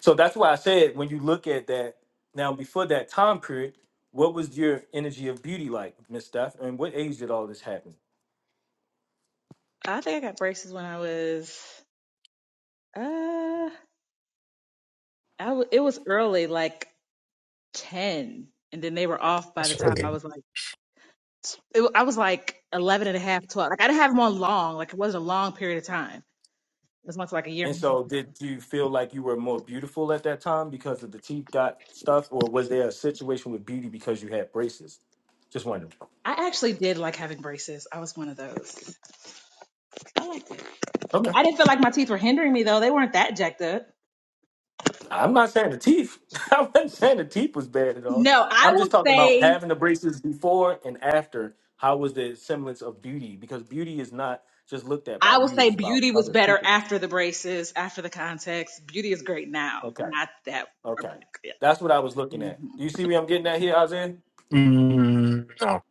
S1: So that's why I said when you look at that now before that time period, what was your energy of beauty like, Miss Steph? And what age did all this happen?
S7: I think I got braces when I was uh, I w- it was early, like ten, and then they were off by the
S9: That's
S7: time I
S9: really.
S7: was like. it, I was like 11 and a half, 12. Like I didn't have them on long. Like it wasn't a long period of time. It was much like a year
S1: And
S7: and a
S1: so, did you feel like you were more beautiful at that time because of the teeth got stuff, or was there a situation with beauty because you had braces? Just wondering.
S7: half. I actually did like having braces. I was one of those. I liked it. I mean,
S1: Okay,
S7: I didn't feel like my teeth were hindering me though. They weren't that jacked up.
S1: I'm not saying the teeth. I wasn't saying the teeth was bad at all.
S7: No, I
S1: I'm just
S7: will
S1: talking about
S7: say,
S1: having the braces before and after. How was the semblance of beauty? Because beauty is not just looked at by
S7: I will
S1: you;
S7: say
S1: it's about
S7: beauty was
S1: other
S7: better
S1: people.
S7: after the braces, after the context. Beauty is great now.
S1: Okay,
S7: Not that.
S1: okay,
S7: Yeah.
S1: that's what I was looking at.
S7: Mhm.
S1: Do you see where I'm getting at here, Isaiah?
S9: Mm, no.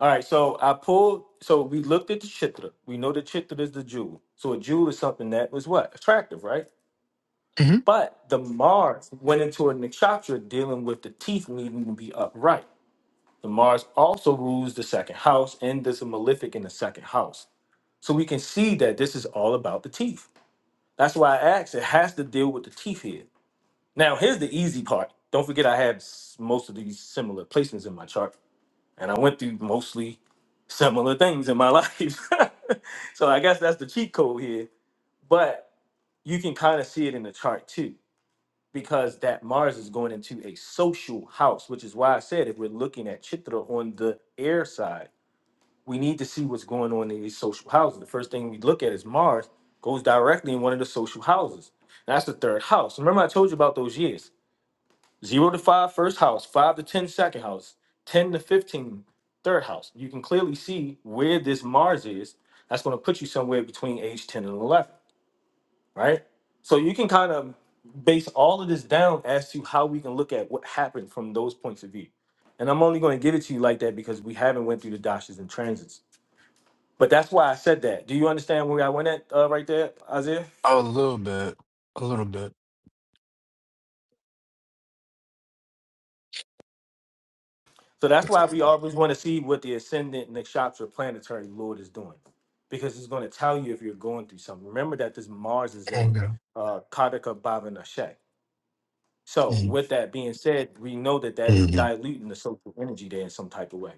S1: All right, so I pulled. So we looked at the chitra. We know the chitra is the jewel. So a jewel is something that was what attractive, right?
S9: hmm
S1: But the Mars went into a nakshatra dealing with the teeth needing to be upright. The Mars also rules the second house and does a malefic in the second house. So we can see that this is all about the teeth. That's why I asked. It has to deal with the teeth here. Now here's the easy part. Don't forget I have s- most of these similar placements in my chart, and I went through mostly similar things in my life. so I guess that's the cheat code here. But you can kind of see it in the chart too, because that Mars is going into a social house, which is why I said if we're looking at Chitra on the air side, we need to see what's going on in these social houses. The first thing we look at is Mars goes directly in one of the social houses. That's the third house. Remember, I told you about those years. Zero to five, first house. Five to 10, second house. 10 to 15, third house. You can clearly see where this Mars is. That's going to put you somewhere between age 10 and 11, right? So you can kind of base all of this down as to how we can look at what happened from those points of view. And I'm only going to give it to you like that because we haven't went through the dashes and transits. But that's why I said that. Do you understand where I went at uh, right there, Isaiah?
S9: A little bit. A little bit.
S1: So that's why we always want to see what the ascendant nakshatra planetary lord is doing, because it's going to tell you if you're going through something. Remember that this Mars is in
S9: Tango.
S1: uh, Kataka Bhava Nashe. So
S9: Mm,
S1: with that being said, we know that that is
S9: mm,
S1: diluting the social energy there in some type of way.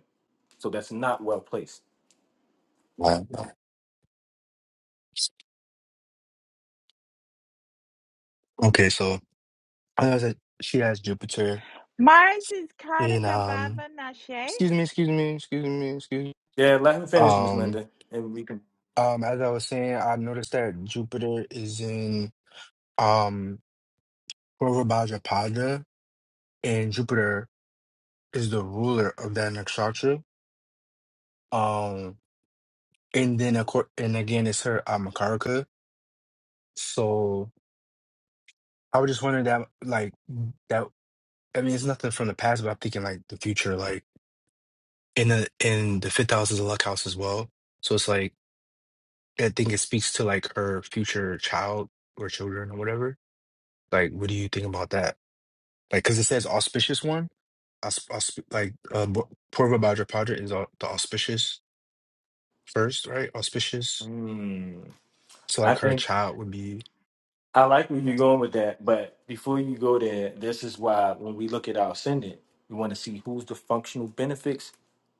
S1: So that's not well placed.
S9: wow, wow. Okay, so like I know that she has Jupiter
S4: Mars is
S9: in
S4: Kartika
S9: um
S4: Bhava Nashe.
S9: excuse me, excuse me, excuse me, excuse me.
S1: Yeah, let him finish, Miss
S9: Um
S1: Linda, and we can.
S9: um as I was saying, I noticed that Jupiter is in um Purvabhadrapada and Jupiter is the ruler of that nakshatra. Um and then of course and again it's her uh, Makaraka. So I was just wondering that like that I mean it's nothing from the past, but I'm thinking like the future, like. in the in the fifth house is a luck house as well. So it's like I think it speaks to like her future child or children or whatever. Like, what do you think about that? Like, because it says auspicious one, aus, aus, like uh, Bo- Purva Bhadra Padra is au- the auspicious first, right? Auspicious.
S1: Hmm.
S9: So
S1: I
S9: like her
S1: think
S9: child would be
S1: I like where you're going with that, but before you go there, this is why when we look at our ascendant, we want to see who's the functional benefits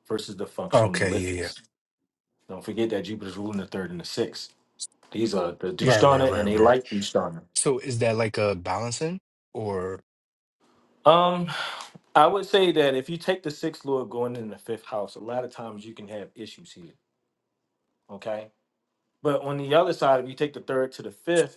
S1: versus the functional
S9: okay. Yeah, yeah.
S1: malefics. Don't forget that Jupiter's ruling the third and the sixth. These are the
S9: Right, right,
S1: Dushtana and
S9: right,
S1: they
S9: right.
S1: like Dushtana.
S9: So is that like a balancing or
S1: Um, I would say that if you take the sixth lord going in the fifth house, a lot of times you can have issues here. Okay. But on the other side, if you take the third to the fifth,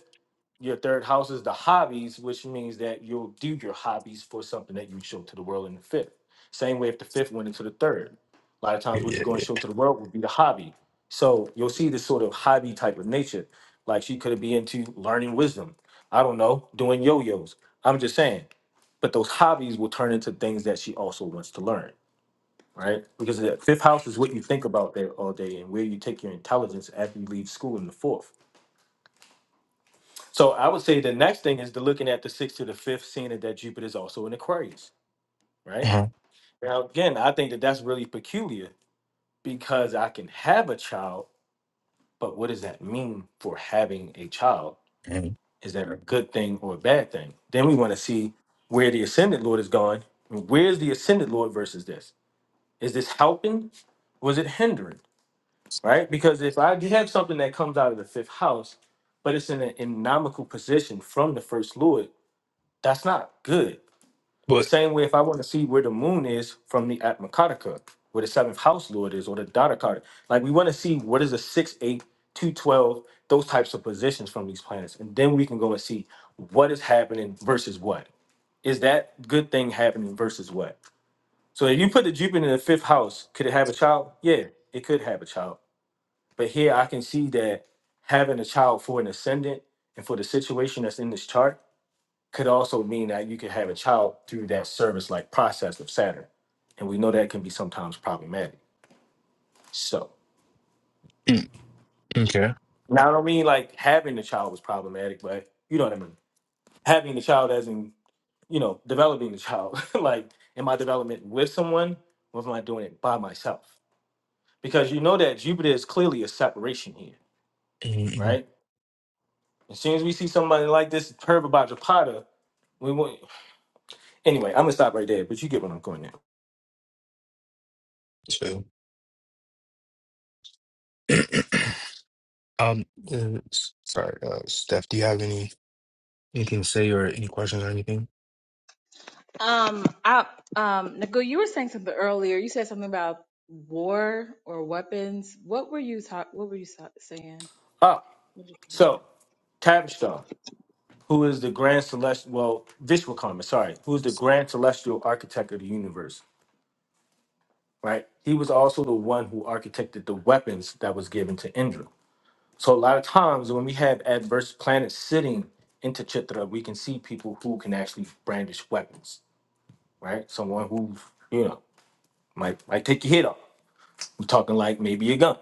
S1: Your third house is the hobbies, which means that you'll do your hobbies for something that you show to the world in the fifth. Same way if the fifth went into the third. A lot of
S9: yeah,
S1: times
S9: yeah,
S1: what you are going to
S9: yeah.
S1: show to the world would be the hobby. So you'll see this sort of hobby type of nature. Like she could be into learning wisdom. I don't know, doing yo-yos. I'm just saying. But those hobbies will turn into things that she also wants to learn, right? Because the fifth house is what you think about there all day and where you take your intelligence after you leave school in the fourth. So I would say the next thing is to looking at the sixth to the fifth, seeing that that Jupiter is also in Aquarius, right?
S9: Uh-huh.
S1: Now, again, I think that that's really peculiar because I can have a child, but what does that mean for having a child?
S9: Mhm.
S1: Is that a good thing or a bad thing? Then we want to see where the ascendant Lord is going. Where's the ascendant Lord versus this? Is this helping? Was it hindering? Right? Because if I have something that comes out of the fifth house, but it's in an economical position from the first Lord, that's not good The
S9: But
S1: same way, if I want to see where the moon is from the Atmakataka, where the seventh house lord is, or the Dadakata, like we want to see what is a six eight two twelve those types of positions from these planets. And then we can go and see what is happening versus what. Is that good thing happening versus what? So if you put the Jupiter in the fifth house, could it have a child? Yeah, it could have a child. But here I can see that having a child for an ascendant and for the situation that's in this chart could also mean that you could have a child through that service like process of Saturn. And we know that can be sometimes problematic. So
S9: mm, okay.
S1: now I don't mean like having the child was problematic, but you know what I mean. Having the child as in, you know, developing the child. like in my development with someone, or am I doing it by myself? Because you know that Jupiter is clearly a separation here,
S9: Mm-hmm.
S1: right? As soon as we see somebody like this Herb Abadjapata, we want anyway, I'm gonna stop right there, but you get what I'm going at.
S9: So. Um, uh, s- sorry, uh, Steph, do you have any anything to say or any questions or anything?
S7: Um, I, um, Nicole, you were saying something earlier. You said something about war or weapons. What were you talk? What were you sa- saying?
S1: Ah,
S7: So
S1: so Tavish Star. who is the grand celestial, well, Vishwakarma, sorry, who is the grand celestial architect of the universe, right? He was also the one who architected the weapons that was given to Indra. So a lot of times when we have adverse planets sitting into Chitra, we can see people who can actually brandish weapons, right? Someone who, you know, might might take your head off. We're talking like maybe a gun,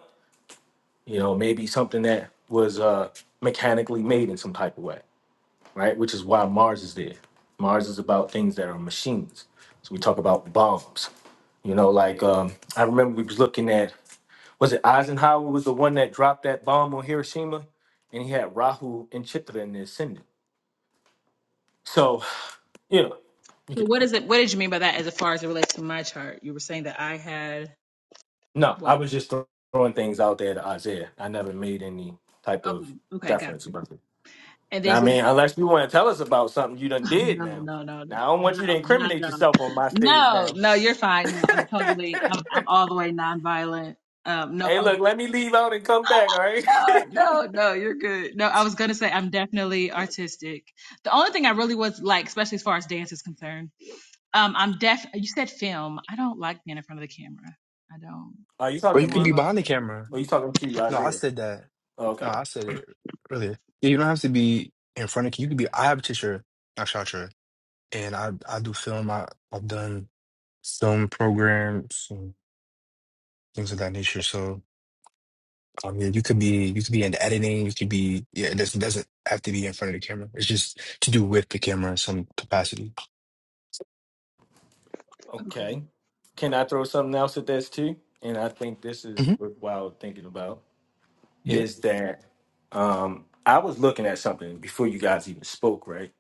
S1: you know, maybe something that was uh mechanically made in some type of way. right? Which is why Mars is there. Mars is about things that are machines. So we talk about bombs. You know, like um, I remember we was looking at was it Eisenhower was the one that dropped that bomb on Hiroshima, and he had Rahu and Chitra in the ascendant. So you know, you get the
S7: what
S1: point.
S7: is it? What did you mean by that? As far as it relates to my chart, you were saying that I had
S1: No, I
S7: what?
S1: was just throw- throwing things out there to Isaiah. I never made any type of
S7: Okay, okay, got
S1: deference
S7: you.
S1: about it.
S7: And then
S1: I
S7: yes,
S1: mean, unless you want to tell us about something you done did
S7: no,
S1: now.
S7: no, no, no,
S1: Now I don't want you to
S7: no,
S1: incriminate
S7: no,
S1: yourself on my stage
S7: no,
S1: now.
S7: no. You're fine. No, I'm totally. I'm, I'm all the way nonviolent. Um, no,
S1: Hey,
S7: I'm-
S1: look, let me leave out and come back, all right?
S7: no, no, no. You're good. No, I was gonna say I'm definitely artistic. The only thing I really was like, especially as far as dance is concerned, um, I'm def. You said film. I don't like being in front of the camera. I don't.
S1: Are you
S9: Or
S1: talking to
S7: I'm
S9: you could
S7: more
S9: be
S7: of
S1: me?
S7: a.
S9: behind the camera.
S1: Or you talking to
S9: No, I
S1: Isaiah?
S9: said that.
S1: Oh,
S9: No,
S1: okay.
S9: I said it earlier. Yeah, you don't have to be in front of you. Could be. I have a teacher, a shotcher, and I I do film. I I've done film programs and things of that nature. So I mean, you could be you could be in editing. You could be yeah. It doesn't doesn't have to be in front of the camera. It's just to do with the camera in some capacity.
S7: okay.
S1: Okay. Can I throw something else at this too? And I think this is
S9: hmm
S1: worthwhile thinking about
S9: Yep.
S1: is that um, I was looking at something before you guys even spoke, right?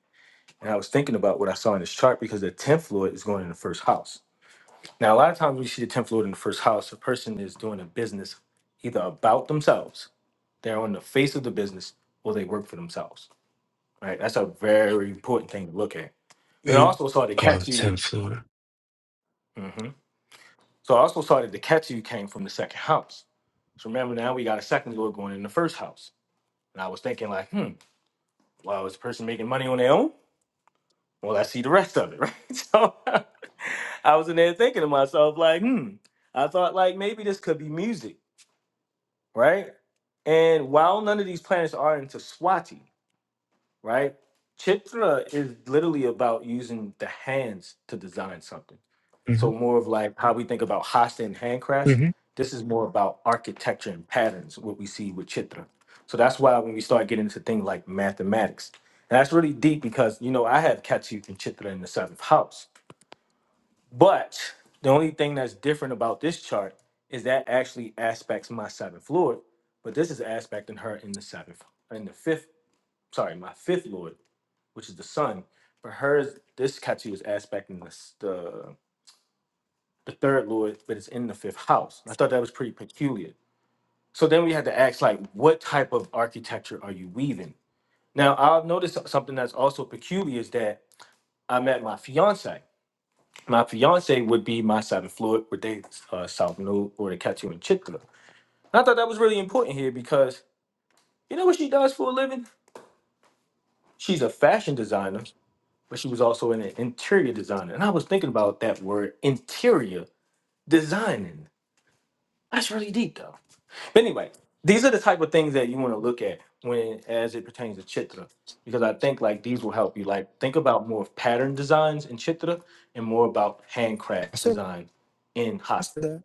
S1: And I was thinking about what I saw in this chart because the 10th Lord is going in the first house. Now, a lot of times we see the 10th Lord in the first house, a person is doing a business either about themselves, they're on the face of the business, or they work for themselves Right, that's a very important thing to look at. But I
S9: And,
S1: also saw the
S9: uh,
S1: Ketu.
S9: tenth floor.
S1: hmm So I also saw that the Ketu came from the second house. So remember now we got a second door going in the first house. And I was thinking like, hmm, well, is the person making money on their own? Well, I see the rest of it, right? So I was in there thinking to myself like, hmm, I thought like maybe this could be music, right? And while none of these planets are into Swati, right? Chitra is literally about using the hands to design something
S9: Mm-hmm.
S1: So more of like how we think about hasta and handcrafts.
S9: Mm-hmm.
S1: This is more about architecture and patterns, what we see with chitra. So that's why when we start getting into things like mathematics, and that's really deep because you know I have Katsu and chitra in the seventh house, but the only thing that's different about this chart is that actually aspects my seventh lord, but this is aspecting her in the seventh, in the fifth, sorry, my fifth lord, which is the sun. But hers, this Katsu is aspecting the, s- the the third lord, but it's in the fifth house. I thought that was pretty peculiar. So then we had to ask, like, what type of architecture are you weaving? Now I've noticed something that's also peculiar is that I met my fiance. My fiance would be my seventh lord, with they uh, south node or the Ketu and Chitra. I thought that was really important here because you know what she does for a living? She's a fashion designer, but she was also an interior designer. And I was thinking about that word interior designing. That's really deep though. But anyway, these are the type of things that you want to look at when as it pertains to chitra, because I think like these will help you. Like think about more of pattern designs in chitra and more about
S9: I
S1: handcraft
S9: said,
S1: design in
S9: I
S1: hasta.
S9: said that.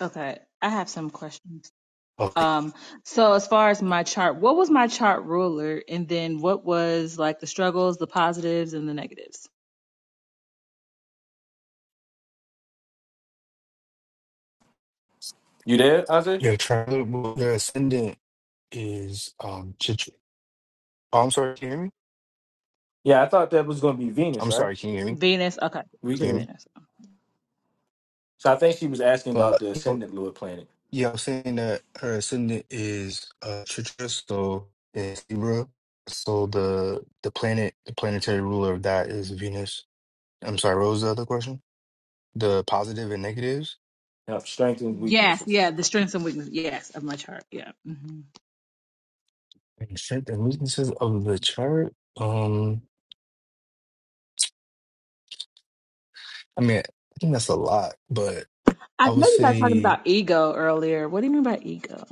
S7: Okay, I have some questions.
S9: Okay.
S7: Um, so as far as my chart, what was my chart ruler, and then what was like the struggles, the positives, and the negatives?
S1: You there, Ajay?
S9: Your triangle, your ascendant is um. Chitra. Oh, I'm sorry. Can you hear me?
S1: Yeah, I thought that was going to be Venus,
S9: I'm
S1: right?
S9: sorry. Can you hear me?
S7: Venus. Okay,
S1: We
S9: Can you
S7: okay
S9: hear me?
S1: can.
S7: Venus.
S1: So I think she was asking about
S9: But
S1: the
S9: you know,
S1: ascendant Lord planet,
S9: yeah, I am saying that her ascendant is uh Chitra, so is Libra. So the the planet, the planetary ruler of that is Venus. I'm sorry. What was the other question? The positive and negatives,
S1: now, strengths and
S7: Yes,
S1: weaknesses.
S7: yeah, the strengths and weaknesses. Yes, of my chart. Yeah. hmm
S9: and strength and weaknesses of the chart. Um, I mean, I think that's a lot, but I
S7: I
S9: would
S7: know you guys talking
S9: say.
S7: about ego earlier. What do you mean by ego?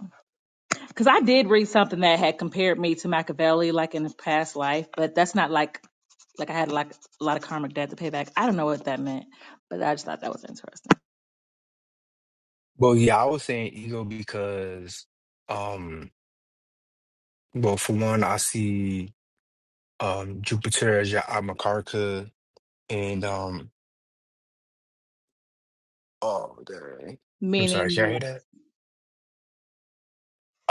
S7: Because I did read something that had compared me to Machiavelli, like in a past life, but that's not like like I had like a lot of karmic debt to pay back. I don't know what that meant, but I just thought that was interesting.
S9: Well, yeah, I was saying ego because, um, well, for one, I see um Jupiter as your Amakarka, and um, oh, dang. I'm sorry, can
S7: Meaning
S9: I hear that?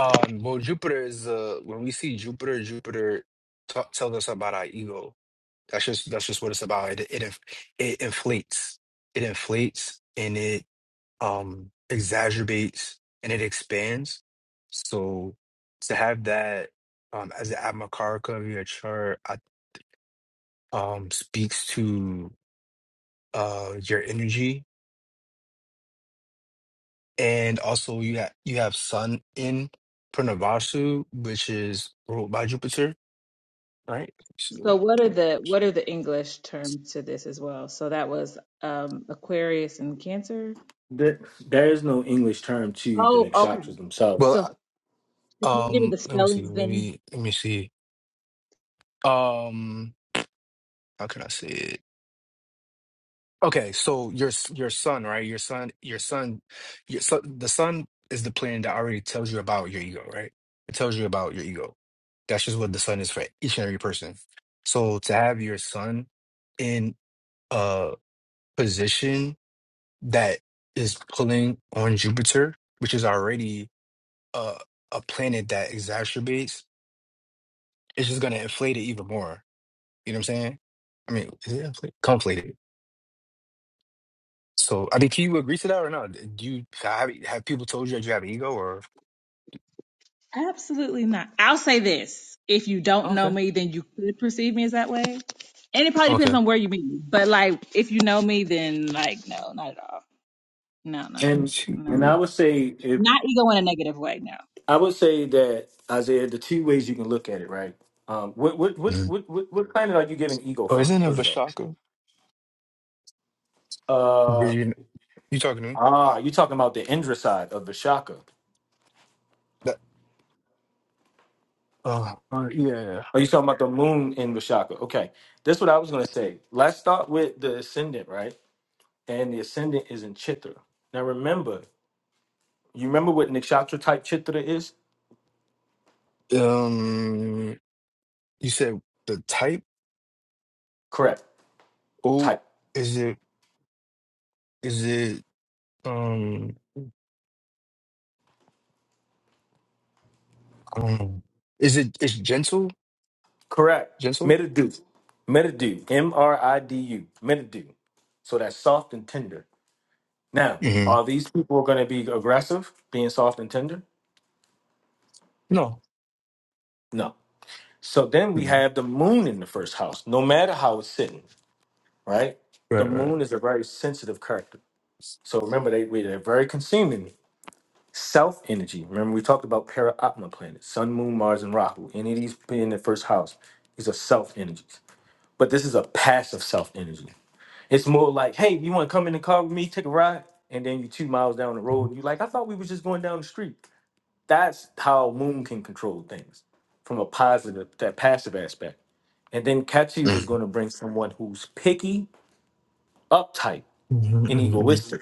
S9: Um, well, Jupiter is uh, when we see Jupiter, Jupiter t- tells us about our ego. That's just that's just what it's about. It it inf- it inflates, it inflates, and it um exacerbates and it expands. So to have that um as the Atmakarika of your chart I, um speaks to uh your energy and also you have you have sun in Pranavasu, which is ruled by Jupiter, right? So,
S7: So what are the what are the English terms to this as well? So that was um Aquarius and Cancer.
S1: There, there is no English term to the
S7: Oh, okay.
S1: nakshatras themselves,
S7: So
S9: well
S7: Can
S9: uh,
S7: you give me
S9: um
S7: the
S9: let me see,
S7: spellings then?
S9: maybe let me see. Um how can I say it? Okay, so your s- your son, right? Your son, your son, your son, the son is the plan that already tells you about your ego, right? It tells you about your ego. That's just what the sun is for each and every person. So to have your son in a position that is pulling on Jupiter, which is already a a planet that exacerbates, it's just gonna inflate it even more. You know what I'm saying? I mean, is it inflate? conflated? So, I mean, can you agree to that or not? Do you have have people told you that you have ego or
S7: Absolutely not. I'll say this. If you don't know
S9: okay,
S7: me, then you could perceive me as that way. And it probably depends
S9: okay?
S7: on where you meet me. But like if you know me, then like no, not at all. No, no,
S9: Kim
S1: and
S7: no.
S1: and I
S7: No.
S9: Chu-
S1: would say if.
S7: Not ego in a negative way, no.
S1: I would say that Isaiah, the two ways you can look at it, right? Um, what what what
S9: Mm.
S1: what what what planet are you getting ego
S9: Oh,
S1: from?
S9: isn't it
S1: First off,
S9: Vishaka? Were
S1: uh,
S9: you you talking to me?
S1: ah, you talking about the Indra side of Vishaka?
S9: That uh, uh yeah.
S1: Are you talking about the moon in Vishaka? Okay, that's what I was gonna say. Let's start with the ascendant, right? And the ascendant is in Chitra. Now remember, you remember what Nikshatra type Chitra is?
S9: Um, you said the type.
S1: Correct.
S9: Oh,
S1: Type.
S9: is it is it um I don't know. Is it it's gentle
S1: Correct.
S9: gentle?
S1: Meridu. Meridu. M R I D U. Meridu. So that's soft and tender. Now,
S9: hmm
S1: are these people going to be aggressive, being soft and tender?
S9: No.
S1: No. So then we
S9: Mhm.
S1: have the moon in the first house, no matter how it's sitting, right? The
S9: Right, right.
S1: moon is a very sensitive character. So remember, they, we- they're very consuming. Self energy. Remember, we talked about para atma planets, sun, moon, Mars, and Rahu. Any of these being in the first house, these are self energies. But this is a passive self energy. It's more like, hey, you want to come in the car with me, take a ride? And then you two miles down the road,
S9: Mm-hmm.
S1: and you're like, I thought we were just going down the street. That's how Moon can control things from a positive, that passive aspect. And then Katsu is going to bring someone who's picky, uptight, and
S9: hmm
S1: egoistic.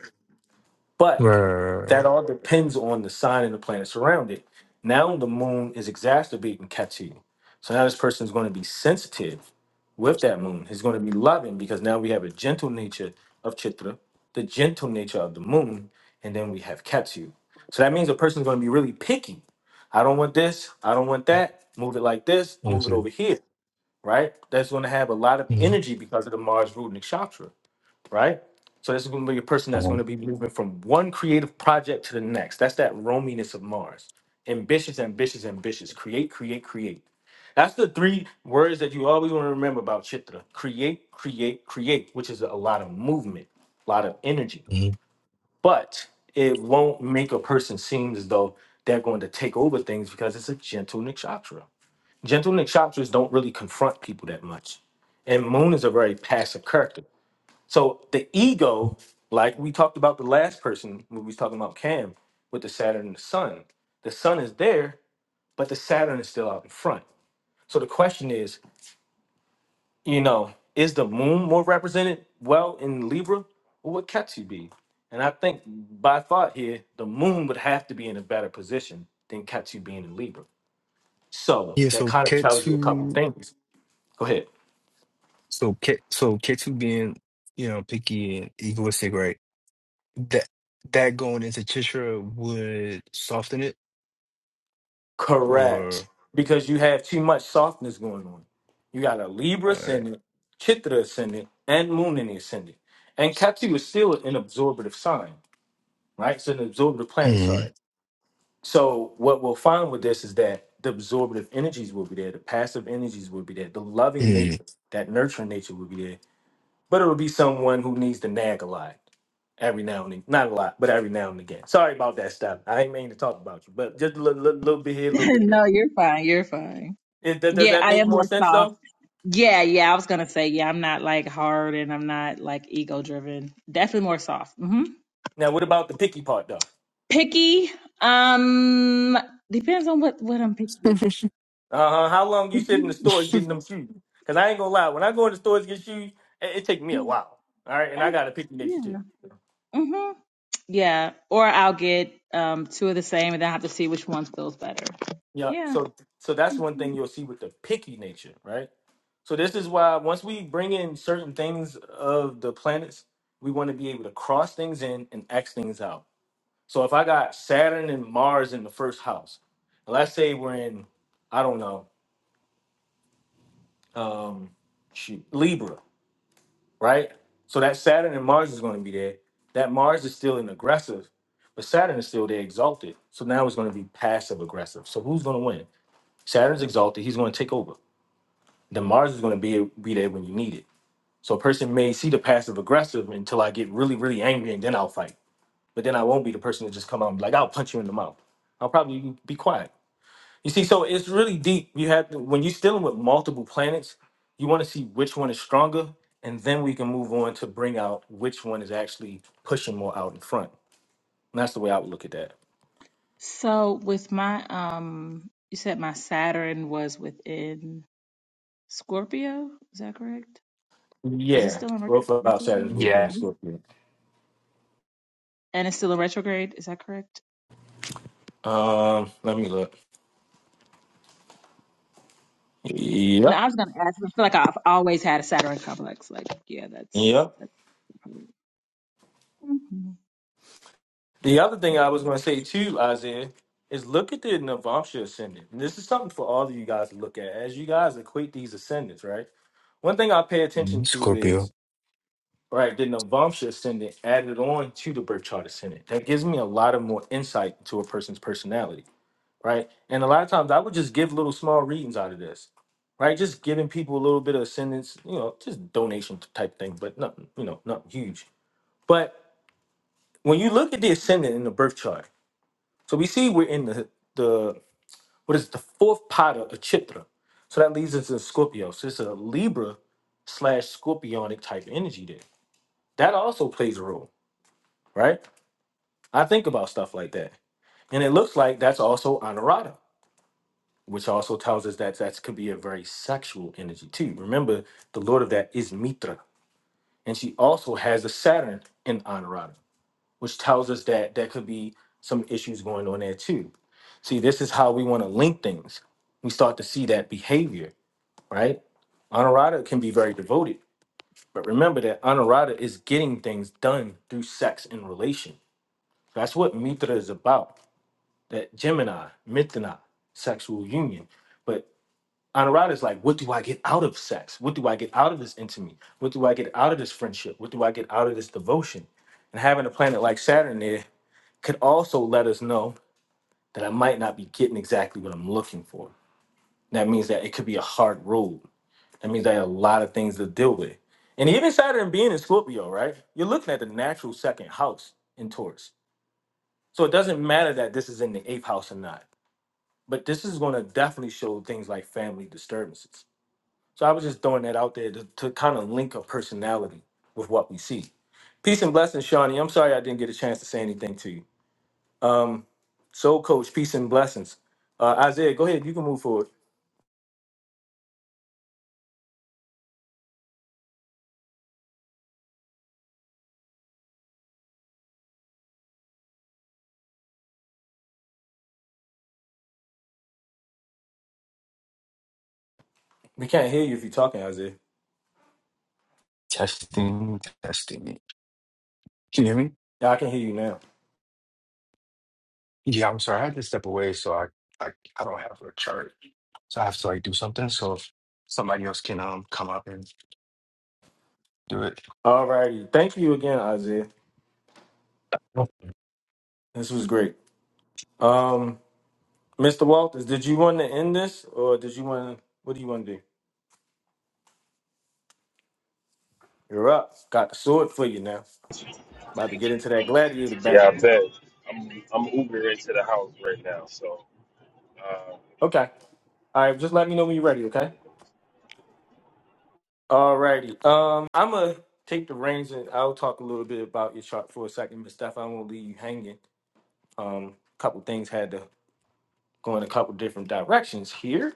S9: Right,
S1: But
S9: right, right.
S1: that
S9: right.
S1: all depends on the sign and the planet surrounding. Now the moon is exacerbating Ketu. So now this person is going to be sensitive with that moon. He's going to be loving because now we have a gentle nature of Chitra, the gentle nature of the moon, and then we have Ketu. So that means a person's going to be really picky. I don't want this. I don't want that. Move it like this.
S9: I
S1: Move it
S9: understand.
S1: over here. Right? That's going to have a lot of
S9: Mhm.
S1: energy because of the Mars root and right? So this is going to be a person that's
S9: Uh-huh.
S1: going to be moving from one creative project to the next. That's that roaminess of Mars. Ambitious, ambitious, ambitious. Create, create, create. That's the three words that you always want to remember about Chitra. Create, create, create, which is a lot of movement, a lot of energy.
S9: Mhm.
S1: But it won't make a person seem as though they're going to take over things because it's a gentle nakshatra. Gentle nakshatras don't really confront people that much. And moon is a very passive character. So the ego, like we talked about the last person when we was talking about Cam with the Saturn and the Sun, the Sun is there, but the Saturn is still out in front. So the question is, you know, is the Moon more represented well in Libra? Or would Ketu be? And I think by thought here, the Moon would have to be in a better position than Ketu being in Libra. So
S9: Yeah,
S1: that
S9: so
S1: kind of
S9: cat
S1: tells you a couple
S9: two,
S1: things. Go ahead.
S9: so cat, so cat two being, you know, picky and egoistic, right? That that going into Chitra would soften it,
S1: Correct.
S9: or
S1: Because you have too much softness going on. You got a Libra
S9: uh,
S1: ascendant, Chitra ascendant, and Moon in the ascendant. And Ketu is still an absorptive sign, right? It's an absorptive planet,
S9: mm,
S1: sorry. So what we'll find with this is that the absorptive energies will be there, the passive energies will be there, the loving
S9: mm,
S1: nature, that nurturing nature will be there. But it will be someone who needs to nag a lot every now and then. Not a lot, but every now and again. Sorry about that stuff. I ain't mean to talk about you, but just a little, little, little bit here, a little bit there.
S7: no, you're fine. You're fine.
S1: Is that, does
S7: Yeah,
S1: that
S7: I
S1: make
S7: am
S1: more
S7: more
S1: sense
S7: soft.
S1: though?
S7: Yeah, yeah, I was gonna say, yeah, I'm not like hard and I'm not like ego driven. Definitely more soft. hmm
S1: Now, what about the picky part though?
S7: Picky. Um, depends on what what I'm picky.
S1: Uh huh. How long you sit in the
S7: Depends-
S1: stores getting them shoes? Because I ain't gonna lie, when I go in the stores to get shoes, it, it take me a while. All right, and I
S7: I-
S1: got a picky nature too.
S7: Yeah. hmm Yeah. Or I'll get um two of the same and then I have to see which one feels better.
S1: Yeah.
S7: Yeah.
S1: So, so that's one thing
S7: hmm
S1: you'll see with the picky nature, right? So this is why once we bring in certain things of the planets, we want to be able to cross things in and X things out. So if I got Saturn and Mars in the first house, let's say we're in, I don't know, um, shoot, Libra. right? So that Saturn and Mars is going to be there. That Mars is still in aggressive, but Saturn is still there exalted. So now it's going to be passive aggressive. So who's going to win? Saturn's exalted. He's going to take over. Then Mars is going to be be there when you need it. So a person may see the passive aggressive until I get really really angry and then I'll fight. But then I won't be the person to just come out and be like I'll punch you in the mouth. I'll probably be quiet you see, so it's really deep. You have to, when you're dealing with multiple planets, you want to see which one is stronger, and then we can move on to bring out which one is actually pushing more out in front. And that's the way I would look at that.
S7: So with my um, you said my Saturn was within Scorpio. Is that correct? Is it
S1: Yeah,
S7: still in retro-
S1: both about Saturn's
S7: retrograde?
S1: would be
S9: yeah,
S1: in
S7: Is it-
S1: Scorpio.
S7: And it's still in retrograde. Is that correct?
S1: Um, let me look.
S7: No,
S1: Yep,
S7: I was gonna ask. I feel like I've always had a Saturn complex. Like, yeah, that's
S1: yep.
S7: that's. hmm
S1: The other thing I was
S7: Okay.
S1: going to say too, Isaiah, is look at the Navamsha ascendant. And this is something for all of you guys to look at as you guys equate these ascendants, right? One thing I pay attention
S9: mm,
S1: to is
S9: Scorpio
S1: Right, then the Vamsa ascendant added on to the birth chart ascendant. That gives me a lot of more insight into a person's personality, right? And a lot of times I would just give little small readings out of this, right? Just giving people a little bit of ascendance, you know, just donation type thing, but nothing, you know, nothing huge. But when you look at the ascendant in the birth chart, so we see we're in the the what is it, the fourth pot of Chitra. So that leads us to Scorpio. So it's a Libra slash Scorpionic type energy there. That also plays a role, right? I think about stuff like that. And it looks like that's also Anarada, which also tells us that that could be a very sexual energy too. Remember, the lord of that is Mitra. And she also has a Saturn in Anarada, which tells us that there could be some issues going on there too. See, this is how we want to link things. We start to see that behavior, right? Honorata can be very devoted, but remember that honorata is getting things done through sex and relation. That's what Mitra is about that Gemini, Mithana, sexual union. But Anuradha is like, what do I get out of sex? What do I get out of this intimacy? What do I get out of this friendship? What do I get out of this devotion? And having a planet like Saturn there could also let us know that I might not be getting exactly what I'm looking for. That means that it could be a hard road. That means I have a lot of things to deal with. And even Saturn being in Scorpio, right? You're looking at the natural second house in Taurus. So it doesn't matter that this is in the eighth house or not but this is going to definitely show things like family disturbances. So I was just throwing that out there to, to kind of link a personality with what we see. Peace and blessings, Shawnee. I'm sorry I didn't get a chance to say anything to you. Um, Soul Coach, peace and blessings. Uh, Isaiah, go ahead. You can move forward. We can't hear you if you're talking, Isaiah.
S9: testing, testing. Can you hear me?
S1: Yeah, I can hear you now.
S9: Yeah, I'm sorry, I had to step away, so I I, I don't have a chart, so I have to like do something. So if somebody else can um come up and do it.
S1: All righty. Thank you again, Isaiah. This was great. Um, Mr. Walters, did you want to end this or did you want to, what do you want to do? You're up. Got the sword for you now. About to get into that gladiator
S12: Yeah,
S1: battle.
S12: I bet. I'm I'm Uber into the house right now, so uh,
S1: Okay. All right. Just let me know when you're
S12: give me
S1: ready.
S12: a
S1: Okay.
S12: couple of
S1: All righty. Um, I'm gonna take the reins and I'll talk a little bit about your chart for a second, but Steph, I won't leave you hanging. Um, couple things had to go in a couple different directions here.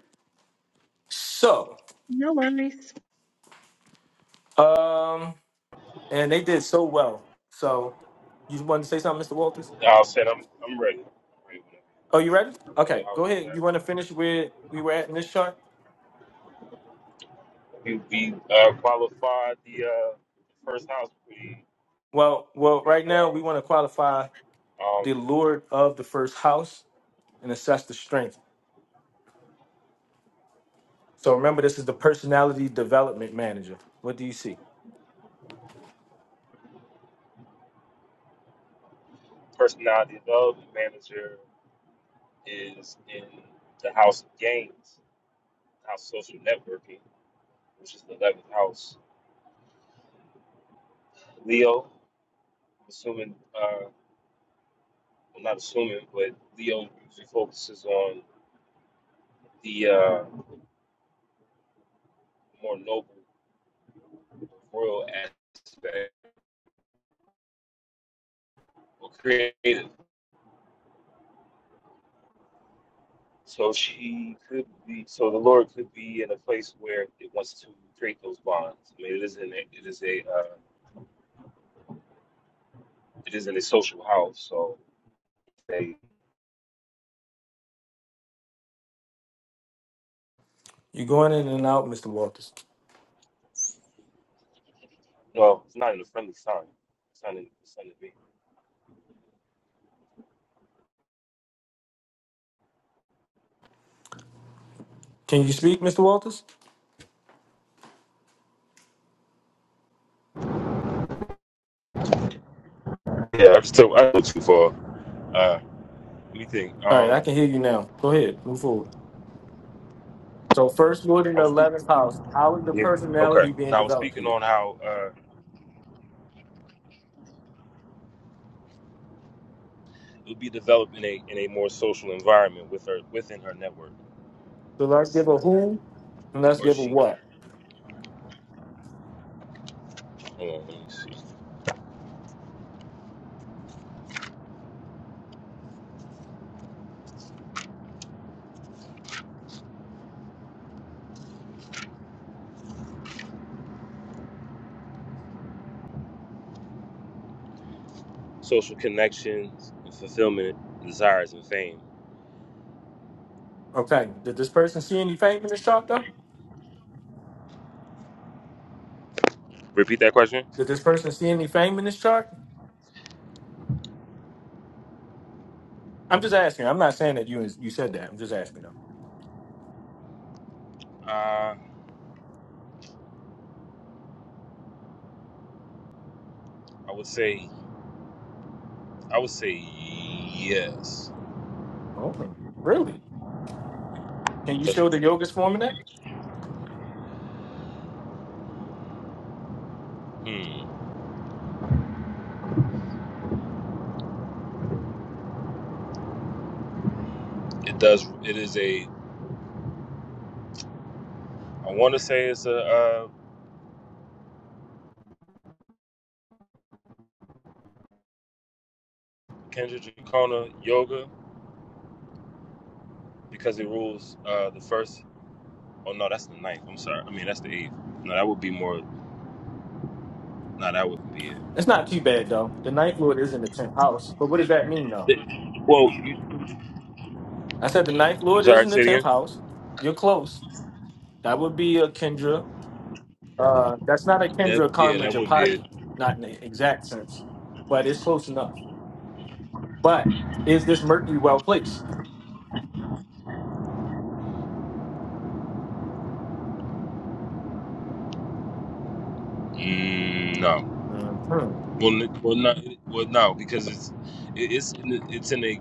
S1: So,
S7: No worries.
S1: um, and they did so well. So, you want to say something, Mr. Walters?
S12: minutes. I'll say I'm I'm ready. I'm ready
S1: Oh, you ready?
S12: whenever. But
S1: Okay,
S12: I'll,
S1: go ahead.
S12: yeah,
S1: You want to finish where we were at in this chart?
S12: we we uh, qualified the uh, first house pretty
S1: Well, well,
S12: pretty
S1: right now we
S12: well.
S1: want to qualify the
S12: Um,
S1: Lord of the first house and assess the strength. So remember, this is the personality development manager. What do you see?
S12: personality love manager is in the house of games, house of social networking, which is the eleventh house. Leo, I'm assuming. uh, I'm not assuming, but Leo usually focuses on the uh, more noble, royal aspect or creative. So she could be, so the Lord could be in a place where it wants to create those bonds. I mean, it isn't, a- it is a, uh, it isn't a social house. So they,
S1: You're going in and out, Mr. Walters.
S12: well, it's not in a friendly sign. It's not in, it's not in me.
S1: Can you speak, Mr. Walters?
S12: Yeah, I'm still I go too far. Uh, let me think.
S1: All right, I
S12: Um,
S1: can hear you now. Go ahead, move forward. So first Lord in
S12: I
S1: the
S12: was speaking.
S1: eleventh house. How is the
S12: Yeah.
S1: personality
S12: Okay.
S1: being
S12: Now I was
S1: developed
S12: speaking
S1: here?
S12: on how. uh, will be developed in a in a more social environment with her within her network
S1: So let's give a who and let's
S12: or
S1: give a
S12: she.
S1: what.
S12: Hold on, let me see. Social connections, and fulfillment, desires, and fame.
S1: Okay. Did this person see any fame in this chart though?
S12: Repeat that question.
S1: Did this person see any fame in this chart? I'm just asking. I'm not saying that you you said that. I'm just asking though.
S12: Uh, I would say I would say yes.
S1: Oh, really? Can you
S12: 'Cause,
S1: show the yoga's forming that?
S12: hmm, it does. It is a. I want to say it's a uh, Kendra Jacona yoga because it rules uh, the first. Oh no, that's the ninth. I'm sorry. I mean that's the eighth. No, that would be more. No, that wouldn't be
S1: It's not too bad though. The ninth lord is in the tenth house. But what does that mean though?
S12: it. Well, you.
S1: I said the ninth
S12: I'm
S1: lord is
S12: sorry,
S1: in the
S12: say it
S1: tenth
S12: again.
S1: house. You're close. That would be a Kendra. Uh that's not a
S12: That
S1: Kendra
S12: yeah,
S1: karma
S12: that would be it.
S1: japati, not in the exact sense. But it's close enough. But is this Mercury well placed?
S12: Mm, no,
S1: Mm-hmm.
S12: well, n- well, not well, no, because it's it, it's in a- it's in a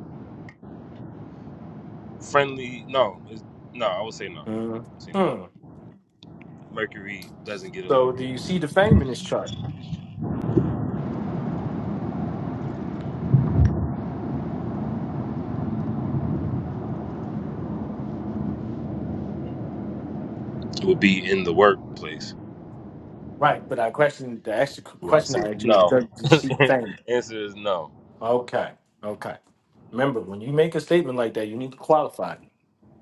S12: friendly no, it's, no. I would say no. say no.
S1: hmm
S12: Mercury doesn't get a.
S1: So do you see the fame in this chart?
S12: It would be in the workplace.
S1: Right, but I question the actual
S12: Do I
S1: question
S12: see? it?
S1: I actually is
S12: No.
S1: does you see fame?
S12: Answer is no.
S1: Okay. Okay. Remember, when you make a statement like that, you need to qualify. it.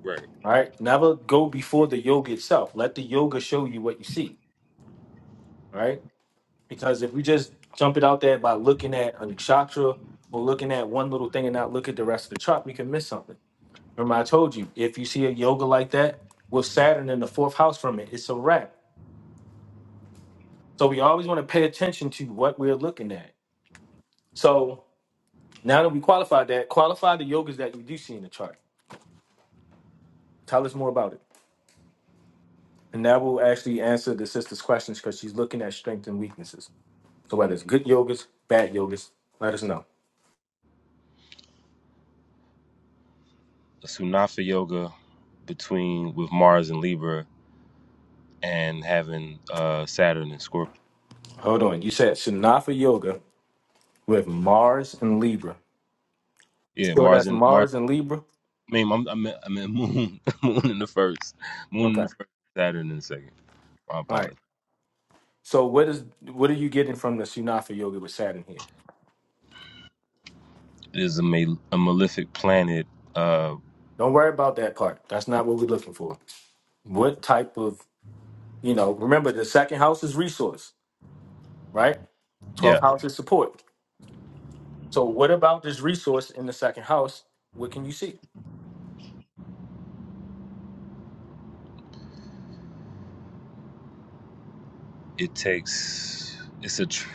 S12: Right.
S1: right? Never go before the yoga itself. Let the yoga show you what you see, right? Because if we just jump it out there by looking at a nakshatra or looking at one little thing and not look at the rest of the chart, we can miss something. Remember, I told you if you see a yoga like that with Saturn in the fourth house from it, it's a wrap. So we always want to pay attention to what we're looking at. So now that we qualified that, qualify the yogas that you do see in the chart. Tell us more about it. And that will actually answer the sister's questions because she's looking at strengths and weaknesses. So whether it's good yogas, bad yogas, let us know.
S12: Sunafa yoga between with Mars and Libra and having uh Saturn and Scorpio.
S1: Hold on. You said Shanafa Yoga with Mars and Libra.
S12: Yeah,
S1: Sure,
S12: Mars
S1: that's
S12: and Mars.
S1: Mars and Libra.
S12: I mean, I'm, I'm, I'm in Moon, Moon in the first, Moon in
S1: Okay.
S12: the first, Saturn in the second. My
S1: All right.
S12: apologies.
S1: So what is what are you getting from the Shanafa Yoga with Saturn here?
S12: It is a, ma- a malefic planet. Uh,
S1: Don't worry about that part. That's not what we're looking for. What type of you know? Remember, the second house is resource, right? Twelfth
S12: yeah,
S1: house is support. So what about this resource in the second house? What can you see?
S12: it takes. It's a tr-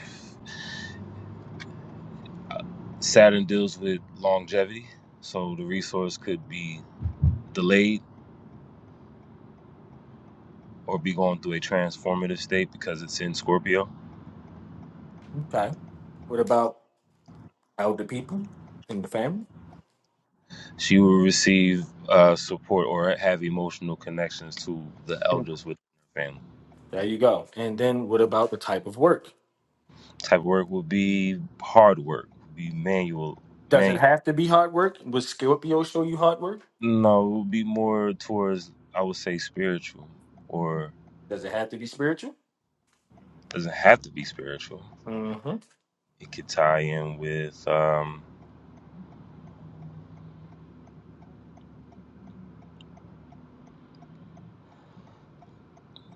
S12: uh, Saturn deals with longevity, so the resource could be delayed or be going through a transformative state because it's in Scorpio.
S1: Okay. What about elder people in the family?
S12: She will receive uh, support or have emotional connections to the elders within her family.
S1: There you go. And then what about the type of work?
S12: Type of work will be hard work, be manual,
S1: Does it
S12: manual.
S1: have to be hard work? Would Scorpio show you hard work?
S12: No, it would be more towards I would say spiritual, or
S1: Does it have to be spiritual?
S12: doesn't have to be spiritual.
S1: hmm
S12: It could tie in with um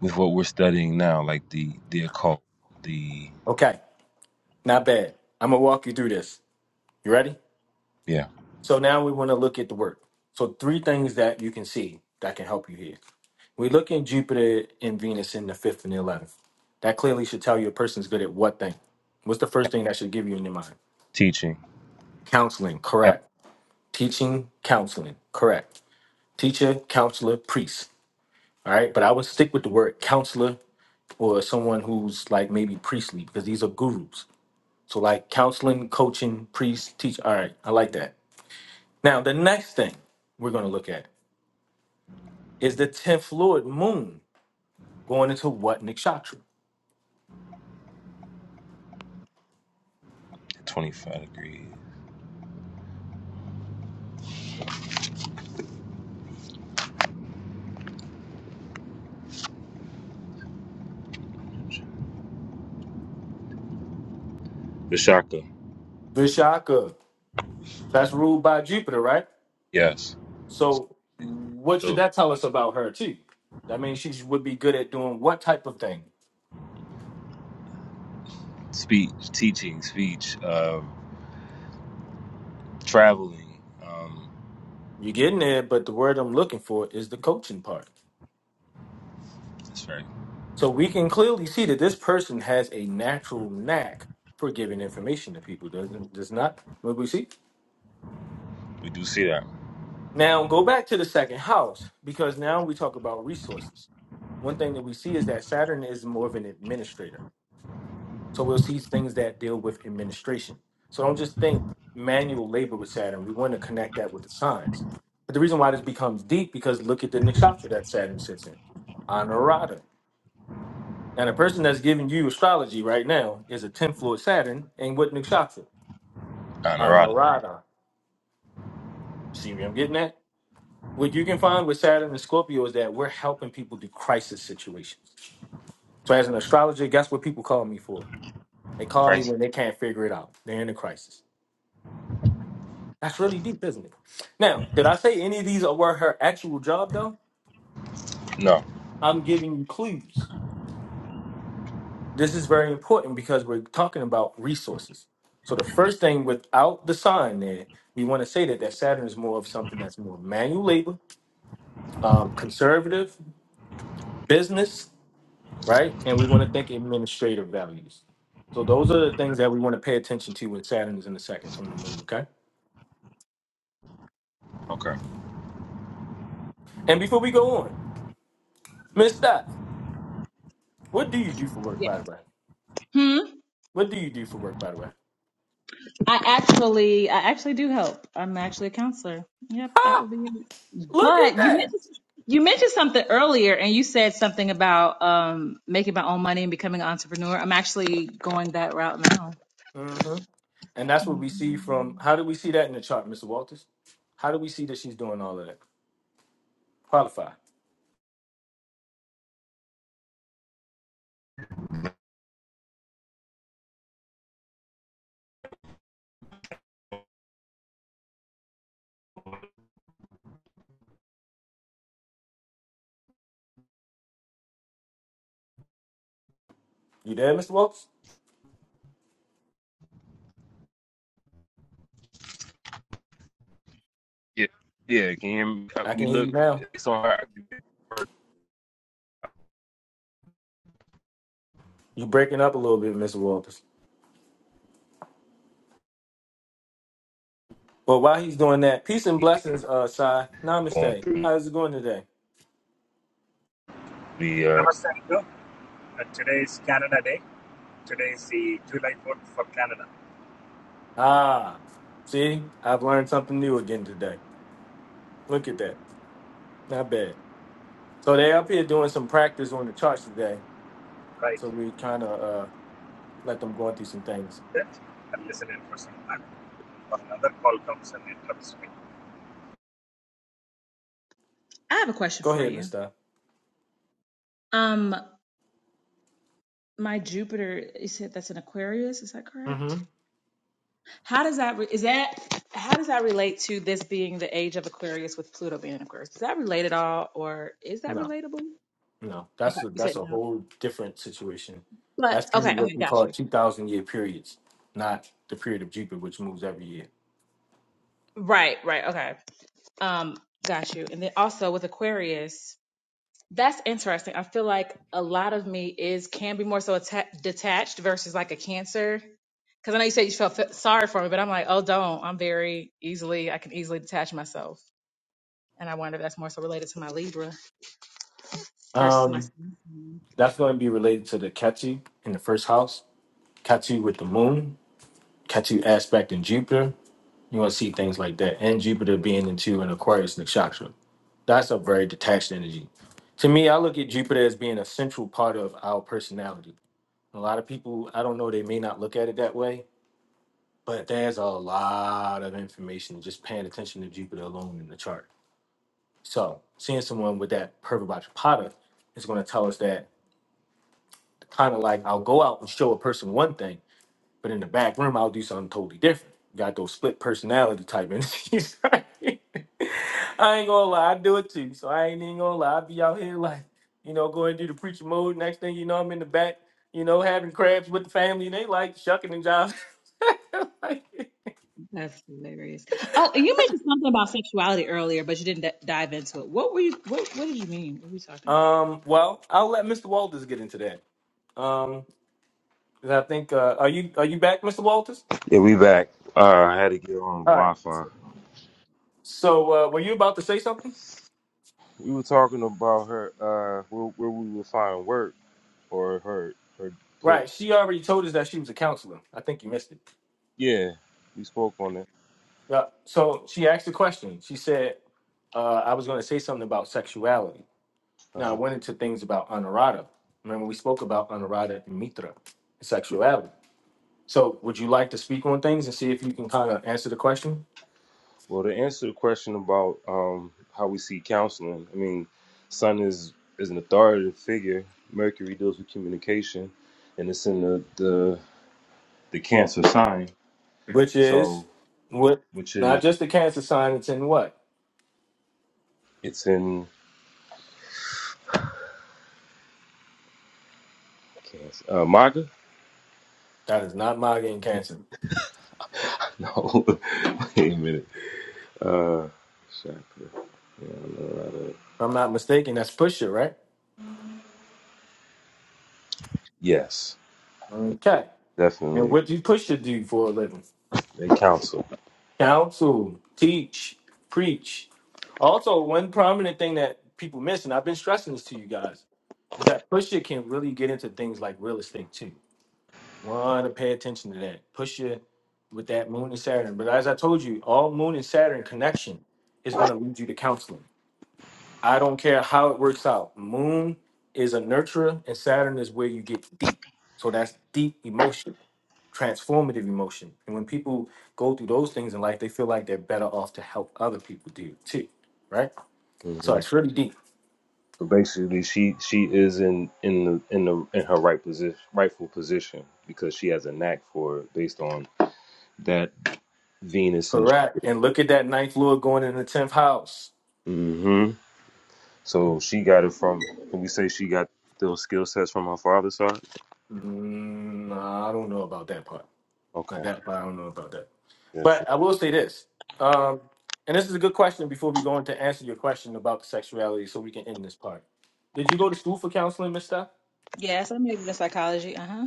S12: with what we're studying now, like the the occult, the
S1: Okay, not bad. I'm gonna walk you through this. You ready?
S12: yeah
S1: So now we want to look at the work. So three things that you can see that can help you here. We look in Jupiter and Venus in the fifth and the eleventh. That clearly should tell you a person's good at what thing. What's the first thing that should give you in your mind?
S12: teaching.
S1: Counseling,
S12: Yeah,
S1: correct. Teaching, counseling, correct. Teacher, counselor, priest All right. But I would stick with the word counselor or someone who's like maybe priestly because these are gurus. So like counseling, coaching, priest, teach. All right. I like that. Now, the next thing we're going to look at is the 10th Lord moon going into what nakshatra?
S12: twenty five degrees. Vishaka.
S1: Vishaka. That's ruled by Jupiter, right?
S12: Yes. So
S1: So what should
S12: so,
S1: that tell us about her too? That means she would be good at doing what type of thing?
S12: speech, teaching, speech, uh, traveling. Um,
S1: You're getting there, but the word I'm looking for is the coaching part.
S12: that's right.
S1: So we can clearly see that this person has a natural knack for giving information to people, doesn't does not what we see?
S12: We do see that.
S1: Now go back to the second house, because now we talk about resources. One thing that we see is that Saturn is more of an administrator. So we'll see things that deal with administration. So don't just think manual labor with Saturn. We want to connect that with the signs. But the reason why this becomes deep because look at the nakshatra that Saturn sits in. Honorata. Now, the person that's giving you astrology right now is a 10th Lord Saturn and with Nakshatra.
S12: Anarada.
S1: Anurada. See where I'm getting at? What you can find with Saturn and Scorpio is that we're helping people do crisis situations. So, as an astrologer, guess what people call me for? They call me
S12: Christ.
S1: when they can't figure it out. They're in a crisis. That's really deep, isn't it? Now, did I say any of these were her actual job, though?
S12: No.
S1: I'm giving you clues. this is very important because we're talking about resources. So the first thing without the sign there, we want to say that that Saturn is more of something that's more manual labor, um, conservative, business, right? And we want to think administrative values. So those are the things that we want to pay attention to when Saturn is in the second from the moon, okay?
S12: Okay.
S1: And before we go on, Miss Steph, what do you do for work,
S7: Yes.
S1: by the way?
S7: Hmm.
S1: What do you do for work, by the way?
S7: I actually, I actually do help. I'm actually a counselor. Yep, that would be it.
S1: Look at
S7: But you
S1: that.
S7: mentioned you mentioned something earlier, and you said something about um making my own money and becoming an entrepreneur. I'm actually going that route now.
S1: hmm And that's what we
S7: Mhm.
S1: see from how do we see that in the chart, Mr. Walters? How do we see that she's doing all of that? Qualify. You there, Mr. Walters?
S12: Yeah, yeah. Can you hear me? Uh,
S1: I can
S12: We
S1: hear you
S12: look.
S1: now.
S12: It's on her.
S1: You breaking up a little bit, Mr. Walters. But while he's doing that, peace and blessings, uh, Sai.
S12: Going
S1: Namaste.
S12: through
S1: How's it going today?
S12: the. Uh,
S14: Namaste, Anku. Uh, today is Canada Day. Today is the July 4th for Canada.
S1: Ah, see, I've learned something new again today. Look at that. Not bad. So they up here doing some practice on the charts today.
S14: Right.
S1: So we kind of uh let them go through some things.
S14: Good. I'm listening for some time. Another call comes and interrupts me.
S7: I have a question
S1: Go
S7: for
S1: ahead,
S7: you.
S1: Mr.
S7: Um, my Jupiter, you said that's an Aquarius. Is that correct?
S1: Mm-hmm.
S7: How does that re- is that how does that relate to this being the age of Aquarius with Pluto being in Aquarius? Does that relate at all, or is that
S1: No.
S7: relatable?
S1: No,
S7: Okay,
S1: that's a
S7: you
S1: that's
S7: said
S1: a
S7: no,
S1: whole different situation. That's
S7: but
S1: through
S7: okay,
S1: what
S7: okay,
S1: we
S7: got
S1: call
S7: you.
S1: two thousand year periods, not the period of Jupiter, which moves every year.
S7: Right, right, okay, um, got you. And then also with Aquarius, that's interesting. I feel like a lot of me is can be more so atta- detached versus like a Cancer. Because I know you said you felt f- sorry for me, but I'm like, oh, don't. I'm very easily, I can easily detach myself, and I wonder if that's more so related to my Libra versus my.
S1: Um,
S7: Sun sign.
S1: that's going to be related to the Ketu in the first house, Ketu with the moon, Ketu aspect in Jupiter. You want to see things like that, and Jupiter being into an Aquarius nakshatra. That's a very detached energy. To me, I look at Jupiter as being a central part of our personality. A lot of people, I don't know, they may not look at it that way, But there's a lot of information just paying attention to Jupiter alone in the chart. So seeing someone with that purple Bhajapada is going to tell us that kind of like I'll go out and show a person one thing, but in the back room I'll do something totally different. Got those split personality type energies, right? I ain't gonna lie, I do it too. So I ain't even gonna lie. I be out here like, you know, going through the preacher mode. Next thing you know, I'm in the back, you know, having crabs with the family, and they like shucking and jiving.
S7: That's hilarious. Oh, and you mentioned something about sexuality earlier, but you didn't d- dive into it. What were you? What What did you mean? What were you talking about?
S1: Um, well, I'll let Mr. Walters get into that. Um, 'cause I think uh, are you are you back, Mr. Walters?
S12: yeah, we back. Uh, I had to get on
S1: All right.
S12: Wi-Fi.
S1: So, uh, were you about to say something?
S12: We were talking about her. Uh, where, where we would find work or her her place.
S1: Right. She already told us that she was a counselor. I think you missed it.
S12: Yeah, we spoke on it.
S1: Yeah. So she asked a question. She said, uh, "I was going to say something about sexuality." Now I
S12: Uh-huh.
S1: went into things about honorata. Remember, we spoke about honorata and mitra and
S12: Yeah.
S1: sexuality. So, would you like to speak on things and see if you can kind of answer the question,
S12: Well, to answer the question about um how we see counseling, I mean, Sun is is an authoritative figure. Mercury deals with communication, and it's in the the, the Cancer sign.
S1: which
S12: So.
S1: is, what
S12: which
S1: not
S12: is
S1: just the cancer sign? It's in what?
S12: it's in I can't s- uh, Maga?
S1: That is not my getting cancer. If
S12: No, wait a minute. Uh, chakra. Yeah, I don't know how to-
S1: I'm not mistaken, that's Pusha, right?
S12: Yes,
S1: Okay. And
S12: definitely.
S1: what do Pusha do for a living?
S12: They counsel.
S1: Counsel, teach, preach. Also, one prominent thing that people miss, and I've been stressing this to you guys, is that Pusha can really get into things like real estate too. Want to pay attention to that. Pusha with that moon and Saturn. But as I told you, all moon and Saturn connection is going to lead you to counseling. I don't care how it works out. Moon is a nurturer, and Saturn is where you get deep. So that's deep emotion, transformative emotion. And when people go through those things in life, they feel like they're better off to help other people do it too, right? So
S12: hmm
S1: it's really deep.
S12: So basically, she she is in in the in the in her right position, rightful position, because she has a knack for it based on that Venus and.
S1: Correct. And look at that ninth lord going in the tenth house.
S12: hmm So she got it from. Can we say she got those skill sets from her father's side?
S1: Mm, nah, I don't know about that part. Like
S12: Okay,
S1: that, but I don't know about that.
S12: yeah, true.
S1: But I will say this, um, and this is a good question before we go into answer your question about sexuality, so we can end this part. Did you go to school for counseling, Miss Steph?
S7: Yes, I majored in psychology. Uh huh.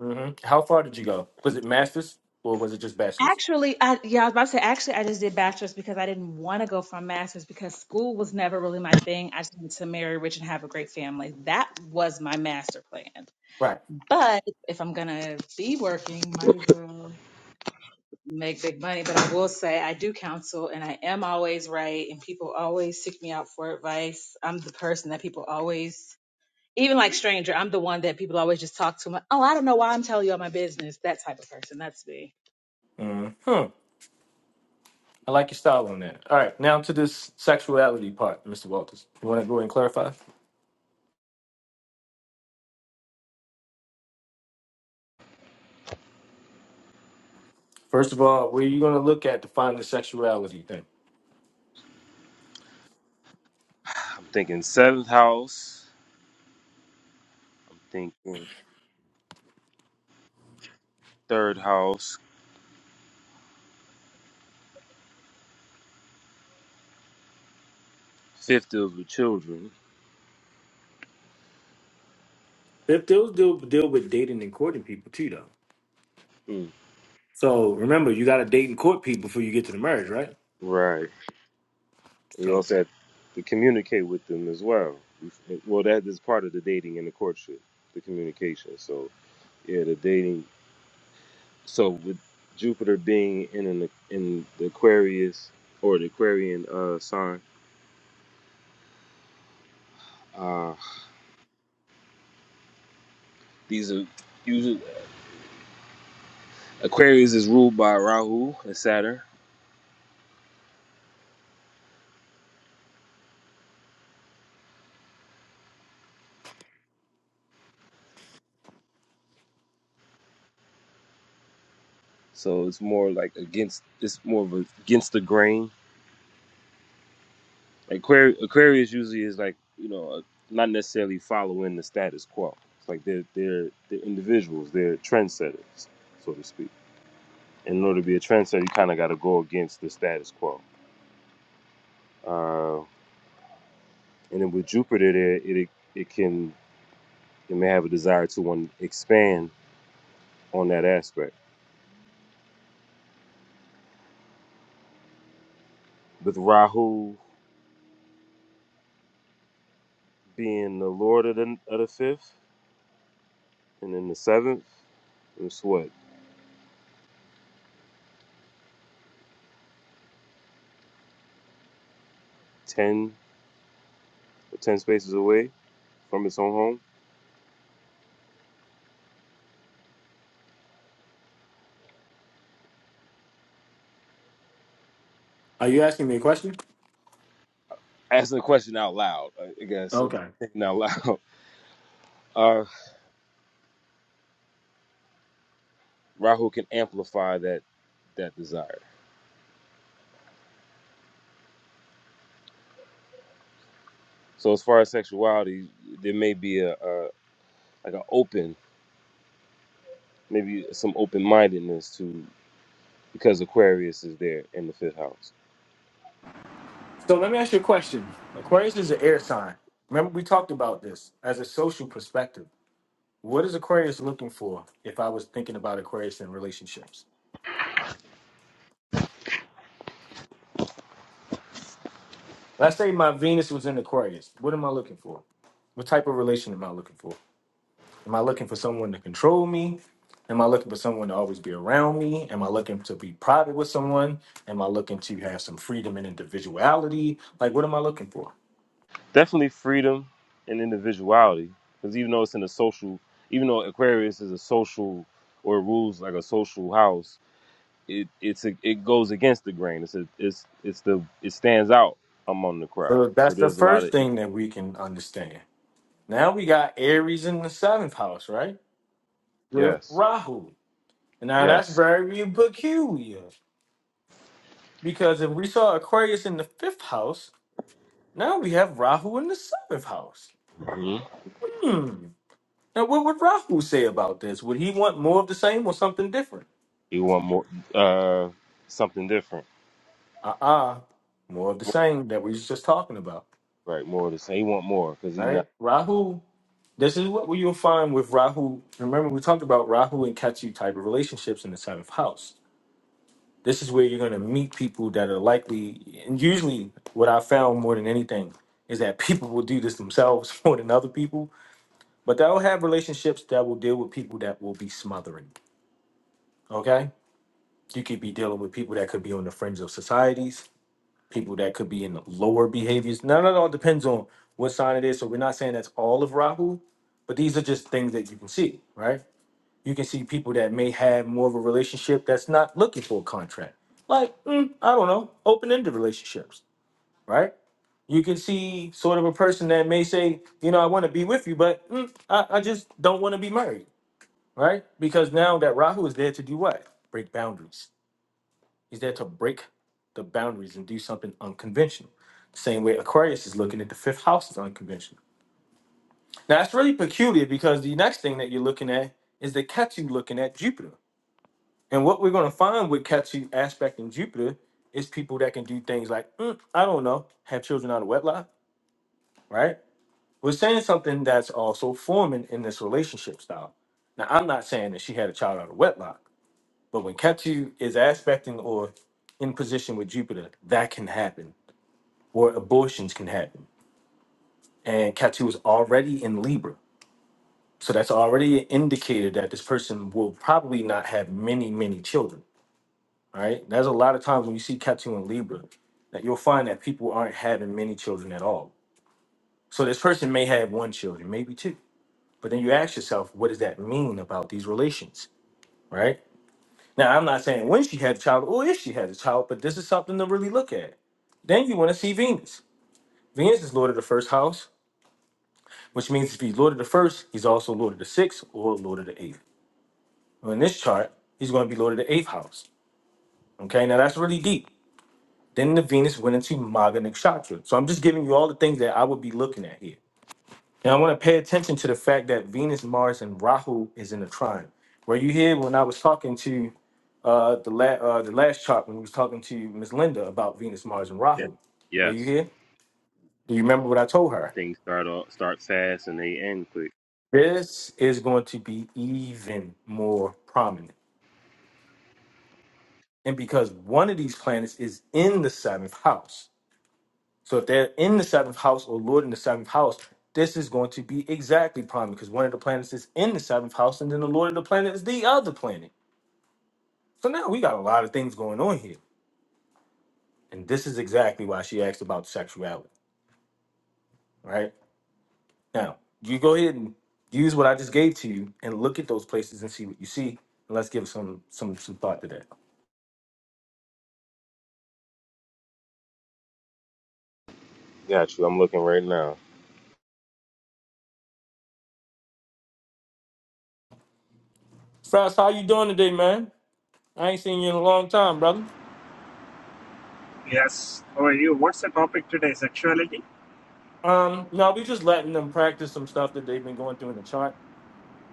S1: hmm How far did you go? Was it masters or was it just bachelor's?
S7: Actually, I yeah, I was about to say. Actually, I just did bachelor's because I didn't want to go for a master's because school was never really my thing. I just wanted to marry rich and have a great family. That was my master plan.
S1: Right.
S7: But if I'm gonna be working, might as well. make big money, but I will say I do counsel and I am always right and people always seek me out for advice. I'm the person that people always even like stranger, I'm the one that people always just talk to. Like, oh, I don't know why I'm telling you all my business. That type of person. That's me.
S1: hmm Hmm. I like your style on that. All right, now to this sexuality part, Mr. Walters. You want to go ahead and clarify? First of all, where are you going to look at to find the sexuality thing?
S12: I'm thinking seventh house. thinking third house, fifth of the children.
S1: If those deal, deal with dating and courting people too, though.
S12: Mm,
S1: So remember, you got to date and court people before you get to the marriage, right?
S12: right. And you
S1: So,
S12: also have to communicate with them as well. Well, that is part of the dating and the courtship, the communication. So yeah, the dating. So with Jupiter being in an, in the Aquarius or the Aquarian uh, sign, uh, these are usually Aquarius is ruled by Rahu and Saturn. So it's more like against. It's more of a, against the grain Aquarius, Aquarius usually is like you know uh, not necessarily following the status quo. It's like they're they're they're individuals, they're trendsetters, so to speak. And In order to be a trendsetter, you kind of got to go against the status quo. Uh, and then with Jupiter, there it, it it can it may have a desire to want to expand on that aspect. With Rahu being the Lord of the of the fifth, and then the seventh, it's what ten or ten spaces away from its own home
S1: are you asking me a question?
S12: asking the question out loud, I guess, uh,
S1: Okay.
S12: thinking out loud, uh, Rahu can amplify that that desire. So as far as sexuality, there may be a, a like an open, maybe some open mindedness to because Aquarius is there in the fifth house.
S1: So let me ask you a question. Aquarius is an air sign. Remember, we talked about this as a social perspective. What is Aquarius looking for if I was thinking about Aquarius in relationships? Let's say my Venus was in Aquarius. What am I looking for? What type of relation am I looking for? Am I looking for someone to control me? Am I looking for someone to always be around me? Am I looking to be private with someone? Am I looking to have some freedom and individuality? Like, what am I looking for?
S12: Definitely freedom and individuality, because even though it's in a social, even though Aquarius is a social or rules like a social house, it it's a, it goes against the grain. It's a, it's it's the it stands out among the crowd.
S1: So
S12: So
S1: that's the
S12: there's a lot of
S1: first
S12: it.
S1: thing that we can understand. Now we got Aries in the seventh house, right? With
S12: yes,
S1: Rahu. Now that's
S12: yes.
S1: very peculiar because if we saw Aquarius in the fifth house, now we have Rahu in the seventh house.
S12: hmm
S1: Hmm. Now, what would Rahu say about this? Would he want more of the same or something different?
S12: He want more, uh, something different,
S1: Uh-uh. More of the same that we was just talking about.
S12: right? More of the same. He want more because
S1: All
S12: he's not.
S1: right. Rahu, this is what you'll find with Rahu. Remember, we talked about Rahu and Ketu type of relationships in the seventh house. This is where you're gonna meet people that are likely and usually what I found more than anything is that people will do this themselves more than other people, but they'll have relationships that will deal with people that will be smothering. Okay? You could be dealing with people that could be on the fringe of societies people that could be in the lower behaviors. No, no, no. It depends on what sign it is. So we're not saying that's all of Rahu, but these are just things that you can see, right? You can see people that may have more of a relationship that's not looking for a contract. Like, mm, I don't know, open ended relationships, right? You can see sort of a person that may say, you know, I want to be with you, but mm, I, I just don't want to be married, right? Because now that Rahu is there to do what? Break boundaries He's there to break the boundaries and do something unconventional. The Same way Aquarius is looking at the fifth house is unconventional. Now that's really peculiar because the next thing that you're looking at is the Ketu looking at Jupiter. And what we're going to find with Ketu aspecting Jupiter is people that can do things like, "Mm, I don't know, have children out of wedlock, right? We're saying something that's also forming in this relationship style. Now, I'm not saying that she had a child out of wedlock, but when Ketu is aspecting or in position with Jupiter, that can happen where abortions can happen. And Catu was already in Libra. So that's already an indicator that this person will probably not have many, many children. Right? There's a lot of times when you see Catu in Libra that you'll find that people aren't having many children at all. So this person may have one children, maybe two. But then you ask yourself, what does that mean about these relations? Right? Now I'm not saying when she had a child or if she had a child, but this is something to really look at. Then you want to see Venus. Venus is Lord of the first house which means if he's Lord of the first, he's also Lord of the sixth or Lord of the eighth. Well, in this chart, he's going to be Lord of the eighth house. Okay, now that's really deep. Then the Venus went into Maga Nakshatra. So I'm just giving you all the things that I would be looking at here. Now I want to pay attention to the fact that Venus, Mars, and Rahu is in a trine. Were you here when I was talking to uh, the, la- uh, the last chart when we was talking to Miss Linda about Venus, Mars, and
S12: Yeah.
S1: Rahu? Were you
S12: Yes.
S1: here? Do you remember what I told her?
S12: Things start off, start fast and they end quick.
S1: This is going to be even more prominent. And because one of these planets is in the seventh house. So if they're in the seventh house or Lord in the seventh house, this is going to be exactly prime because one of the planets is in the seventh house and then the Lord of the planet is the other planet. So now we got a lot of things going on here. And this is exactly why she asked about sexuality, right? Now, you go ahead and use what I just gave to you and look at those places and see what you see. And let's give some some some thought to that.
S12: Got you. I'm looking right now.
S1: Frost, how you doing today, man? I ain't seen you in a long time, brother.
S14: Yes. How are you? What's the topic today? Sexuality?
S1: Um, no, we just letting them practice some stuff that they've been going through in the chart.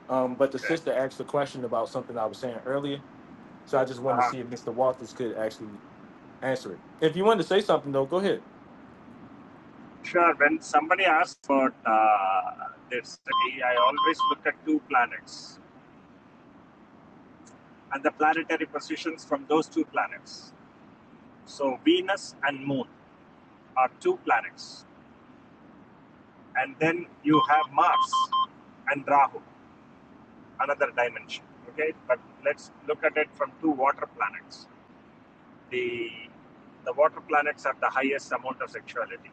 S1: Um, but the
S14: Okay.
S1: sister asked a question about something I was saying earlier, so I just wanted to
S14: Uh,
S1: see if Mr. Walters could actually answer it. If you wanted to say something though, go ahead.
S14: sure. When somebody asks about uh, this, I always look at two planets and the planetary positions from those two planets. So Venus and Moon are two planets. And then you have Mars and Rahu. another dimension. Okay, but let's look at it from two water planets. The the water planets have the highest amount of sexuality,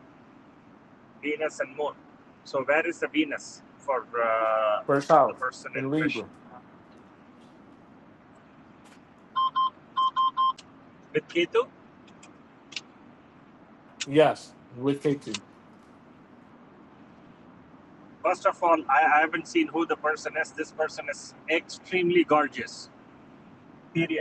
S14: Venus and Moon. So where is the Venus for uh,
S1: First
S14: the
S1: house
S14: person in
S1: in
S14: question?
S1: Libra.
S14: With Ketu,
S1: Yes, with K two.
S14: first of all, I, I haven't seen who the person is. This person is extremely gorgeous. Period.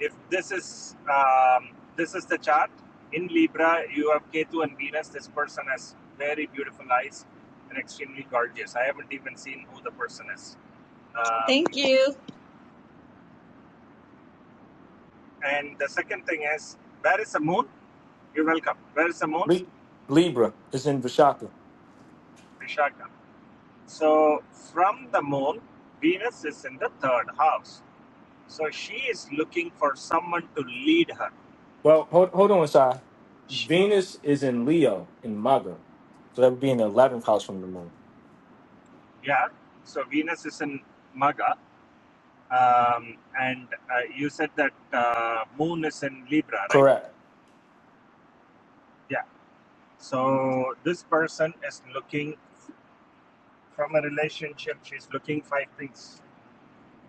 S14: if this is um, this is the chart in libra you have ketu and venus this person has very beautiful eyes and extremely gorgeous i haven't even seen who the person is
S7: Thank
S14: um,
S7: you.
S14: and the second thing is where is the moon you're welcome where is the moon
S1: Le- Libra is in Vishaka.
S14: vishaka so from the moon venus is in the third house so she is looking for someone to lead her
S1: Well, hold hold on, side.
S14: She-
S1: Venus is in Leo in Maga, so that would be in the eleventh house from the moon.
S14: yeah so venus is in maga Um, and uh, you said that uh, Moon is in Libra, right?
S1: Correct.
S14: Yeah. So this person is looking from a relationship. She's looking five things.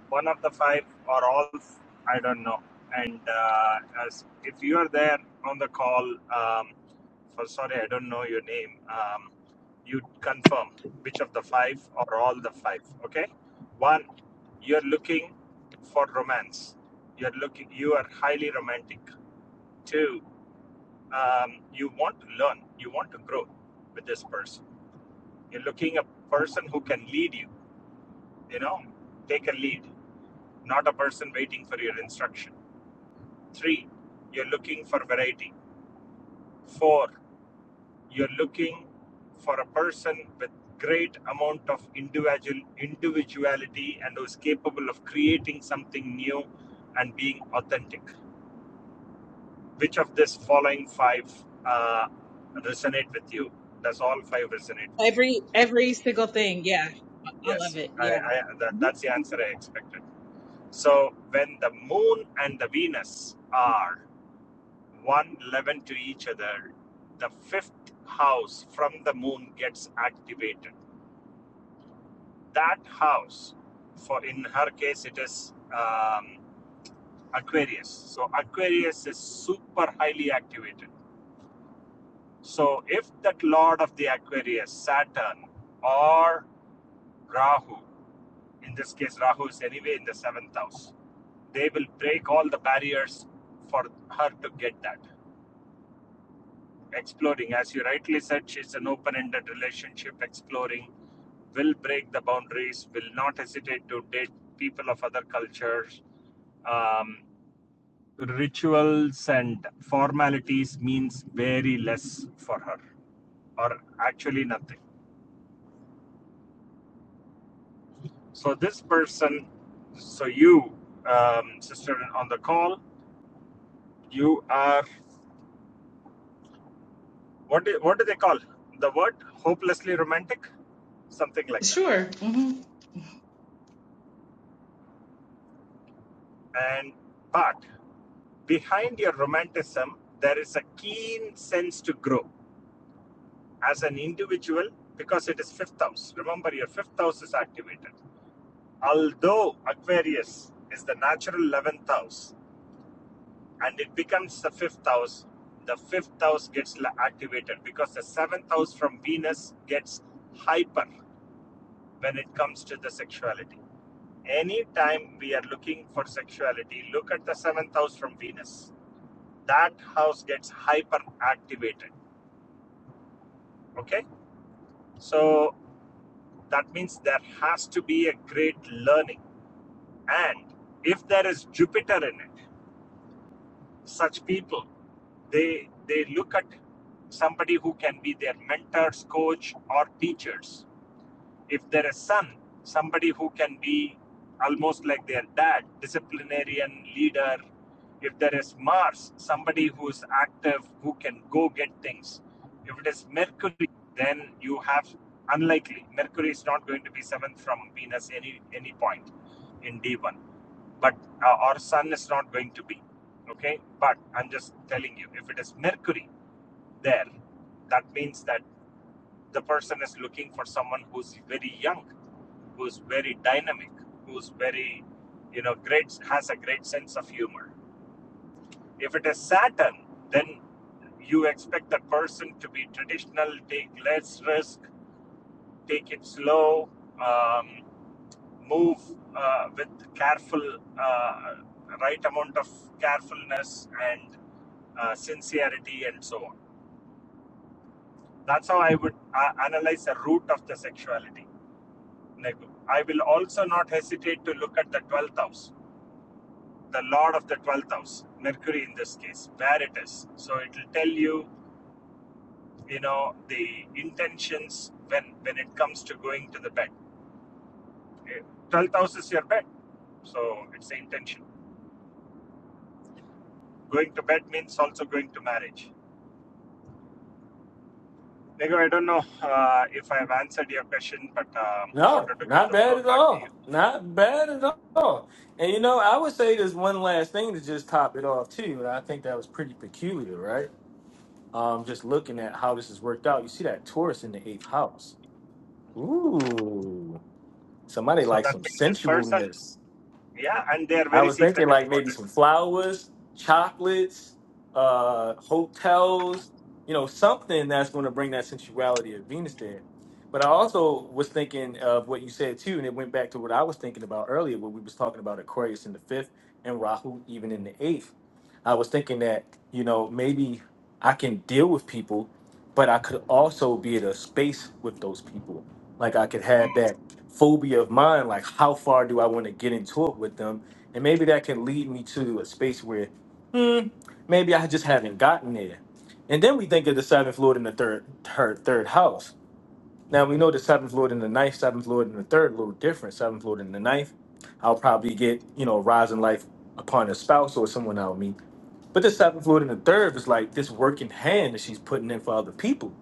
S14: One of the five or all, f- I don't know. And uh, as if you are there on the call, um, for sorry, I don't know your name. Um, you confirm which of the five or all the five. Okay. One, you're looking for romance. You're looking. You are highly romantic Two, um, you want to learn, you want to grow with this person. You're looking a person who can lead you, you know, take a lead, not a person waiting for your instruction. Three, you're looking for variety. Four, you're looking for a person with great amount of individual individuality and who's capable of creating something new and being authentic. Which of this following five uh, resonate with you? Does all five resonate with you?
S7: Every every single thing. Yeah. I love
S14: Yes,
S7: it.
S14: I,
S7: Yeah.
S14: I, that,
S7: Mhm.
S14: that's the answer I expected. So when the moon and the Venus are one eleven to each other, the fifth house from the moon gets activated. That house, for in her case, it is um, Aquarius. So Aquarius is super highly activated. So if that lord of the Aquarius, Saturn or Rahu, In this case, Rahu is anyway in the seventh house. They will break all the barriers for her to get that. Exploring, as you rightly said, she's an open ended relationship. Exploring will break the boundaries, will not hesitate to date people of other cultures. Um, rituals and formalities means very less for her, or actually nothing. So, this person, so you, um, sister on the call, you are What do, what do they call the word? Hopelessly romantic, something like that.
S7: Sure. hmm
S14: And but behind your romanticism, there is a keen sense to grow as an individual because it is fifth house. Remember, your fifth house is activated. Although Aquarius is the natural eleventh house, and it becomes the fifth house. The fifth house gets activated because the seventh house from Venus gets hyper when it comes to the sexuality Anytime we are looking for sexuality, look at the seventh house from Venus. That house gets hyper activated. Okay? So that means there has to be a great learning. And if there is Jupiter in it, such people, they they look at somebody who can be their mentors, coach, or teachers if there is a son, somebody who can be almost like their dad, disciplinarian, leader, if there is Mars, somebody who is active, who can go get things. If it is Mercury, then you have unlikely. Mercury is not going to be seventh from Venus any any point in D1. But uh, or Sun is not going to be. Okay, but I'm just telling you, if it is Mercury there, that means that the person is looking for someone who's very young who's very dynamic, who's very, you know, great, has a great sense of humor. If it is Saturn, then you expect the person to be traditional, take less risk, take it slow, um, move uh, with careful, uh, right amount of carefulness and uh, sincerity, and so on. That's how I would uh, analyze the root of the sexuality. Like, I will also not hesitate to look at the 12th house, the Lord of the 12th house, Mercury in this case, where it is. So it will tell you, you know, the intentions when when it comes to going to the bed. Eh, 12th house is your bed, so it's the intention. Going to bed means also going to marriage. Nego, I don't know uh, if I have answered your question, but um,
S1: No,
S14: wanted to give
S1: not
S14: the
S1: bad
S14: floor
S1: at
S14: back to you.
S1: all. Not bad at all. And you know, I would say there's one last thing to just top it off too, and I think that was pretty peculiar, right? Um, just looking at how this has worked out, you see that Taurus in the eighth house. Ooh, somebody
S14: So
S1: likes
S14: that
S1: some
S14: means this person,
S1: sensualness.
S14: yeah, and they are
S1: I
S14: very
S1: was thinking
S14: secretive
S1: like
S14: about
S1: maybe
S14: it.
S1: some flowers, chocolates, uh, hotels, you know, something that's going to bring that sensuality of Venus there. But I also was thinking of what you said too, and it went back to what I was thinking about earlier when we was talking about Aquarius in the fifth and Rahu even in the eighth. I was thinking that you know maybe I can deal with people, but I could also be at a space with those people like I could have
S14: Mm.
S1: that phobia of mine, like how far do I want to get into it with them? And maybe that can lead me to a space where, hmm, maybe I just haven't gotten there. And then we think of the seventh lord in the third, third, third house. Now we know the seventh lord in the ninth, seventh lord in the third, a little different. Seventh lord in the ninth, I'll probably get, you know, rise in life upon a spouse or someone I'll meet. But the seventh lord in the third is like this working hand that she's putting in for other people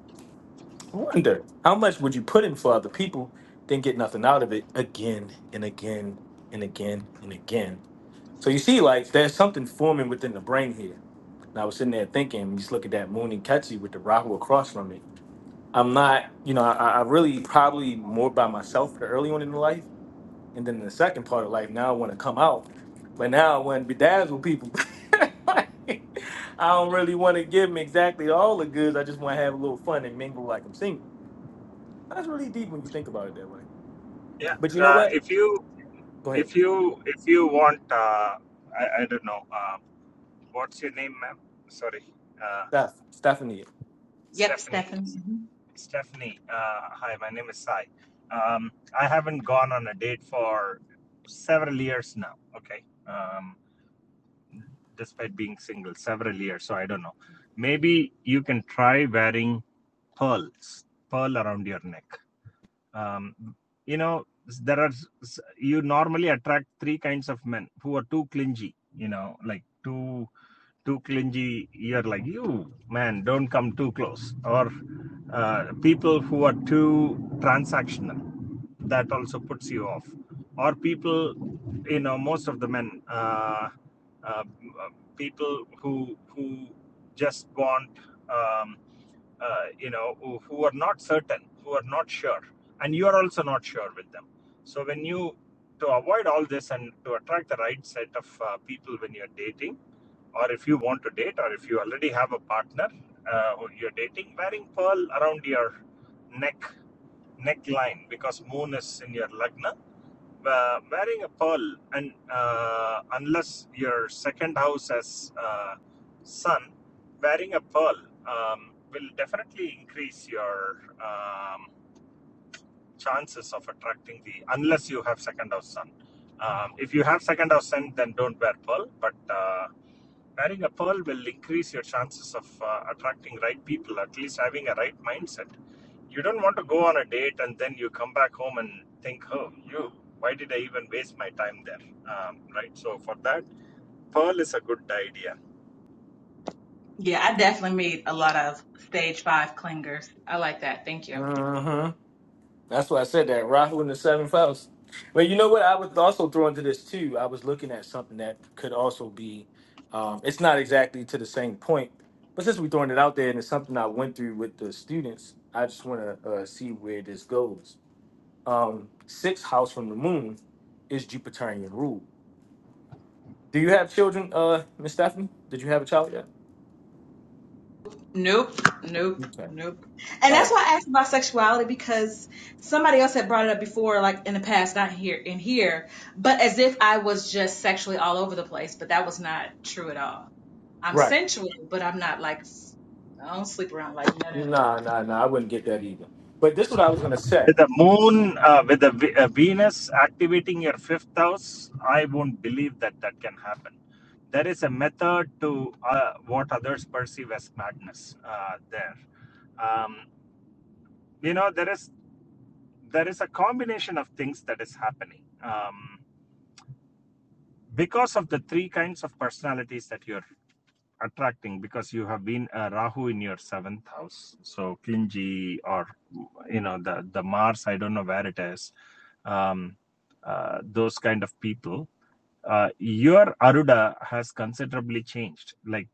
S1: I wonder how much would you put in for other people, then get nothing out of it again and again and again and again. So you see, like there's something forming within the brain here. And I was sitting there thinking, just look at that moon and Ketchy with the Rahu across from it. I'm not, you know, I, I really probably more by myself early on in life, and then in the second part of life. Now I want to come out, but now I want to bedazzle people. I don't really want to give them exactly all the goods. I just want to have a little fun and mingle like I'm single. That's really deep when you think about it that way.
S14: Yeah,
S1: But you know
S14: uh,
S1: what?
S14: if you
S1: Go ahead.
S14: If you if you want, uh, I I don't know. Uh, what's your name, ma'am? Sorry, uh,
S1: Steph. Stephanie.
S7: Yep,
S14: Stephanie.
S7: Stefan. hmm
S14: Stephanie. Uh, hi, my name is Sai. Um, I haven't gone on a date for several years now. Okay. Um, despite being single, several years. So I don't know. Maybe you can try wearing pearls, pearl around your neck. um, you know there are you normally attract three kinds of men who are too clingy you know like too too clingy you're like you man don't come too close or uh, people who are too transactional that also puts you off or people you know most of the men uh, uh, people who who just want um, uh, you know who, who are not certain who are not sure and you are also not sure with them so when you to avoid all this and to attract the right set of uh, people when you're dating or if you want to date or if you already have a partner uh, who you're dating wearing pearl around your neck neckline because moon is in your lagna uh, wearing a pearl and uh, unless your second house has uh, sun wearing a pearl um, will definitely increase your um, chances of attracting the unless you have second house sun um, if you have second house sun then don't wear pearl but uh, Wearing a pearl will increase your chances of uh, attracting right people, at least having a right mindset. You don't want to go on a date and then you come back home and think, oh, you, why did I even waste my time there? Um, right. So, for that, pearl is a good idea.
S7: Yeah, I definitely meet a lot of stage five clingers. I like that. Thank you.
S1: Mm-hmm. That's why I said that. Rahu in the seventh house. But you know what? I was also thrown into this too. I was looking at something that could also be um, it's not exactly to the same point. But since we're throwing it out there and it's something I went through with the students, I just want to uh, see where this goes. Um, sixth house from the moon is Jupiterian rule. Do you have children, uh, Miss Stephanie? Did you have a child yet?
S7: Nope, nope,
S1: Okay.
S7: nope. And
S1: All
S7: that's
S1: right.
S7: why I asked about sexuality because somebody else had brought it up before, like in the past, not here in here, but as if I was just sexually all over the place, but that was not true at all. I'm
S1: Right.
S7: sensual, but I'm not like s- I don't sleep around like no, no, no, no.
S1: Nah, nah, nah. I wouldn't get that either. But this is what I was gonna say.
S14: With the moon, uh, with the Ve- uh, Venus activating your fifth house, I won't believe that that can happen. There is a method to uh, what others perceive as madness uh, there. Um, you know, there is there is a combination of things that is happening um, because of the three kinds of personalities that you're attracting because you have been a Rahu in your seventh house, so clingy or you know the the mars i don't know where it is um, uh, those kind of people uh, your aruda has considerably changed like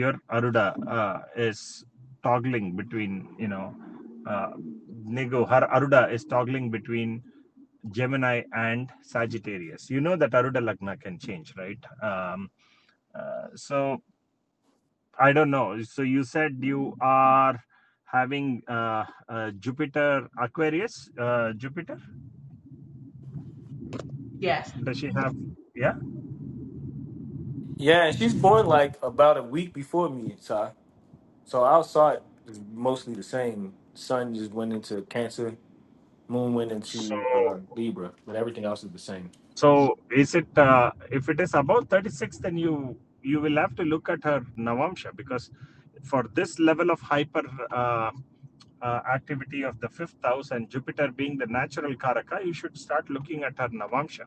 S14: your aruda uh, is toggling between you know uh, Nigo, her Aruda is toggling between Gemini and Sagittarius. You know that Aruda Lagna can change, right? Um, uh, so I don't know. So you said you are having uh, uh, Jupiter Aquarius. Uh, Jupiter
S7: Yes,
S14: does she
S7: hmm
S14: have? Yeah.
S1: Yeah, and she's born like about a week before me, Ty. So I saw it is mostly the same. Sun just went into Cancer, Moon went
S14: So
S1: into uh, Libra, but everything else is the same.
S14: so is it? Uh, if it is above thirty six, then you you will have to look at her Navamsha because for this level of hyper uh, uh, activity of the fifth house and Jupiter being the natural Karaka, you should start looking at her Navamsha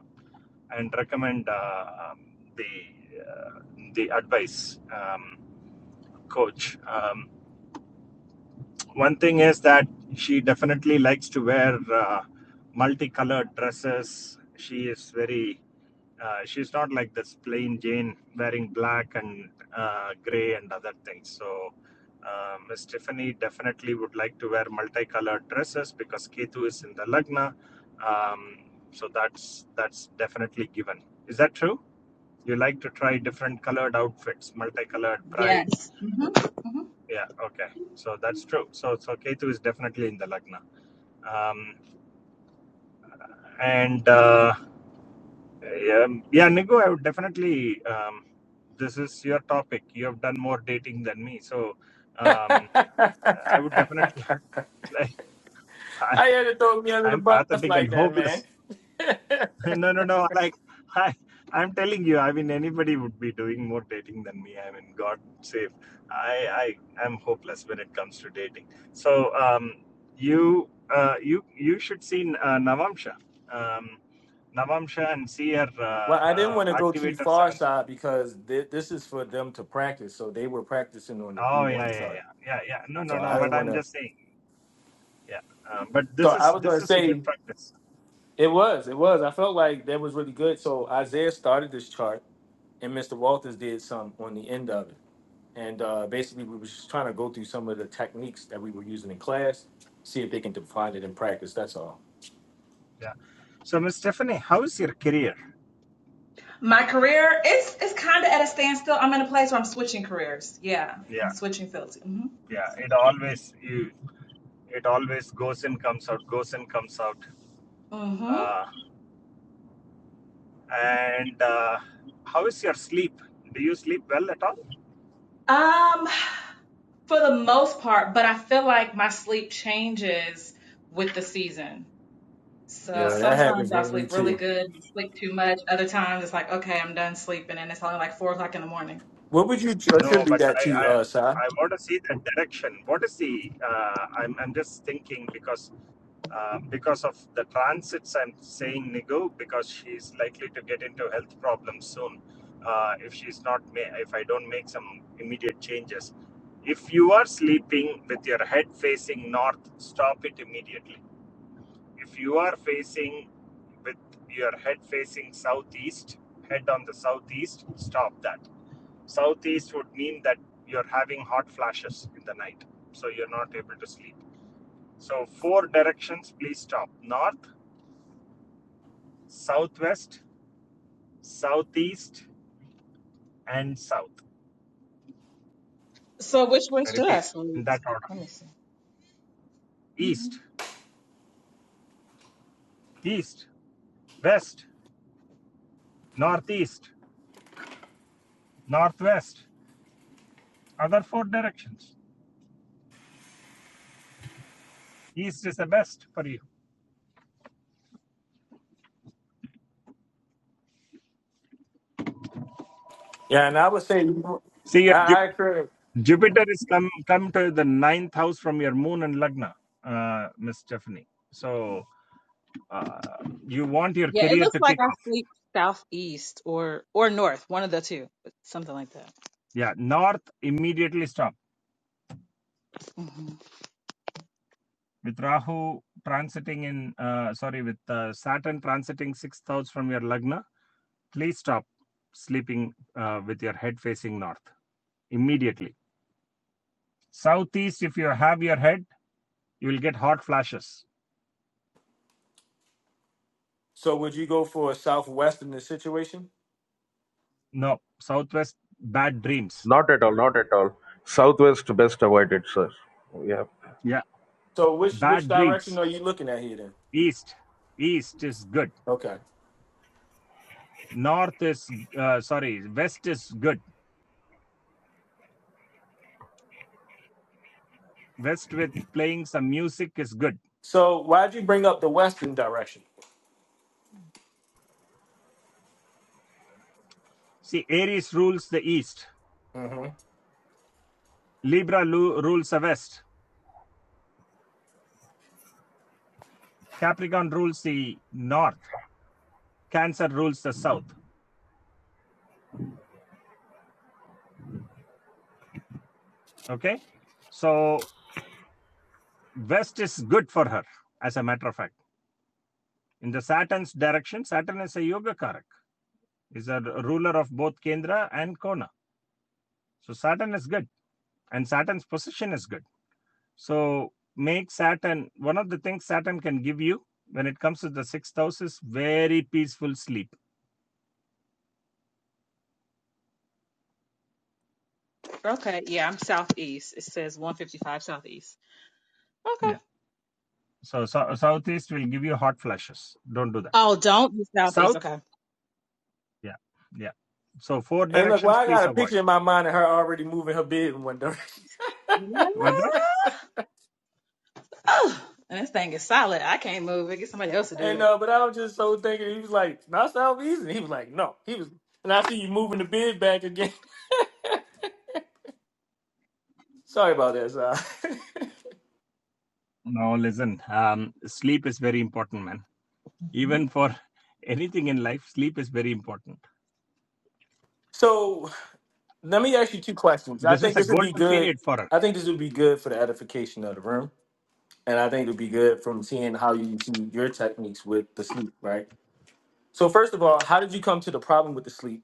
S14: and recommend uh, um, the uh, the advice. Um, coach. Um, one thing is that she definitely likes to wear uh, multicolored dresses. She is very, uh, she's not like this plain Jane wearing black and uh, gray and other things. So, uh, Miss Tiffany definitely would like to wear multicolored dresses because Ketu is in the Lagna. Um, so that's that's definitely given. Is that true? You like to try different colored outfits, multicolored bride,
S7: yes. hmm hmm
S14: Yeah, okay. So that's true. So so Ketu is definitely in the Lagna. Um, and uh, yeah, yeah, Nigo, I would definitely. Um, this is your topic. You have done more dating than me, so
S1: I
S14: um, I would definitely. Like, I,
S1: had to throw me under the
S14: I'm
S1: bus
S14: pathetic
S1: like
S14: and
S1: that,
S14: hopeless.
S1: man.
S14: no, no, no. Like I, I'm telling you, I mean, anybody would be doing more dating than me. I mean, God save. I, I, am hopeless when it comes to dating. So, um, you, uh, you, you should see uh, Navamsha, um, Navamsha, and see her
S1: Well, I
S14: uh,
S1: didn't
S14: uh,
S1: want to go too
S14: activator
S1: far
S14: seven.
S1: side because thi- this is for them to practice. So they were practicing on the B
S14: Oh yeah,
S1: one
S14: yeah,
S1: side.
S14: yeah, yeah, yeah. No, no,
S1: So
S14: no.
S1: I
S14: But
S1: didn't want
S14: I'm
S1: to.
S14: just saying. Yeah. Um, but
S1: So
S14: this
S1: I
S14: is
S1: was
S14: this
S1: gonna
S14: is a good
S1: say
S14: practice.
S1: It was, it was. I felt like that was really good. So Isaiah started this chart, and Mr. Walters did some on the end of it. And uh, basically, we were just trying to go through some of the techniques that we were using in class, see if they can define it in practice. That's all.
S14: Yeah. So, Miss Stephanie, how's your career?
S7: My career, it's it's kind of at a standstill. I'm in a place where I'm switching careers. Yeah, I'm
S14: Yeah,
S7: switching fields. hmm
S14: yeah. It always you it always goes in comes out goes in comes out
S7: hmm
S14: uh, and uh, how is your sleep do you sleep well at all
S7: Um, for the most part, but I feel like my sleep changes with the season. So
S1: Yeah,
S14: yeah
S1: that happens
S7: sometimes I
S1: with me
S7: sleep really
S1: too.
S7: good, I sleep too much. Other times it's like, okay, I'm done sleeping, and it's only like four o'clock in the morning.
S1: What would you
S14: no
S1: attribute
S14: but
S1: that
S14: i
S1: to,
S14: i,
S1: uh, Si?
S14: I want to see that direction what is the uh, I'm, I'm just thinking because uh, because of the transits i'm saying nigo because she's likely to get into health problems soon uh, if she's not ma- if i don't make some immediate changes if you are sleeping with your head facing north stop it immediately if you are facing with your head facing southeast, head on the southeast, stop that. Southeast would mean that you're having hot flashes in the night, so you're not able to sleep. So, four directions, please stop north, southwest, southeast, and south.
S7: So which way
S14: I
S7: should I
S14: repeat in
S7: sleep?
S14: that order
S7: Let me see. Mhm.
S14: east, east, west, northeast, northwest. Other four directions. East is the best for you.
S1: Yeah, and I would say,
S14: See,
S1: I,
S14: you're
S1: I agree.
S14: Jupiter is come come to the ninth house from your moon and Lagna, uh, Miss Stephanie. So uh, you want your
S7: Yeah, it
S14: career
S7: looks
S14: to
S7: like
S14: kick
S7: I
S14: off.
S7: sleep southeast or or north, one of the two, but something like that.
S14: Yeah, North immediately stop
S7: hmm
S14: with Rahu transiting in. Uh, sorry, with uh, Saturn transiting sixth house from your Lagna. Please stop sleeping uh, with your head facing north immediately. Southeast, if you have your head, you will get hot flashes.
S1: So, would you go for a southwestern situation?
S14: No, southwest, bad dreams.
S15: Not at all, not at all. Southwest best avoided, sir. Yeah.
S14: Yeah,
S1: So, which which
S14: bad dreams.
S1: direction are you looking at here then?
S14: east east is good
S1: Okay.
S14: north is uh, sorry west is good west with playing some music is good
S1: So, why'd you bring up the western direction?
S14: see aries rules the east libra rules the west capricorn rules the north cancer rules the south okay so west is good for her as a matter of fact in the saturn's direction saturn is a yoga karak is a ruler of both kendra and kona so saturn is good and saturn's position is good So make Saturn one of the things Saturn can give you when it comes to the sixth house is very peaceful sleep.
S7: Okay, yeah, I'm southeast. It says 155 southeast. Okay.
S14: Yeah. So, so southeast will give you hot flashes. Don't do that.
S7: Oh, don't be southeast.
S14: South.
S7: Okay.
S14: Yeah. Yeah. So four
S1: And look, well,
S14: directions,
S1: I
S14: please
S1: got a
S14: avoid.
S1: picture in my mind of her already moving her bed in one direction.
S14: What's that?
S7: Oh, and this thing is solid. I can't move it. Get somebody else to do
S1: And
S7: it.
S1: uh, but I was just so thinking, he was like, not South East. And he was like, no. He was, and I see you moving the bed back again. Sorry about that, Si.
S14: No, listen. Um, sleep is very important, man. Even for anything in life, sleep is very important.
S1: so let me ask you two questions. I
S14: This is
S1: think
S14: a
S1: this would be
S14: golden
S1: good.
S14: period for her.
S1: I think this would be good for the edification of the room. And I think it would be good from seeing how you see your techniques with the sleep, right? So, first of all, how did you come to the problem with the sleep?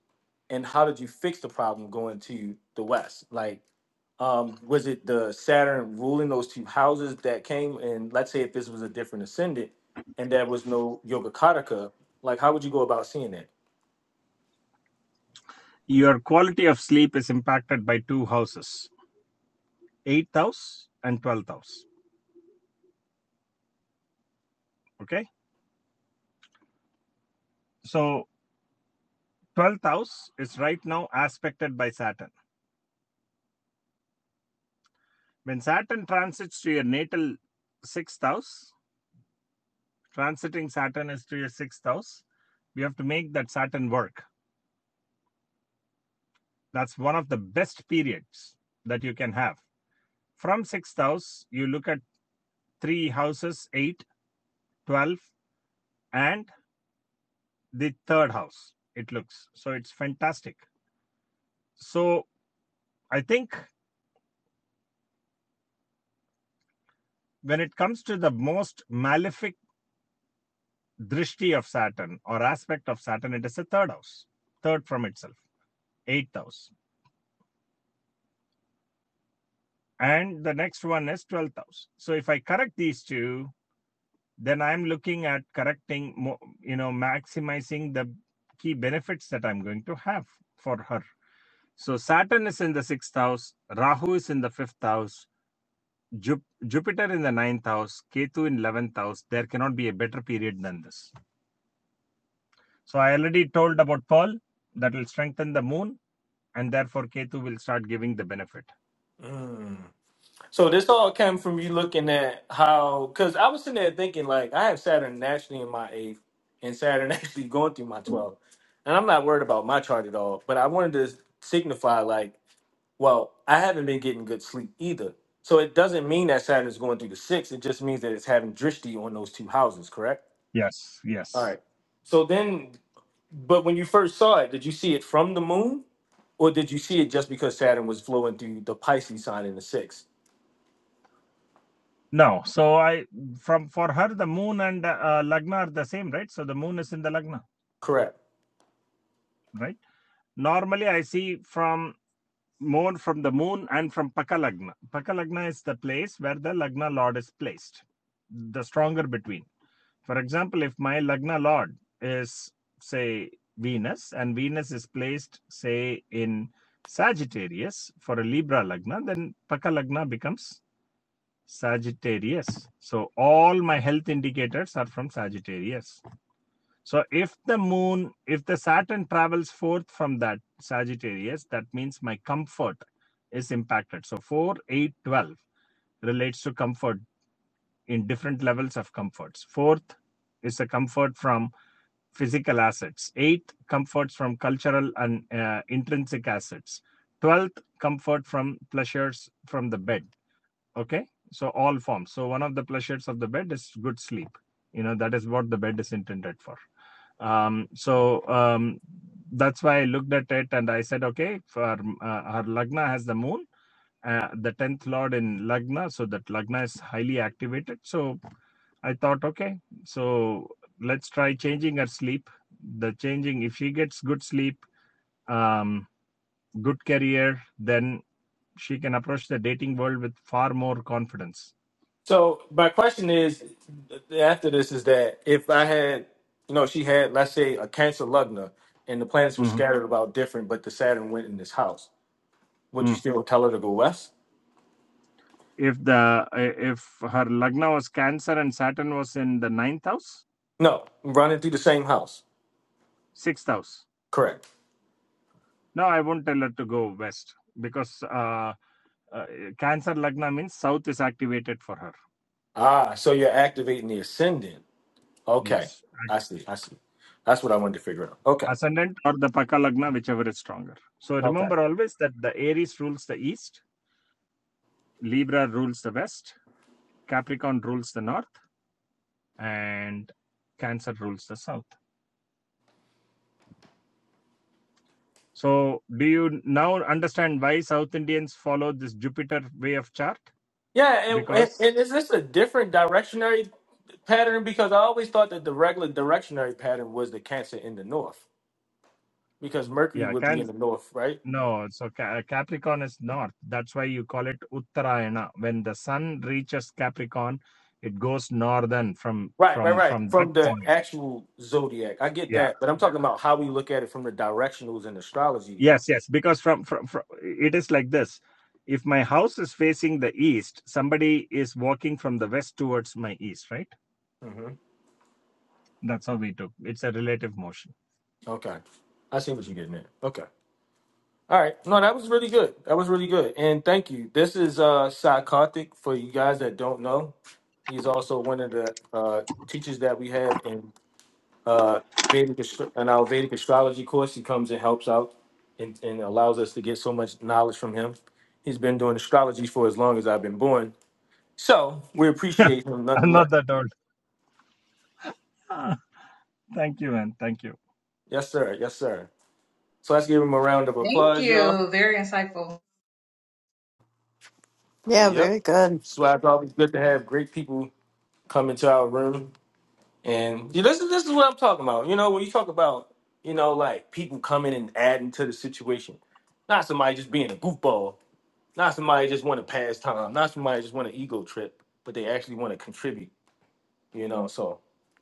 S1: And how did you fix the problem going to the West? Like, um, was it the Saturn ruling those two houses that came? And let's say if this was a different ascendant and there was no Yoga Kataka, like how would you go about seeing that?
S14: Your quality of sleep is impacted by two houses, eighth house and twelfth house. Okay. So 12th house is right now aspected by Saturn. When Saturn transits to your natal sixth house, transiting Saturn is to your sixth house, you have to make that Saturn work. That's one of the best periods that you can have. From sixth house, you look at three houses 8, 12, and the third house, it looks. So it's fantastic. So I think when it comes to the most malefic drishti of Saturn or aspect of Saturn, it is the third house, third from itself, eighth house. And the next one is 12th house. So if I correct these two, then I'm looking at correcting, you know, maximizing the key benefits that I'm going to have for her. So Saturn is in the sixth house, Rahu is in the fifth house, Ju- Jupiter in the ninth house, Ketu in 11th house. There cannot be a better period than this. So I already told about Pearl that will strengthen the moon and therefore Ketu will start giving the benefit.
S1: Mm. So this all came from you looking at how, because I was sitting there thinking like I have Saturn naturally in my eighth, and Saturn actually going through my twelfth, and I'm not worried about my chart at all. But I wanted to signify like, well, I haven't been getting good sleep either. So it doesn't mean that Saturn is going through the six. It just means that it's having drishti on those two houses, correct?
S14: Yes,
S1: All
S14: yes.
S1: right. So then, but when you first saw it, did you see it from the moon, or did you see it just because Saturn was flowing through the Pisces sign in the sixth?
S14: Now, so I from for her the moon and uh, lagna are the same, right? So the moon is in the lagna,
S1: Correct.
S14: right? Normally, I see from more from the moon and from paka lagna. Paka lagna is the place where the lagna lord is placed, the stronger between. For example, if my lagna lord is say Venus and Venus is placed say in Sagittarius for a Libra lagna, then paka lagna becomes Sagittarius. So all my health indicators are from Sagittarius. So if the moon, if the Saturn travels forth from that Sagittarius, that means my comfort is impacted. So 4, 8, 12 relates to comfort in different levels of comforts. Fourth is the comfort from physical assets. Eighth, comforts from cultural and uh, intrinsic assets. Twelfth, comfort from pleasures from the bed okay so all forms so one of the pleasures of the bed is good sleep you know that is what the bed is intended for um, so um, that's why i looked at it and i said okay for uh, her lagna has the moon uh, the 10th lord in lagna so that lagna is highly activated so i thought okay so let's try changing her sleep the changing if she gets good sleep um, good career then she can approach the dating world with far more confidence
S1: So my question is, after this, is that if I had, you know, she had, let's say, a Cancer lugna, and the planets were
S14: Mm-hmm.
S1: scattered about different, but the Saturn went in this house, would you
S14: Mm.
S1: still tell her to go west?
S14: If the if her lagna was Cancer and Saturn was in the ninth house,
S1: No, running through the same house.
S14: sixth house.
S1: Correct.
S14: No, I won't tell her to go west because uh, uh, Cancer lagna means south is activated for her.
S1: Ah, so you're activating the ascendant. Okay,
S14: Yes,
S1: I see. I see. That's what I wanted to figure out. Okay.
S14: ascendant or the Paka lagna, whichever is stronger. So
S1: Okay.
S14: remember always that the Aries rules the east, Libra rules the west, Capricorn rules the north, and Cancer rules the south. So, do you now understand why South Indians follow this Jupiter way of chart?
S1: Yeah, and, and,
S14: because
S1: and is this a different directionary pattern? Because I always thought that the regular directionary pattern was the Cancer in the north, because Mercury
S14: yeah
S1: would be
S14: can
S1: in the north, right?
S14: no so Ca- capricorn is north that's why you call it uttarayana when the sun reaches capricorn it goes northern from
S1: Right, right,
S14: from
S1: right.
S14: from that
S1: From the
S14: point
S1: actual zodiac, I get
S14: yeah
S1: that, but I'm talking
S14: yeah
S1: about how we look at it from the directionals in astrology.
S14: yes yes because from from, from it is like this if my house is facing the east somebody is walking from the west towards my east right
S1: hmm
S14: that's how we took it's a relative motion
S1: Okay, I see what you're getting at. Okay, all right. No, that was really good. That was really good, and thank you. This is uh, Sai Karthik for you guys that don't know. He's also one of the uh, teachers that we have in uh, Vedic astro- in our Vedic astrology course. He comes and helps out and, and allows us to get so much knowledge from him. He's been doing astrology for as long as I've been born. So we appreciate him
S14: i'm not
S1: nonetheless.
S14: that old Ah, thank you man thank you
S1: Yes, sir. Yes, sir. So let's give him a round of
S7: Thank
S1: applause, y'all.
S7: you. Very insightful.
S3: Yeah,
S1: Yep.
S3: very good.
S1: So it's always good to have great people come into our room. And yeah, this is this is what I'm talking about. You know, when you talk about, you know, like people coming and adding to the situation. Not somebody just being a goofball. Not somebody just want to pass time. Not somebody just want an ego trip, but they actually want to contribute. You know, so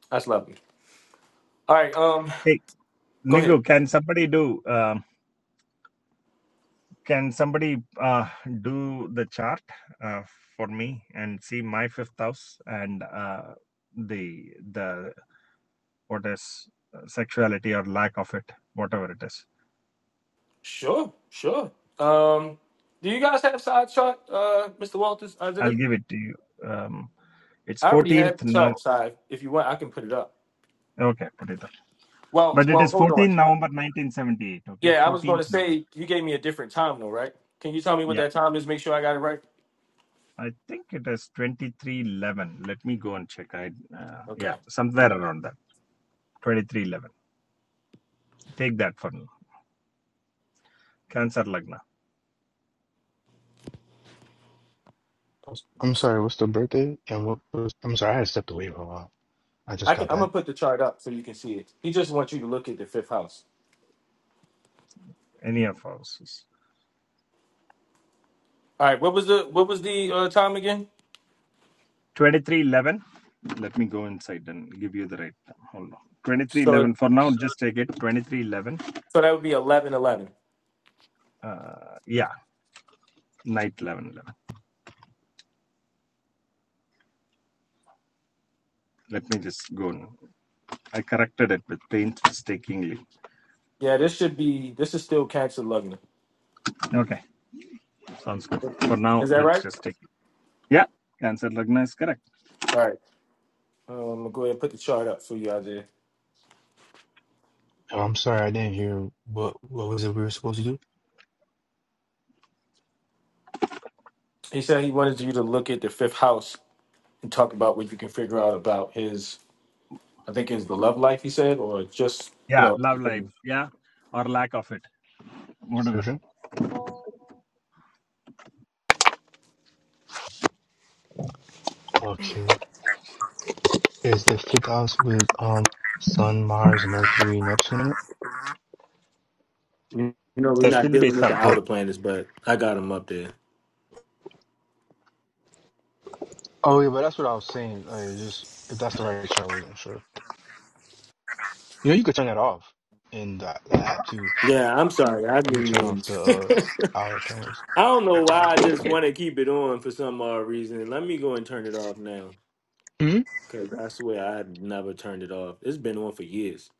S1: that's lovely. All right, um,
S14: hey
S1: go
S14: nigu
S1: ahead.
S14: can somebody do um, Can somebody uh, do the chart uh, for me and see my fifth house and uh, the the what is uh, sexuality or lack of it, whatever it is?
S1: Sure, sure. Um, do you guys have side chart, uh, Mr. Walters? Isaiah?
S14: I'll give it to you. Um, it's
S1: I already
S14: 14th
S1: have the
S14: now.
S1: chart side. If you want, I can put it up.
S14: Okay, put it up.
S1: Well,
S14: But it
S1: well,
S14: is
S1: hold on.
S14: 14 November 1978. Okay,
S1: Yeah, I was going
S14: 14th
S1: to
S14: November.
S1: say you gave me a different time though, right? Can you tell me what
S14: Yeah,
S1: that time is? Make sure I got it right.
S14: I think it is 2311. Let me go and check. I uh,
S1: Okay,
S14: yeah, somewhere around that. 2311. Take that for now. Cancer Lagna.
S9: I'm sorry, what's the birthday? And what was, I'm sorry, I had stepped away. I just
S1: I can.
S9: got
S1: I'm
S9: back.
S1: gonna put the chart up so you can see it. He just wants you to look at the fifth house.
S14: Any of houses.
S1: All right, what was the what was the uh, time again?
S14: 2311. Let me go inside and give you the right. Hold on.
S1: So
S14: 2311. For now, just take it. 2311.
S1: so that would be eleven eleven.
S14: Uh, yeah, night 11 eleven. Let me just go. and- I corrected it with paint mistakenly.
S1: Yeah, this should be this is still cancer loving.
S14: Okay. Sounds good. For now,
S1: Is that
S14: let's
S1: right?
S14: just take it. Yeah, Cancer Lagna is correct.
S1: All right. Um, I'm gonna go ahead and put the chart up for you, Isaiah.
S9: Oh, I'm sorry, I didn't hear what what was it we were supposed to do?
S1: He said he wanted you to look at the fifth house and talk about what you can figure out about his I think it's the love life he said, or just you
S14: Yeah,
S1: know
S14: love life. Yeah, or lack of it. Whatever.
S9: Surgeon? Okay. Is the fifth house with um Sun, Mars, Mercury, Neptune in it?
S1: you know, we're
S14: There
S1: not
S14: should be
S1: dealing with
S14: sun.
S1: the
S9: Oh,
S1: outer planets, but I got him up there.
S9: oh yeah, but that's what I was saying. Like, just if that's the right chart, I wasn't sure. You know, you could turn that off in the, the app too.
S1: Yeah, I'm sorry. I
S9: You could
S1: didn't
S9: turn
S1: mean
S9: off the uh, outer planets.
S1: I don't know why I just want to keep it on for some odd reason. Let me go and turn it off now.
S9: Hmm.
S1: Cause I swear I've never turned it off. It's been on for years.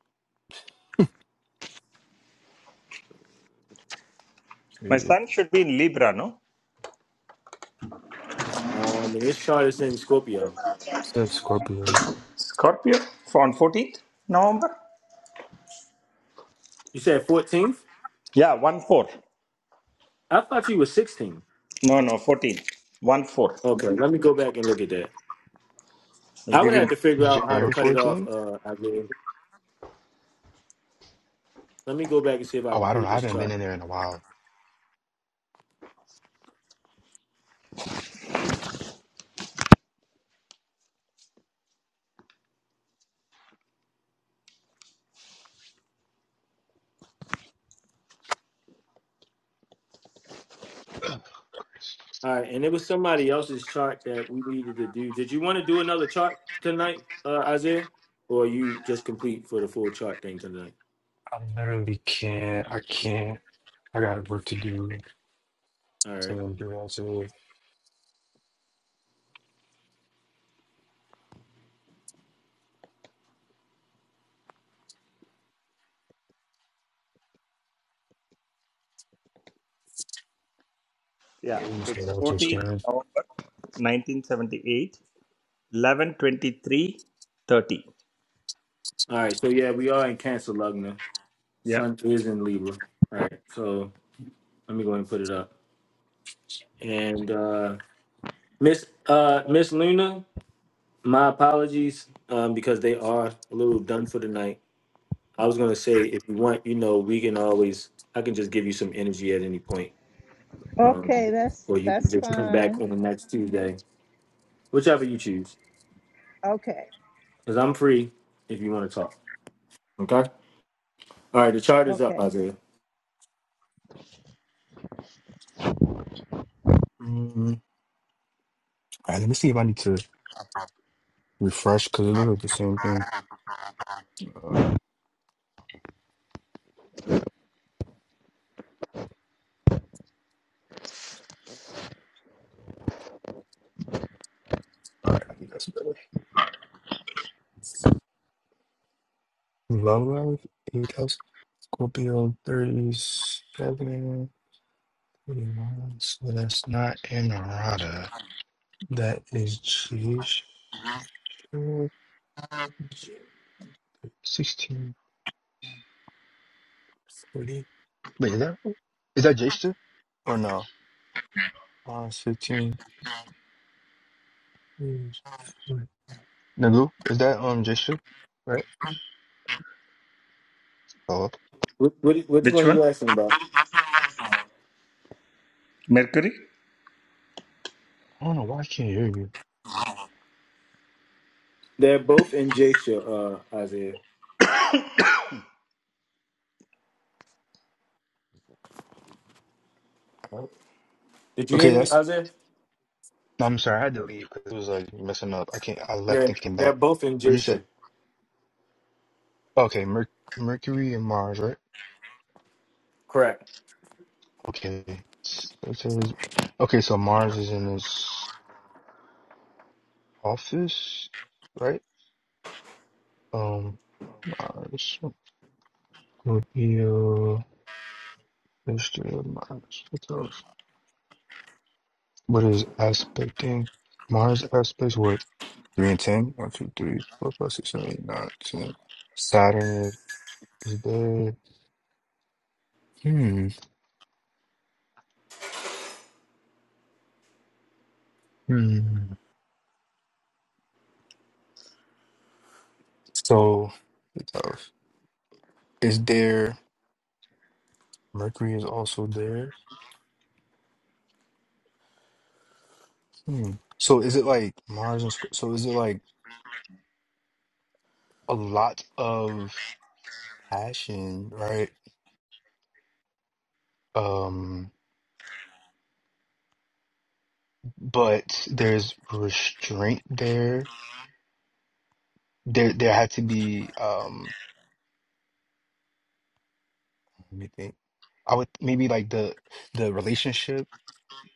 S14: My
S9: Yeah.
S14: sun should be in Libra, no?
S1: Um, and it's chart is in Scorpio.
S9: Said Scorpio.
S14: Scorpio on 14th November?
S1: You said 14th?
S14: Yeah, 1 4.
S1: I thought you were 16.
S14: No, no, 14. 1 4.
S1: Okay, let me go back and look at that.
S14: I'll
S1: I
S14: give
S1: would
S14: you.
S1: have to figure out how to
S9: January
S1: cut it off.
S9: 14?
S1: Uh, I did. Let me go back and see if I
S9: Oh,
S1: can
S9: I don't know.
S1: create
S9: I
S1: this
S9: haven't been
S1: chart.
S9: in there in a while. Christ.
S1: All right, and it was somebody else's chart that we needed to do. Did you want to do another chart tonight, uh, Isaiah, or are you just complete for the full chart thing tonight?
S9: I literally can't. I can't. I got work to do.
S1: All right,
S9: So they're also
S14: Yeah,
S9: games that
S14: it's
S9: also
S14: 14
S9: scan.
S14: November 1978 11 23 30.
S1: all right. So yeah, we are in Cancer, Lugna.
S14: Yeah.
S1: Sun is in Libra. All right, so Let me go ahead and put it up. And uh, Miss uh, Miss Luna, my apologies um, because they are a little done for the night. I was gonna say if you want, you know, we can always I can just give you some energy at any point, um,
S5: Okay, that's
S1: or you can
S5: that's
S1: just come back
S5: fine.
S1: on the next Tuesday, whichever you choose.
S5: Okay.
S1: Because I'm free if you want to talk. Okay. All right. The chart is up,
S5: Okay.
S1: Isaiah.
S9: Mm, All right, let me see if I need to refresh because it looks like the same thing. Uh, all right, I think that's better. Love Live, 8 House, Scorpio 37, thirty-one. So that's not Inarada. That is Jewish. 1640. Wait, is that, is that Jester? Or no? Uh, 15. Nagu, is that um Jaisha? Right? Hello.
S1: What, what, which
S14: Which
S1: one
S14: one?
S1: you asking about?
S14: Mercury?
S9: I don't know why I can't hear you.
S1: They're both in Jasha, uh, Isaiah. Did you
S9: Okay,
S1: hear me,
S9: that's.
S1: Isaiah?
S9: No, I'm sorry, I had to leave because it was like messing up. I can't. I left
S1: Yeah,
S9: and came
S1: they're
S9: back.
S1: both in
S9: What'd you say?
S1: Jasha.
S9: Okay, Mer Mercury and Mars, right?
S1: Correct.
S9: Okay. So- so is- Okay, so Mars is in his office, right? Um, Mars, Scorpio, Mr. Mars. What else? What is aspecting? Mars aspects what? Three and ten. One, two, three, four, five, six, seven, eight, nine, ten. Saturn is there. Hmm. Hmm. So it's tough. Is there Mercury is also there? Hmm. So is it like Mars and Sc- so is it like a lot of passion, right? Um, but there's restraint there. There, there had to be. Um, let me think. I would maybe like the the relationship.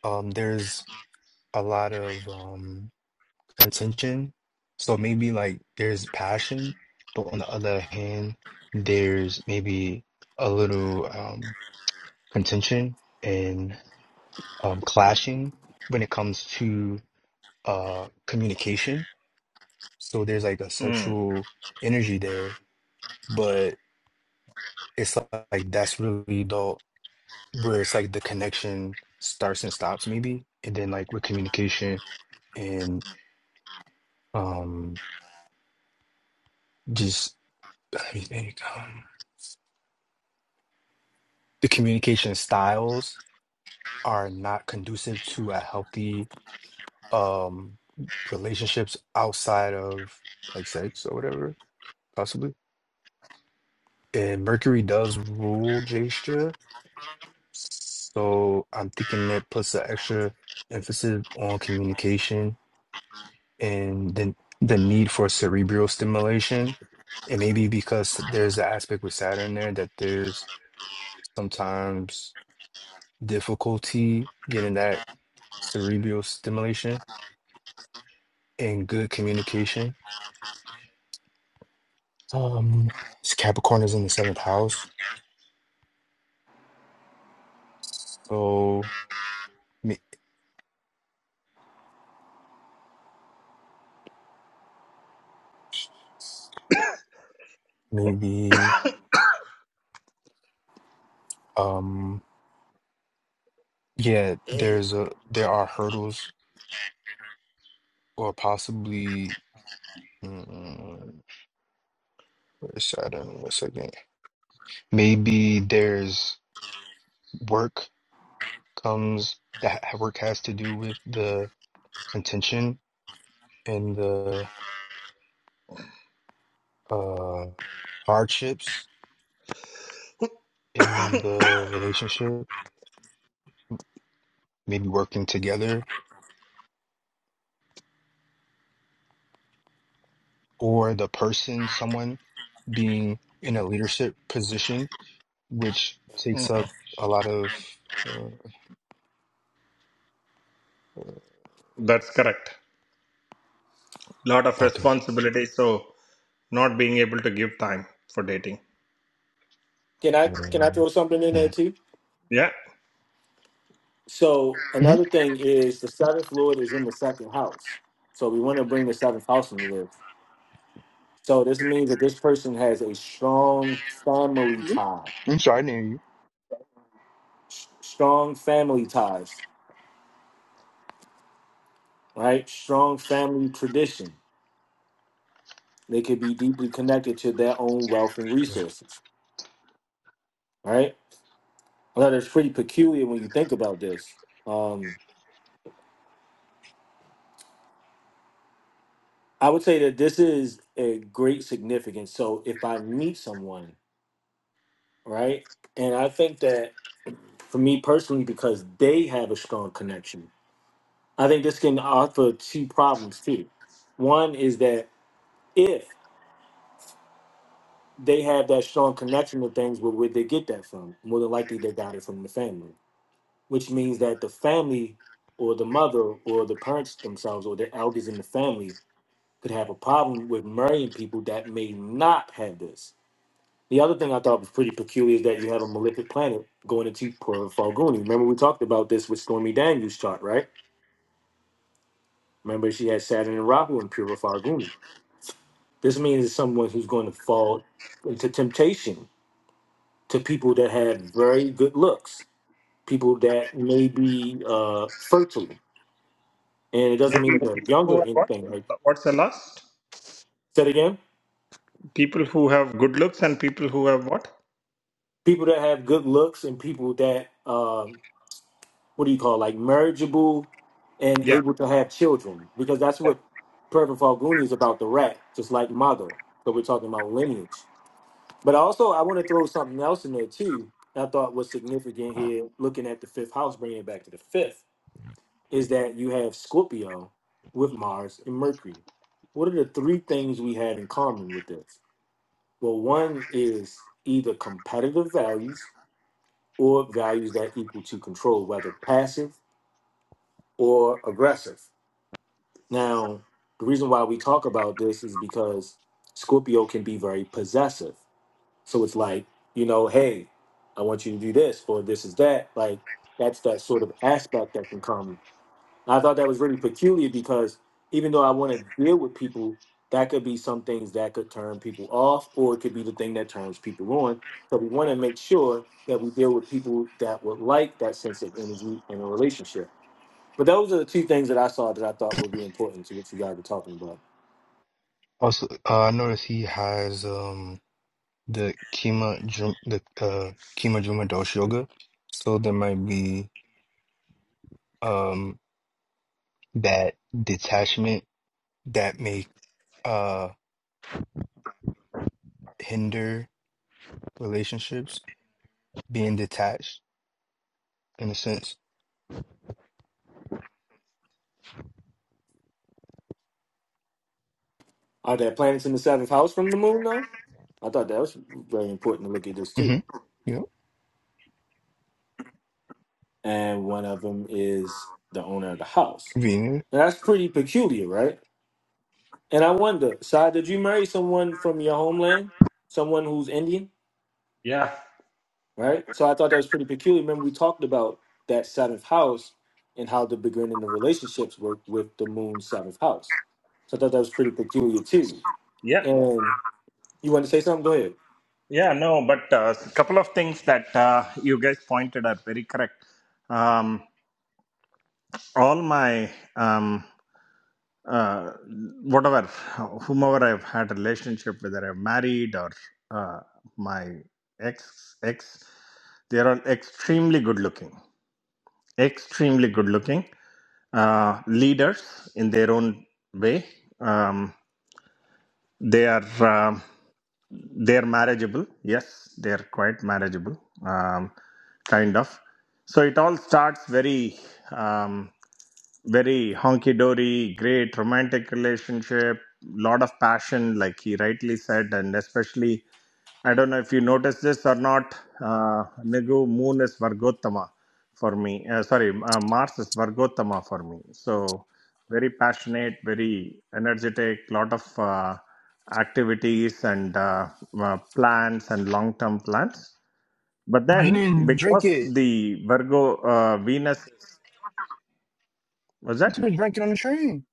S9: Um, there's a lot of um attention. So maybe like there's passion, but on the other hand, there's maybe a little um contention and um clashing when it comes to uh communication. So there's like a
S14: Mm.
S9: sexual energy there, but it's like that's really the where it's like the connection starts and stops maybe, and then like with communication and um just I think, um, the communication styles are not conducive to a healthy um relationships outside of like sex or whatever, possibly. And Mercury does rule gesture, so I'm thinking that puts an extra emphasis on communication and then the need for cerebral stimulation. And maybe because there's an aspect with Saturn there that there's sometimes difficulty getting that cerebral stimulation and good communication. Um, Capricorn is in the seventh house, so may- maybe um, yeah, there's a there are hurdles or possibly. Mm, where's Saturn? One second. Maybe there's work comes that work has to do with the contention and the uh hardships in the relationship. Maybe working together or the person, someone being in a leadership position, which takes
S14: mhm.
S9: up a lot of. Uh,
S14: That's correct. Lot of
S9: okay.
S14: responsibility, so not being able to give time for dating.
S1: Can I can I
S9: Mhm.
S1: throw something in there too?
S14: Yeah.
S1: So another thing is the seventh lord is in the second house. So we want to bring the seventh house into this. So this means that this person has a strong family
S9: Mhm.
S1: tie,
S9: I'm sorry, I didn't hear you.
S1: s- strong family ties, right? Strong family tradition. They could be deeply connected to their own wealth and
S9: Okay.
S1: resources, right? Well, that's pretty peculiar when you think about this. Um, I would say that this is a great significance. So if I meet someone right? And I think that for me personally, because they have a strong connection, I think this can offer two problems too. One is that if they have that strong connection with things, where would they get that from? More than likely, they got it from the family, which means that the family or the mother or the parents themselves or the elders in the family could have a problem with marrying people that may not have this The other thing I thought was pretty peculiar is that you have a malefic planet going into Pura Farguni. Remember, we talked about this with Stormy Daniels' chart, right? Remember, she had Saturn and Rahu in Pura Farguni. This means it's someone who's going to fall into temptation to people that have very good looks, people that may be uh, fertile. And it doesn't mean
S14: Maybe
S1: that they're
S14: people
S1: younger
S14: who
S1: or
S14: are what?
S1: anything. Like,
S14: What's the last?
S1: say it again,
S14: People who have good looks and people who have what?
S1: people that have good looks and people that uh, what do you call it, like marriageable and
S14: Yeah.
S1: able to have children because that's
S14: Yeah.
S1: what Perfect Falguni is about the rat, just like mother. So we're talking about lineage. But also, I want to throw something else in there too. that I thought was significant here, looking at the fifth house, bringing it back to the fifth, is that you have Scorpio with Mars and Mercury. What are the three things we have in common with this? Well, one is either competitive values or values that equal to control, whether passive or aggressive Now, the reason why we talk about this is because Scorpio can be very possessive. So it's like, you know, hey, I want you to do this or this is that. Like, that's that sort of aspect that can come. And I thought that was really peculiar because even though I want to deal with people, that could be some things that could turn people off or it could be the thing that turns people on. So we want to make sure that we deal with people that would like that sense of energy in a relationship. But those are the two things that I saw that I thought would be important to what you guys were talking about.
S9: Also, uh, I noticed he has um the Kima Jum the uh, Kima Juma Dosh Yoga, so there might be um that detachment that may uh hinder relationships being detached in a sense.
S1: Are there planets in the seventh house from the moon, though? I thought that was very important to look at this
S9: hmm
S1: too.
S9: Yep.
S1: And one of them is the owner of the house.
S9: Vienna.
S1: And that's pretty peculiar, right? And I wonder, Sai, did you marry someone from your homeland? Someone who's Indian,
S14: Yeah.
S1: right? So I thought that was pretty peculiar. Remember, we talked about that seventh house and how the beginning of relationships work with the moon's seventh house. So I thought that was pretty peculiar too.
S14: Yeah.
S1: and. You want to say something? Go ahead.
S14: Yeah, no, but a couple of things that uh, you guys pointed are very correct. Um, all my um, uh, whatever whomever I've had a relationship whether I'm married or uh, my ex ex they're all extremely good looking extremely good looking uh, leaders in their own way um, they are um they're marriageable yes they're quite marriageable um, kind of so it all starts very um, very honky dory, great romantic relationship, lot of passion, like he rightly said, and especially I don't know if you noticed this or not. Uh, Nigu Moon is Vargottama for me. Uh, sorry, uh, Mars is Vargottama for me. So very passionate, very energetic, lot of uh, activities and uh, uh, plans and long-term plans. But
S9: I
S14: then,
S9: didn't drink
S14: because
S9: it.
S14: the Virgo uh, Venus was
S9: You
S14: that
S9: should have drank it on the train.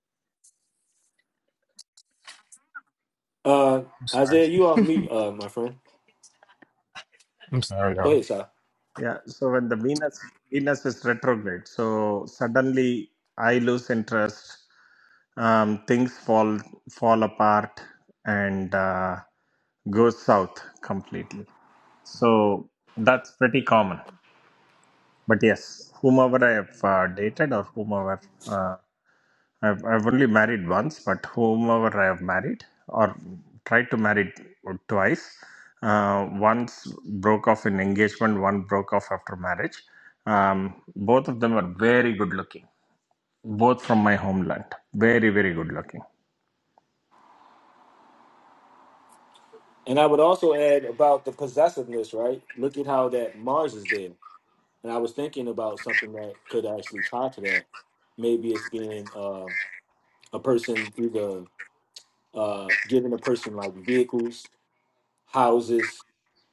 S1: Uh,
S9: I'm sorry.
S1: Isaiah, you off mute, uh, my friend.
S9: I'm sorry,
S1: Go
S9: y'all.
S1: ahead, sir.
S14: Yeah, so when the Venus Venus is retrograde, so suddenly I lose interest. Um, things fall fall apart and uh, go south completely. So that's pretty common. But yes, whomever I have uh, dated or whomever. uh, I've, I've only married once, but whomever I have married or tried to marry twice, uh, once broke off in engagement, one broke off after marriage. Um, both of them are very good looking, both from my homeland. Very, very good looking.
S1: And I would also add about the possessiveness, right? Look at how that Mars is there. And I was thinking about something that could actually tie to that. Maybe it's being uh, a person either uh, giving a person like vehicles, houses,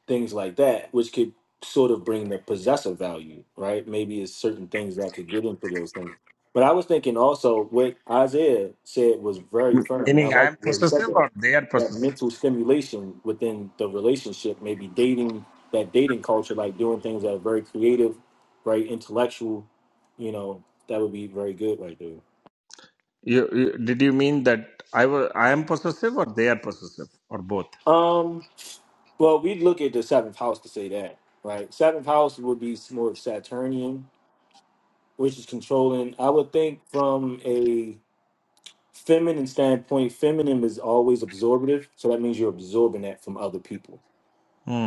S1: things like that, which could sort of bring the possessive value, right? Maybe it's certain things that could get into those things. But I was thinking also what Isaiah said was very firm, and I
S14: Meaning I
S1: like
S14: am
S1: where he said
S14: possessive
S1: that
S14: or they are
S1: that
S14: possessive?
S1: mental stimulation within the relationship, maybe dating that dating culture, like doing things that are very creative, very intellectual, you know, that would be very good right there.
S14: You, you, did you mean that I, wa- I am possessive or they are possessive or both?
S1: Um, well, we'd look at the seventh house to say that, right? Seventh house would be more of Saturnian, which is controlling. I would think from a feminine standpoint, feminine is always absorptive, so that means you're absorbing that from other people.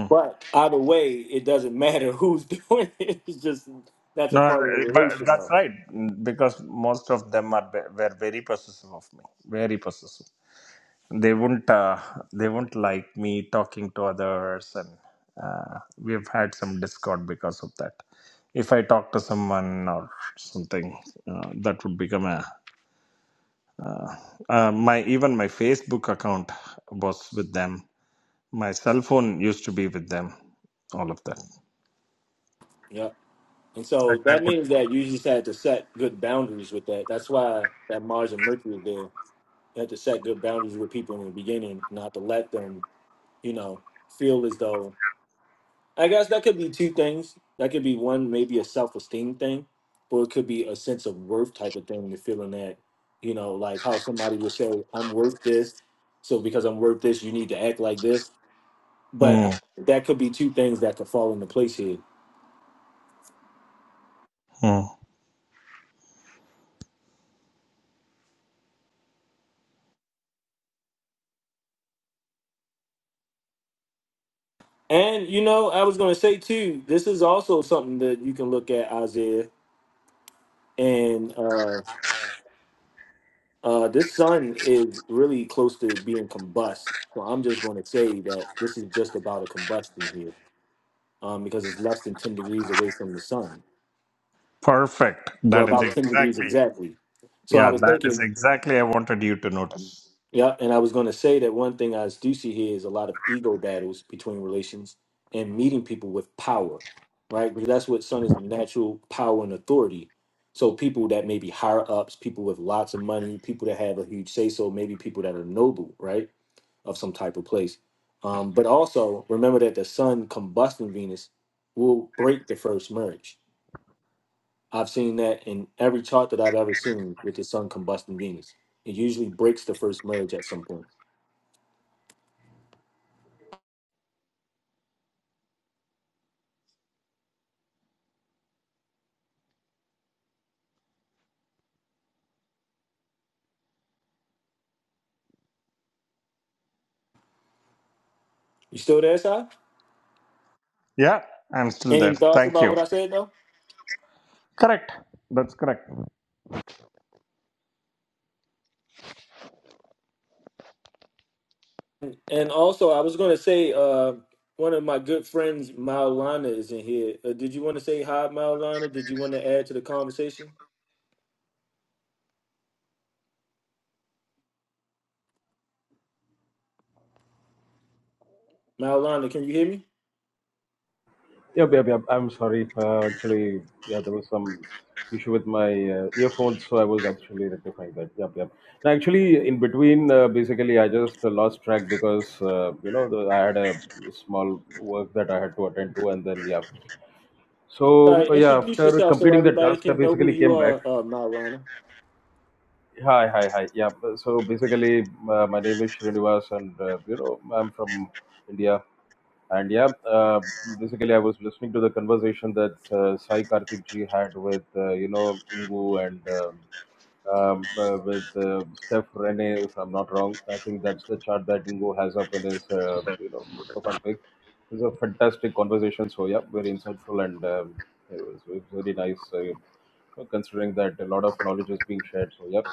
S1: But either way, it doesn't matter who's doing it. It's just that's a
S14: No, no,
S1: part of the
S14: no, but
S1: relation,
S14: that's
S1: though.
S14: right because most of them are ve- were very possessive of me, very possessive. They wouldn't uh, they wouldn't like me talking to others, and uh, we've had some discord because of that. If I talk to someone or something, uh, that would become a uh, uh, my even my Facebook account was with them. My cell phone used to be with them. All of that.
S1: Yeah. And so
S14: Like I
S1: that
S14: would.
S1: means that you just had to set good boundaries with that. That's why that Mars and Mercury is there. You had to set good boundaries with people in the beginning, not to let them, you know, feel as though I guess that could be two things. That could be one, maybe a self esteem thing, or it could be a sense of worth type of thing. The feeling that, you know, like how somebody would say, "I'm worth this," so because I'm worth this, you need to act like this. But
S14: Mm,
S1: I- that could be two things that could fall into place here.
S14: mm.
S1: And you know, I was going to say too, this is also something that you can look at Isaiah, and uh, uh, this sun is really close to being combust. So I'm just going to say that this is just about a combustion here um, because it's less than 10 degrees away from the sun.
S14: Perfect.
S1: Well,
S14: That is
S1: about 10 degrees
S14: exactly.
S1: exactly. So I
S14: Yeah,
S1: was
S14: that is
S1: thinking,
S14: exactly I wanted you to notice.
S1: yeah, and I was going to say that one thing I do see here is a lot of ego battles between relations and meeting people with power, right? Because that's what sun is the natural power and authority. So people that may be higher ups, people with lots of money, people that have a huge say so, maybe people that are noble, right, of some type of place. Um, but also remember that the sun combusting Venus will break the first marriage I've seen that in every chart that I've ever seen with the sun combusting Venus. It usually breaks the first merge at some point. You still there, Sai?
S14: Yeah, I'm still there.
S1: Any thoughts
S14: Thank
S1: about
S14: you.
S1: what I said though?
S14: Correct. That's correct.
S1: And also, I was going to say, uh, one of my good friends, Maulana, is in here. Uh, did you want to say hi, Maulana? Did you want to add to the conversation? Maulana, can you hear me?
S15: Yep, yep, yep. I'm sorry. Uh, actually, yeah, there was some issue with my uh, earphones, so I was actually rectifying that. Yep, yep. Now, actually, in between, uh, basically, I just uh, lost track because uh, you know the, I had a small work that I had to attend to, and then yeah.
S1: All
S15: So
S1: right,
S15: uh, yeah,
S1: introduce
S15: after
S1: yourself so
S15: completing the
S1: everybody
S15: task, I
S1: can know who
S15: basically
S1: you
S15: came back.
S1: are, uh, Maulana.
S15: Hi, hi, hi. Yeah. So basically, uh, my name is Srinivas, and uh, you know, I'm from India. And yeah, uh, basically, I was listening to the conversation that uh, Sai Karthik ji had with, uh, you know, Ingu and um, um, uh, with uh, Steph Rene, if I'm not wrong. I think that's the chart that Ingo has up in his, uh, you know, profile pic. It was a fantastic conversation. So yeah, very insightful and um, it, was, it was very nice. Uh, considering that a lot of knowledge is being shared. So yep,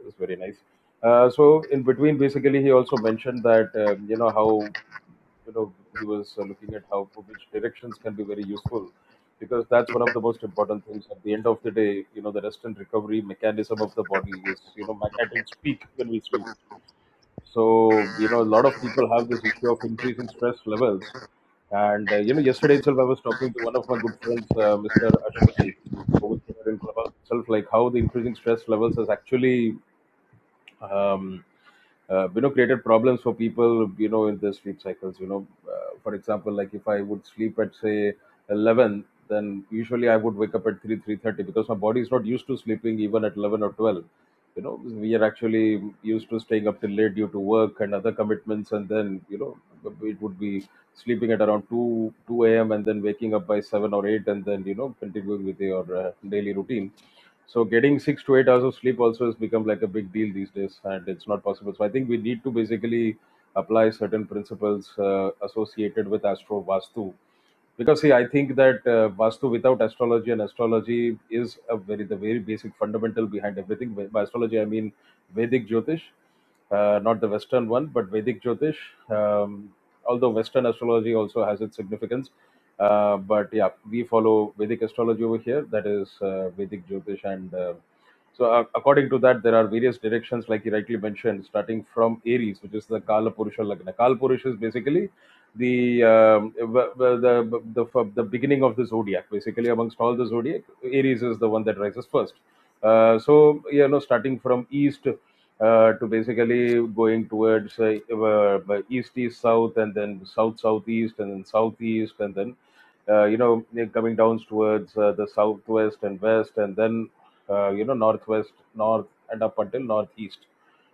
S15: it was very nice. Uh, so in between, basically, he also mentioned that um, you know how you know he was uh, looking at how which directions can be very useful because that's one of the most important things. At the end of the day, you know the rest and recovery mechanism of the body is you know ma- at its peak when we sleep. So you know a lot of people have this issue of increasing stress levels, and uh, you know yesterday itself I was talking to one of my good friends, uh, Mr. Ashwini, over here in Clubhouse itself, like how the increasing stress levels has actually. um, uh, you know created problems for people you know in their sleep cycles you know uh, for example like if i would sleep at say 11 then usually i would wake up at 3 3:30 because my body is not used to sleeping even at 11 or 12 you know we are actually used to staying up till late due to work and other commitments and then you know it would be sleeping at around 2 2 a.m and then waking up by 7 or 8 and then you know continuing with your uh, daily routine so getting six to eight hours of sleep also has become like a big deal these days, and it's not possible. So I think we need to basically apply certain principles uh, associated with astro vastu because see i think that uh, vastu without astrology and astrology is a very the very basic fundamental behind everything by by astrology i mean vedic jyotish uh, not the western one but vedic jyotish um, although western astrology also has its significance uh, but yeah we follow vedic astrology over here that is uh, vedic jyotish and uh, so uh, according to that there are various directions like you rightly mentioned starting from aries which is the kala purusha lagna kala purusha is basically the um, w- the the the beginning of the zodiac. Basically, amongst all the zodiac, Aries is the one that rises first. Uh, so you know, starting from east uh, to basically going towards uh, uh, east east south, and then south southeast, and then southeast, and then uh, you know coming down towards uh, the southwest and west, and then uh, you know, northwest, north, and up until northeast,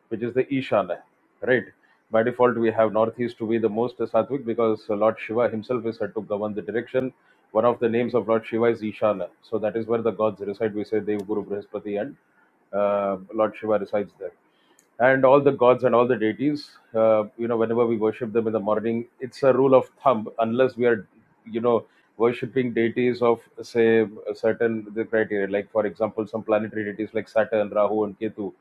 S15: which is the Ishana, right? By default, we have northeast to be the most sattvic because Lord Shiva himself is said to govern the direction. One of the names of Lord Shiva is Ishana, so that is where the gods reside. We say Dev, Guru, Brihaspati, and uh, Lord Shiva resides there and all the gods and all the deities uh, you know whenever we worship them in the morning it's a rule of thumb unless we are you know worshipping deities of say a certain the criteria like for example some planetary deities like saturn rahu and ketu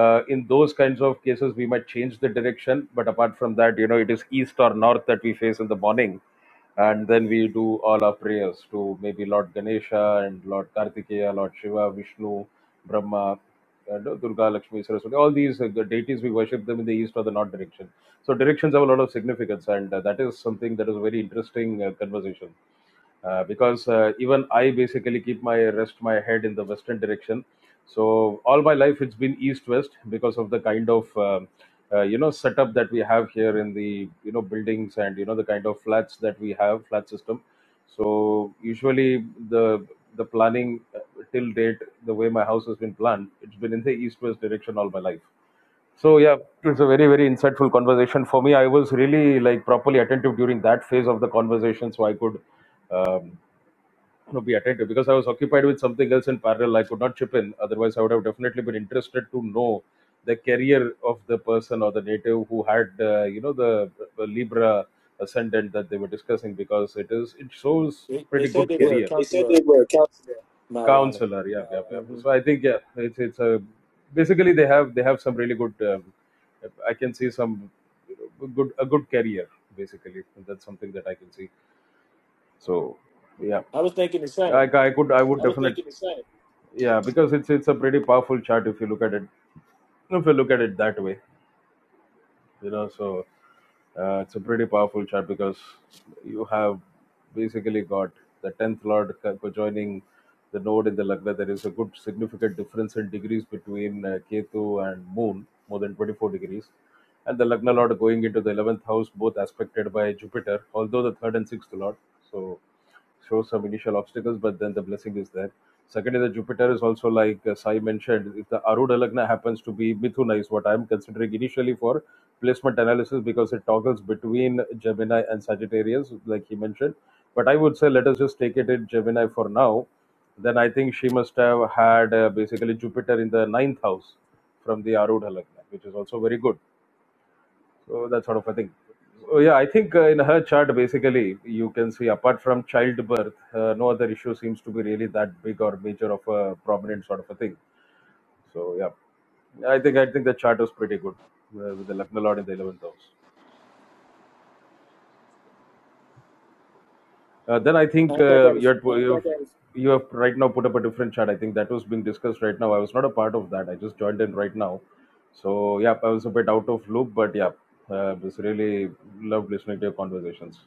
S15: uh, in those kinds of cases we might change the direction but apart from that you know it is east or north that we face in the morning and then we do all our prayers to maybe lord ganesha and lord kartikeya lord shiva vishnu brahma uh, Durga, Lakshmi, Saraswati, all these uh, deities, we worship them in the east or the north direction. So directions have a lot of significance, and uh, that is something that is a very interesting uh, conversation uh, because uh, even I basically keep my rest my head in the western direction. So all my life it's been east-west because of the kind of um uh, you know setup that we have here in the you know buildings and you know the kind of flats that we have flat system. So usually the the planning uh, till date the way my house has been planned it's been in the east-west direction all my life. So yeah, it was a very very insightful conversation for me. I was really like properly attentive during that phase of the conversation, so I could. um, you know, be attentive because I was occupied with something else in parallel. I could not chip in. Otherwise, I would have definitely been interested to know the career of the person or the native who had, uh, you know, the, the Libra ascendant that they were discussing because it is it shows
S1: They, they
S15: pretty
S1: said
S15: good
S1: they were a
S15: career.
S1: counselor, Maulana.
S15: Counselor, yeah, yeah, yeah.
S1: hmm
S15: So I think yeah, it's it's a basically they have they have some really good. Um, I can see some you know, good a good career basically. That's something that I can see. So. yeah.
S1: I was thinking the
S15: I,
S1: same.
S15: I could I would definitely yeah because it's it's a pretty powerful chart if you look at it if you look at it that way you know so uh, it's a pretty powerful chart because you have basically got the 10th lord co- joining the node in the lagna there is a good significant difference in degrees between uh, ketu and moon more than 24 degrees and the lagna lord going into the 11th house both aspected by jupiter although the third and sixth lord so shows some initial obstacles, but then the blessing is there. Second is that Jupiter is also like uh, Sai mentioned, if the Arudha Lagna happens to be Mithuna, is what I'm considering initially for placement analysis because it toggles between Gemini and Sagittarius, like he mentioned. But I would say let us just take it in Gemini for now. Then I think she must have had uh, basically Jupiter in the ninth house from the Arudha Lagna, which is also very good so that sort of a thing. Oh yeah, I think uh, in her chart, basically, you can see apart from childbirth, uh, no other issue seems to be really that big or major of a prominent sort of a thing. So yeah, I think I think the chart was pretty good uh, with the Lucknow Lord in the eleventh house. Uh, then I
S1: I
S15: think
S1: thought that
S15: uh,
S1: was
S15: you had you have, you have right now put up a different chart. I think that was being discussed right now. I was not a part of that. I just joined in right now. So yeah, I was a bit out of loop, but yeah, uh, just really loved listening to your conversations.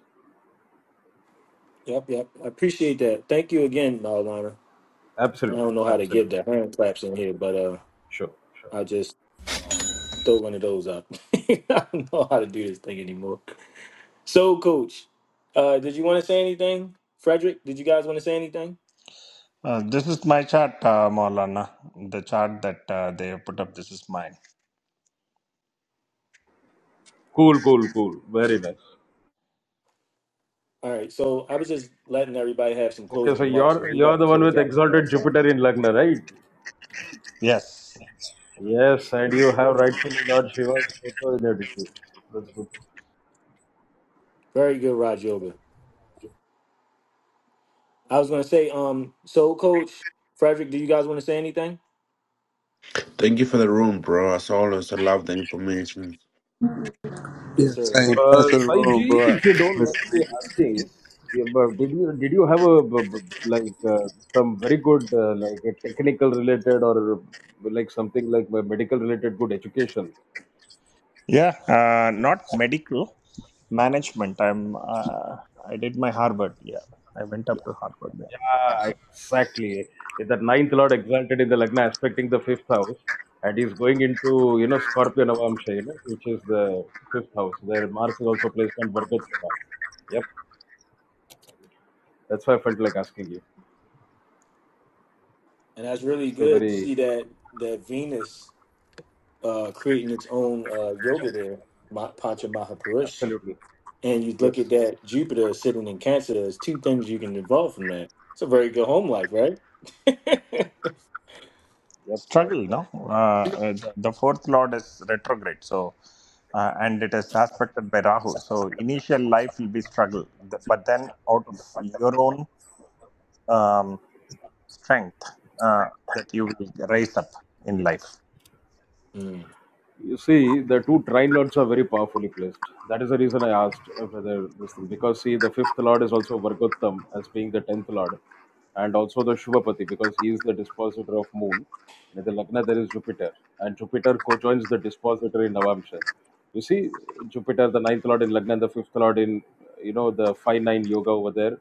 S1: Yep, yep. I appreciate that. Thank you again, uh, I
S15: Absolutely,
S1: don't know how to
S15: absolutely.
S1: get the hand claps in here, but uh,
S15: Sure, sure.
S1: I'll just throw one of those up. I don't know how to do this thing anymore. So, Coach, uh, did you want to say anything? Frederick, did you guys want to say anything?
S14: Uh, this is my chart, uh, Maulana. The chart that uh, they put up. This is mine.
S15: Cool, cool, cool. Very nice.
S1: All right. So I was just letting everybody have some
S15: Okay,
S1: closing
S15: so
S1: remarks because
S15: you're
S1: we're
S15: you're
S1: about to
S15: the one
S1: close
S15: with
S1: out. Uh,
S15: exalted
S1: so.
S15: Jupiter in Lagna, right?
S14: Yes.
S15: Yes, and you have rightfully Lord Shiva's photo in your degree. That's good.
S1: Very good, Raj Yoga. I was going to say, um, so, Coach Frederick, do you guys want to say anything?
S8: Thank you for the room, bro. As always, I love the information.
S1: Yes,
S16: Yes,
S1: sir.
S16: I ain't
S15: Uh,
S16: passing the
S15: Sai
S16: room,
S15: Ji,
S16: bro.
S15: if you
S16: I'm
S15: don't mind me
S16: listening.
S15: asking, you- but did you did you have a b- b- like uh, some very good uh, like a technical related or like something like medical related good education?
S14: Yeah. Uh, not medical management. I'm. Uh, I did my Harvard. Yeah. I went up to Harvard. Yeah.
S15: Yeah, exactly. With that ninth lord exalted in the Lagna, aspecting the fifth house, and he's going into, you know, Scorpio Navamsha, you know, which is the fifth house, where Mars is also placed on Vargotra. Yep, that's why I felt like asking you.
S1: And that's really
S15: So
S1: good to
S15: very,
S1: see that that Venus uh, creating its own uh, yoga there, Ma- Panchamahapurush.
S15: absolutely.
S1: And you look at
S15: Yes.
S1: that Jupiter sitting in Cancer, there's two things you can evolve from that. It's a very good home life, right?
S15: Yep. yep, yep,
S14: Struggle. No.
S15: yep.
S14: Uh, uh, the, the fourth lord is retrograde. So. Uh, and it is aspected by Rahu. So initial life will be struggle, Th- but then out of your own um, strength uh, that you will rise up in life.
S1: Mm.
S15: You see, the two trine lords are very powerfully placed. That is the reason I asked uh, whether this thing, because see, the fifth lord is also Vargottam as being the tenth lord, and also the Shubhapati because he is the dispositor of moon. in the Lagna, there is Jupiter, and Jupiter co-joins the dispositor in Navamsha. You see, Jupiter, the ninth lord in Lagna, and the fifth lord in, you know, the five nine yoga over there,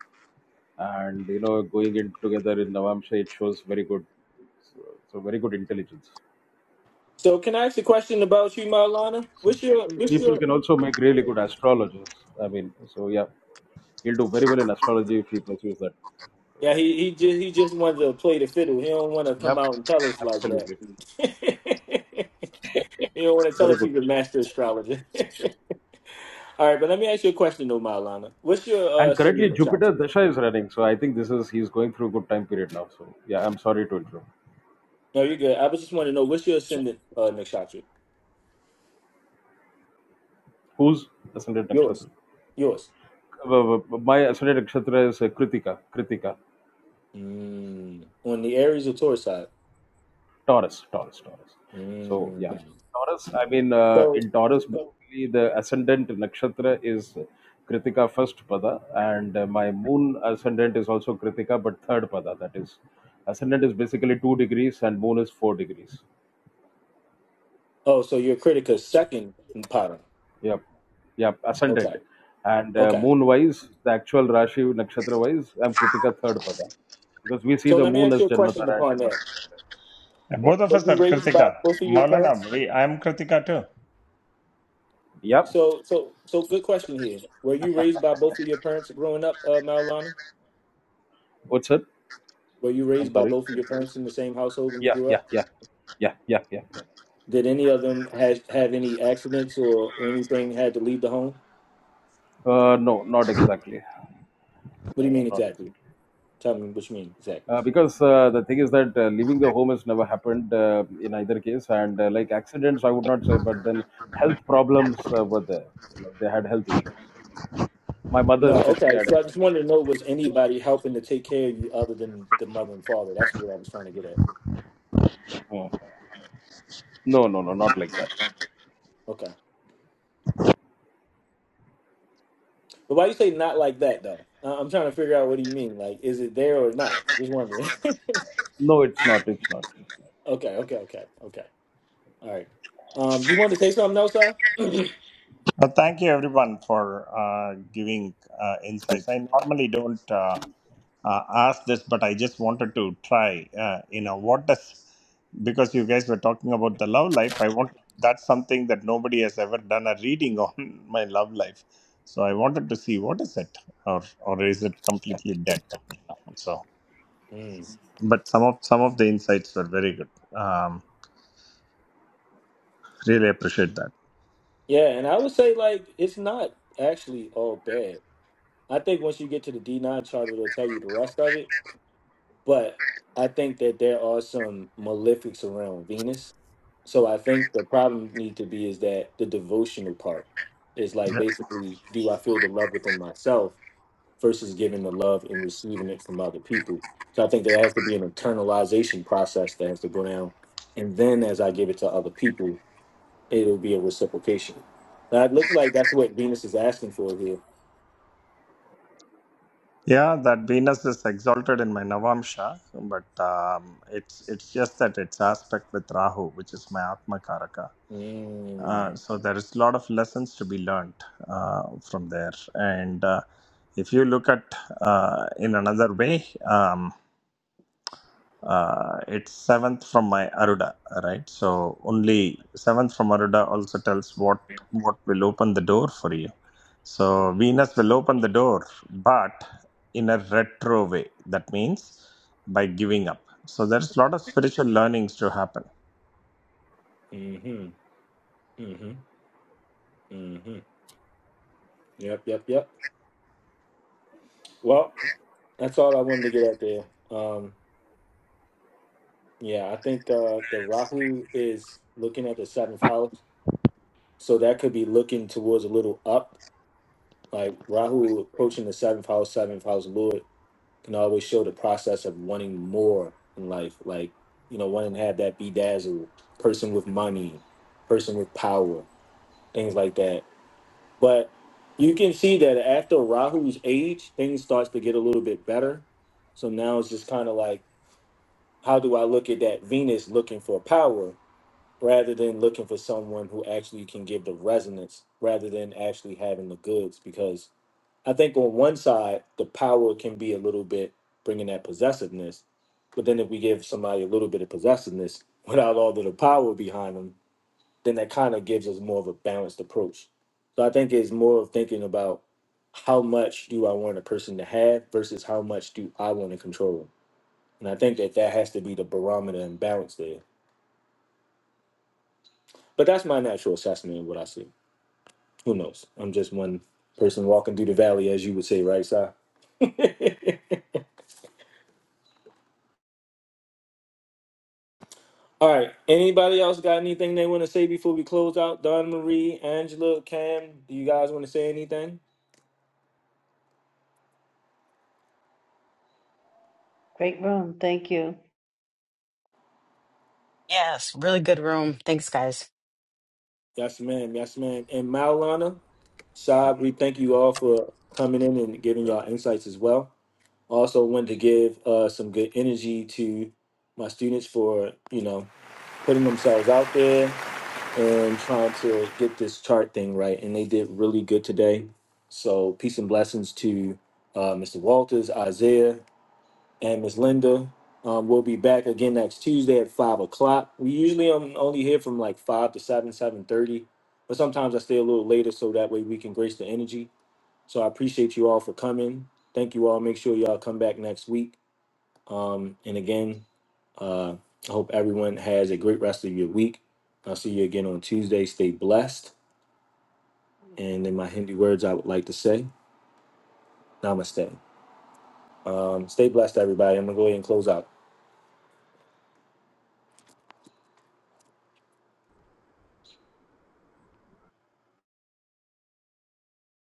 S15: and you know, going in together in Navamsha, it shows very good, so, so very good intelligence.
S1: So can I ask a question about you, Marlana?
S15: So
S1: What's your what's
S15: people
S1: your
S15: can also make really good astrologers. I mean, so yeah, he'll do very well in astrology if he pursues that.
S1: Yeah, he he just he just wanted to play the fiddle. He don't want to
S15: Yeah,
S1: come
S15: Yep,
S1: out and tell us like that.
S15: absolutely,
S1: he don't want to tell
S15: very
S1: us
S15: good.
S1: he's a master astrologer. All right, but let me ask you a question though, Marlana. What's your uh
S15: And
S1: ascendant
S15: currently Jupiter
S1: Machata?
S15: Dasha is running, so I think this is he's going through a good time period now. So yeah, I'm sorry to interrupt.
S1: No, you're good. I was just wanting to know what's your ascendant, uh, Nakshatra?
S15: Who's ascendant
S1: Yours.
S15: nakshatra?
S1: Yours.
S15: Uh, uh, uh, My ascendant nakshatra is uh, Kritika. Kritika.
S1: Mm. On the Aries or Taurus side.
S15: Taurus, Taurus, Taurus. So yeah,
S1: Mm.
S15: Taurus. I mean, uh,
S1: So,
S15: in Taurus, basically the ascendant nakshatra is Kritika first pada, and uh, my moon ascendant is also Kritika, but third pada. That is, ascendant is basically two degrees, and moon is four degrees.
S1: oh, so your Critica's second pattern.
S15: Yep, yep,
S1: Okay.
S15: ascendant. And uh,
S1: Okay.
S15: moon wise, the actual Rashi nakshatra wise, I'm Kritika third pada, because we see
S1: So
S15: the
S1: let me
S15: moon
S1: ask
S15: as
S1: you a question
S15: Janmatara and
S1: upon
S15: Janma
S1: that.
S15: nakshatra. Yep,
S14: Both of
S1: Were
S14: us
S1: you
S14: are
S1: raised by
S14: Kritika.
S1: both of your parents?
S14: Maulana, we, I'm Kritika too.
S15: yep.
S1: So, so, so good question here. Were you raised by both of your parents growing up, uh, Marilana?
S15: What's it?
S1: Were you
S15: I'm
S1: raised by
S15: sorry.
S1: both of your parents in the same household when you
S15: Yeah,
S1: grew
S15: yeah,
S1: up?
S15: yeah, yeah, yeah, yeah, yeah.
S1: Did any of them has, have any accidents or, or anything had to leave the home?
S15: Uh, no, not exactly.
S1: What do you
S15: Uh,
S1: mean
S15: not
S1: exactly?
S15: exactly.
S1: Tell me what you mean exactly.
S15: Uh, because uh, the thing is that uh, leaving the home has never happened uh, in either case, and uh, like accidents, I would not say, but then health problems uh, were there. Like they had health issues. My mother
S1: No,
S15: especially
S1: okay.
S15: had.
S1: So I just wanted to know was anybody helping to take care of you other than the mother and father? That's what I was trying to get at.
S15: Uh, no, no, no, not like that.
S1: Okay. But why you say not like that though? I- I'm trying to figure out what do you mean. Like, is it there or not? Just wondering.
S15: No, it's not. It's not. It's not.
S1: okay, okay, okay, okay. All right. Um, do you want to say something else, sir?
S14: Well, thank you everyone for uh, giving uh, insights. I normally don't uh, uh, ask this, but I just wanted to try. Uh, you know, what does because you guys were talking about the love life. I want that's something that nobody has ever done a reading on my love life. So I wanted to see what is it, or or is it completely dead now? So.
S1: Mm.
S14: but some of some of the insights were very good. Um, really appreciate that.
S1: Yeah, and I would say like it's not actually all bad. I think once you get to the D nine chart, it'll tell you the rest of it. But I think that there are some malefics around Venus. So I think the problem need to be is that the devotional part is like
S14: Yeah,
S1: basically, do I feel the love within myself versus giving the love and receiving it from other people. So I think there has to be an internalization process that has to go down, and then as I give it to other people, it'll be a reciprocation. That looks like that's what Venus is asking for here.
S14: yeah, that Venus is exalted in my Navamsha, but um, it's it's just that it's aspect with Rahu, which is my Atma Karaka.
S1: Mm,
S14: Uh, so there is a lot of lessons to be learned uh, from there, and uh, if you look at uh, in another way. Um, uh, it's seventh from my aruda right so only seventh from aruda also tells what what will open the door for you so venus will open the door but in a retro way that means by giving up so there's a lot of spiritual learnings to happen
S1: hmm Mm-hmm. Mm-hmm. Yep, yep, yep. Well, that's all I wanted to get out there. Um, yeah, I think uh, the Rahu is looking at the seventh house, so that could be looking towards a little up. Like Rahu approaching the seventh house, seventh house Lord can always show the process of wanting more in life. Like you know, wanting to have that bedazzle person with money, person with power, things like that. But you can see that after Rahu's age, things starts to get a little bit better. So now it's just kind of like, how do I look at that Venus looking for power rather than looking for someone who actually can give the resonance rather than actually having the goods? Because I think on one side, the power can be a little bit bringing that possessiveness. But then if we give somebody a little bit of possessiveness without all of the power behind them, then that kind of gives us more of a balanced approach. So I think it's more of thinking about how much do I want a person to have versus how much do I want to control. them. And I think that that has to be the barometer and balance there. But that's my natural assessment of what I see. Who knows? I'm just one person walking through the valley, as you would say, right, Si? All right. Anybody else got anything they want to say before we close out? Don Marie, Angela, Cam, do you guys want to say anything?
S2: Great room. Thank you.
S3: Yes, really good room. Thanks, guys.
S1: Yes, ma'am. Yes, ma'am. And Maulana,
S15: Sure.
S1: Saab, we thank you all for coming in and giving
S15: Yeah.
S1: y'all insights as well. Also, wanted to give uh, some good energy to my students for you know putting themselves out there and trying to get this chart thing right, and they did really good today. So, peace and blessings to uh, Mr. Walters, Isaiah, and Miss Linda. Um, we'll be back again next Tuesday at five o'clock. We usually um, only here from like five to seven, seven thirty, but sometimes I stay a little later so that way we can grace the energy. So I appreciate you all for coming. Thank you all. Make sure y'all come back next week. Um, and again, uh, I hope everyone has a great rest of your week. I'll see you again on Tuesday. Stay blessed. And in my Hindi words, I would like to say, Namaste. Um, stay blessed, everybody. I'm going to go ahead and close out.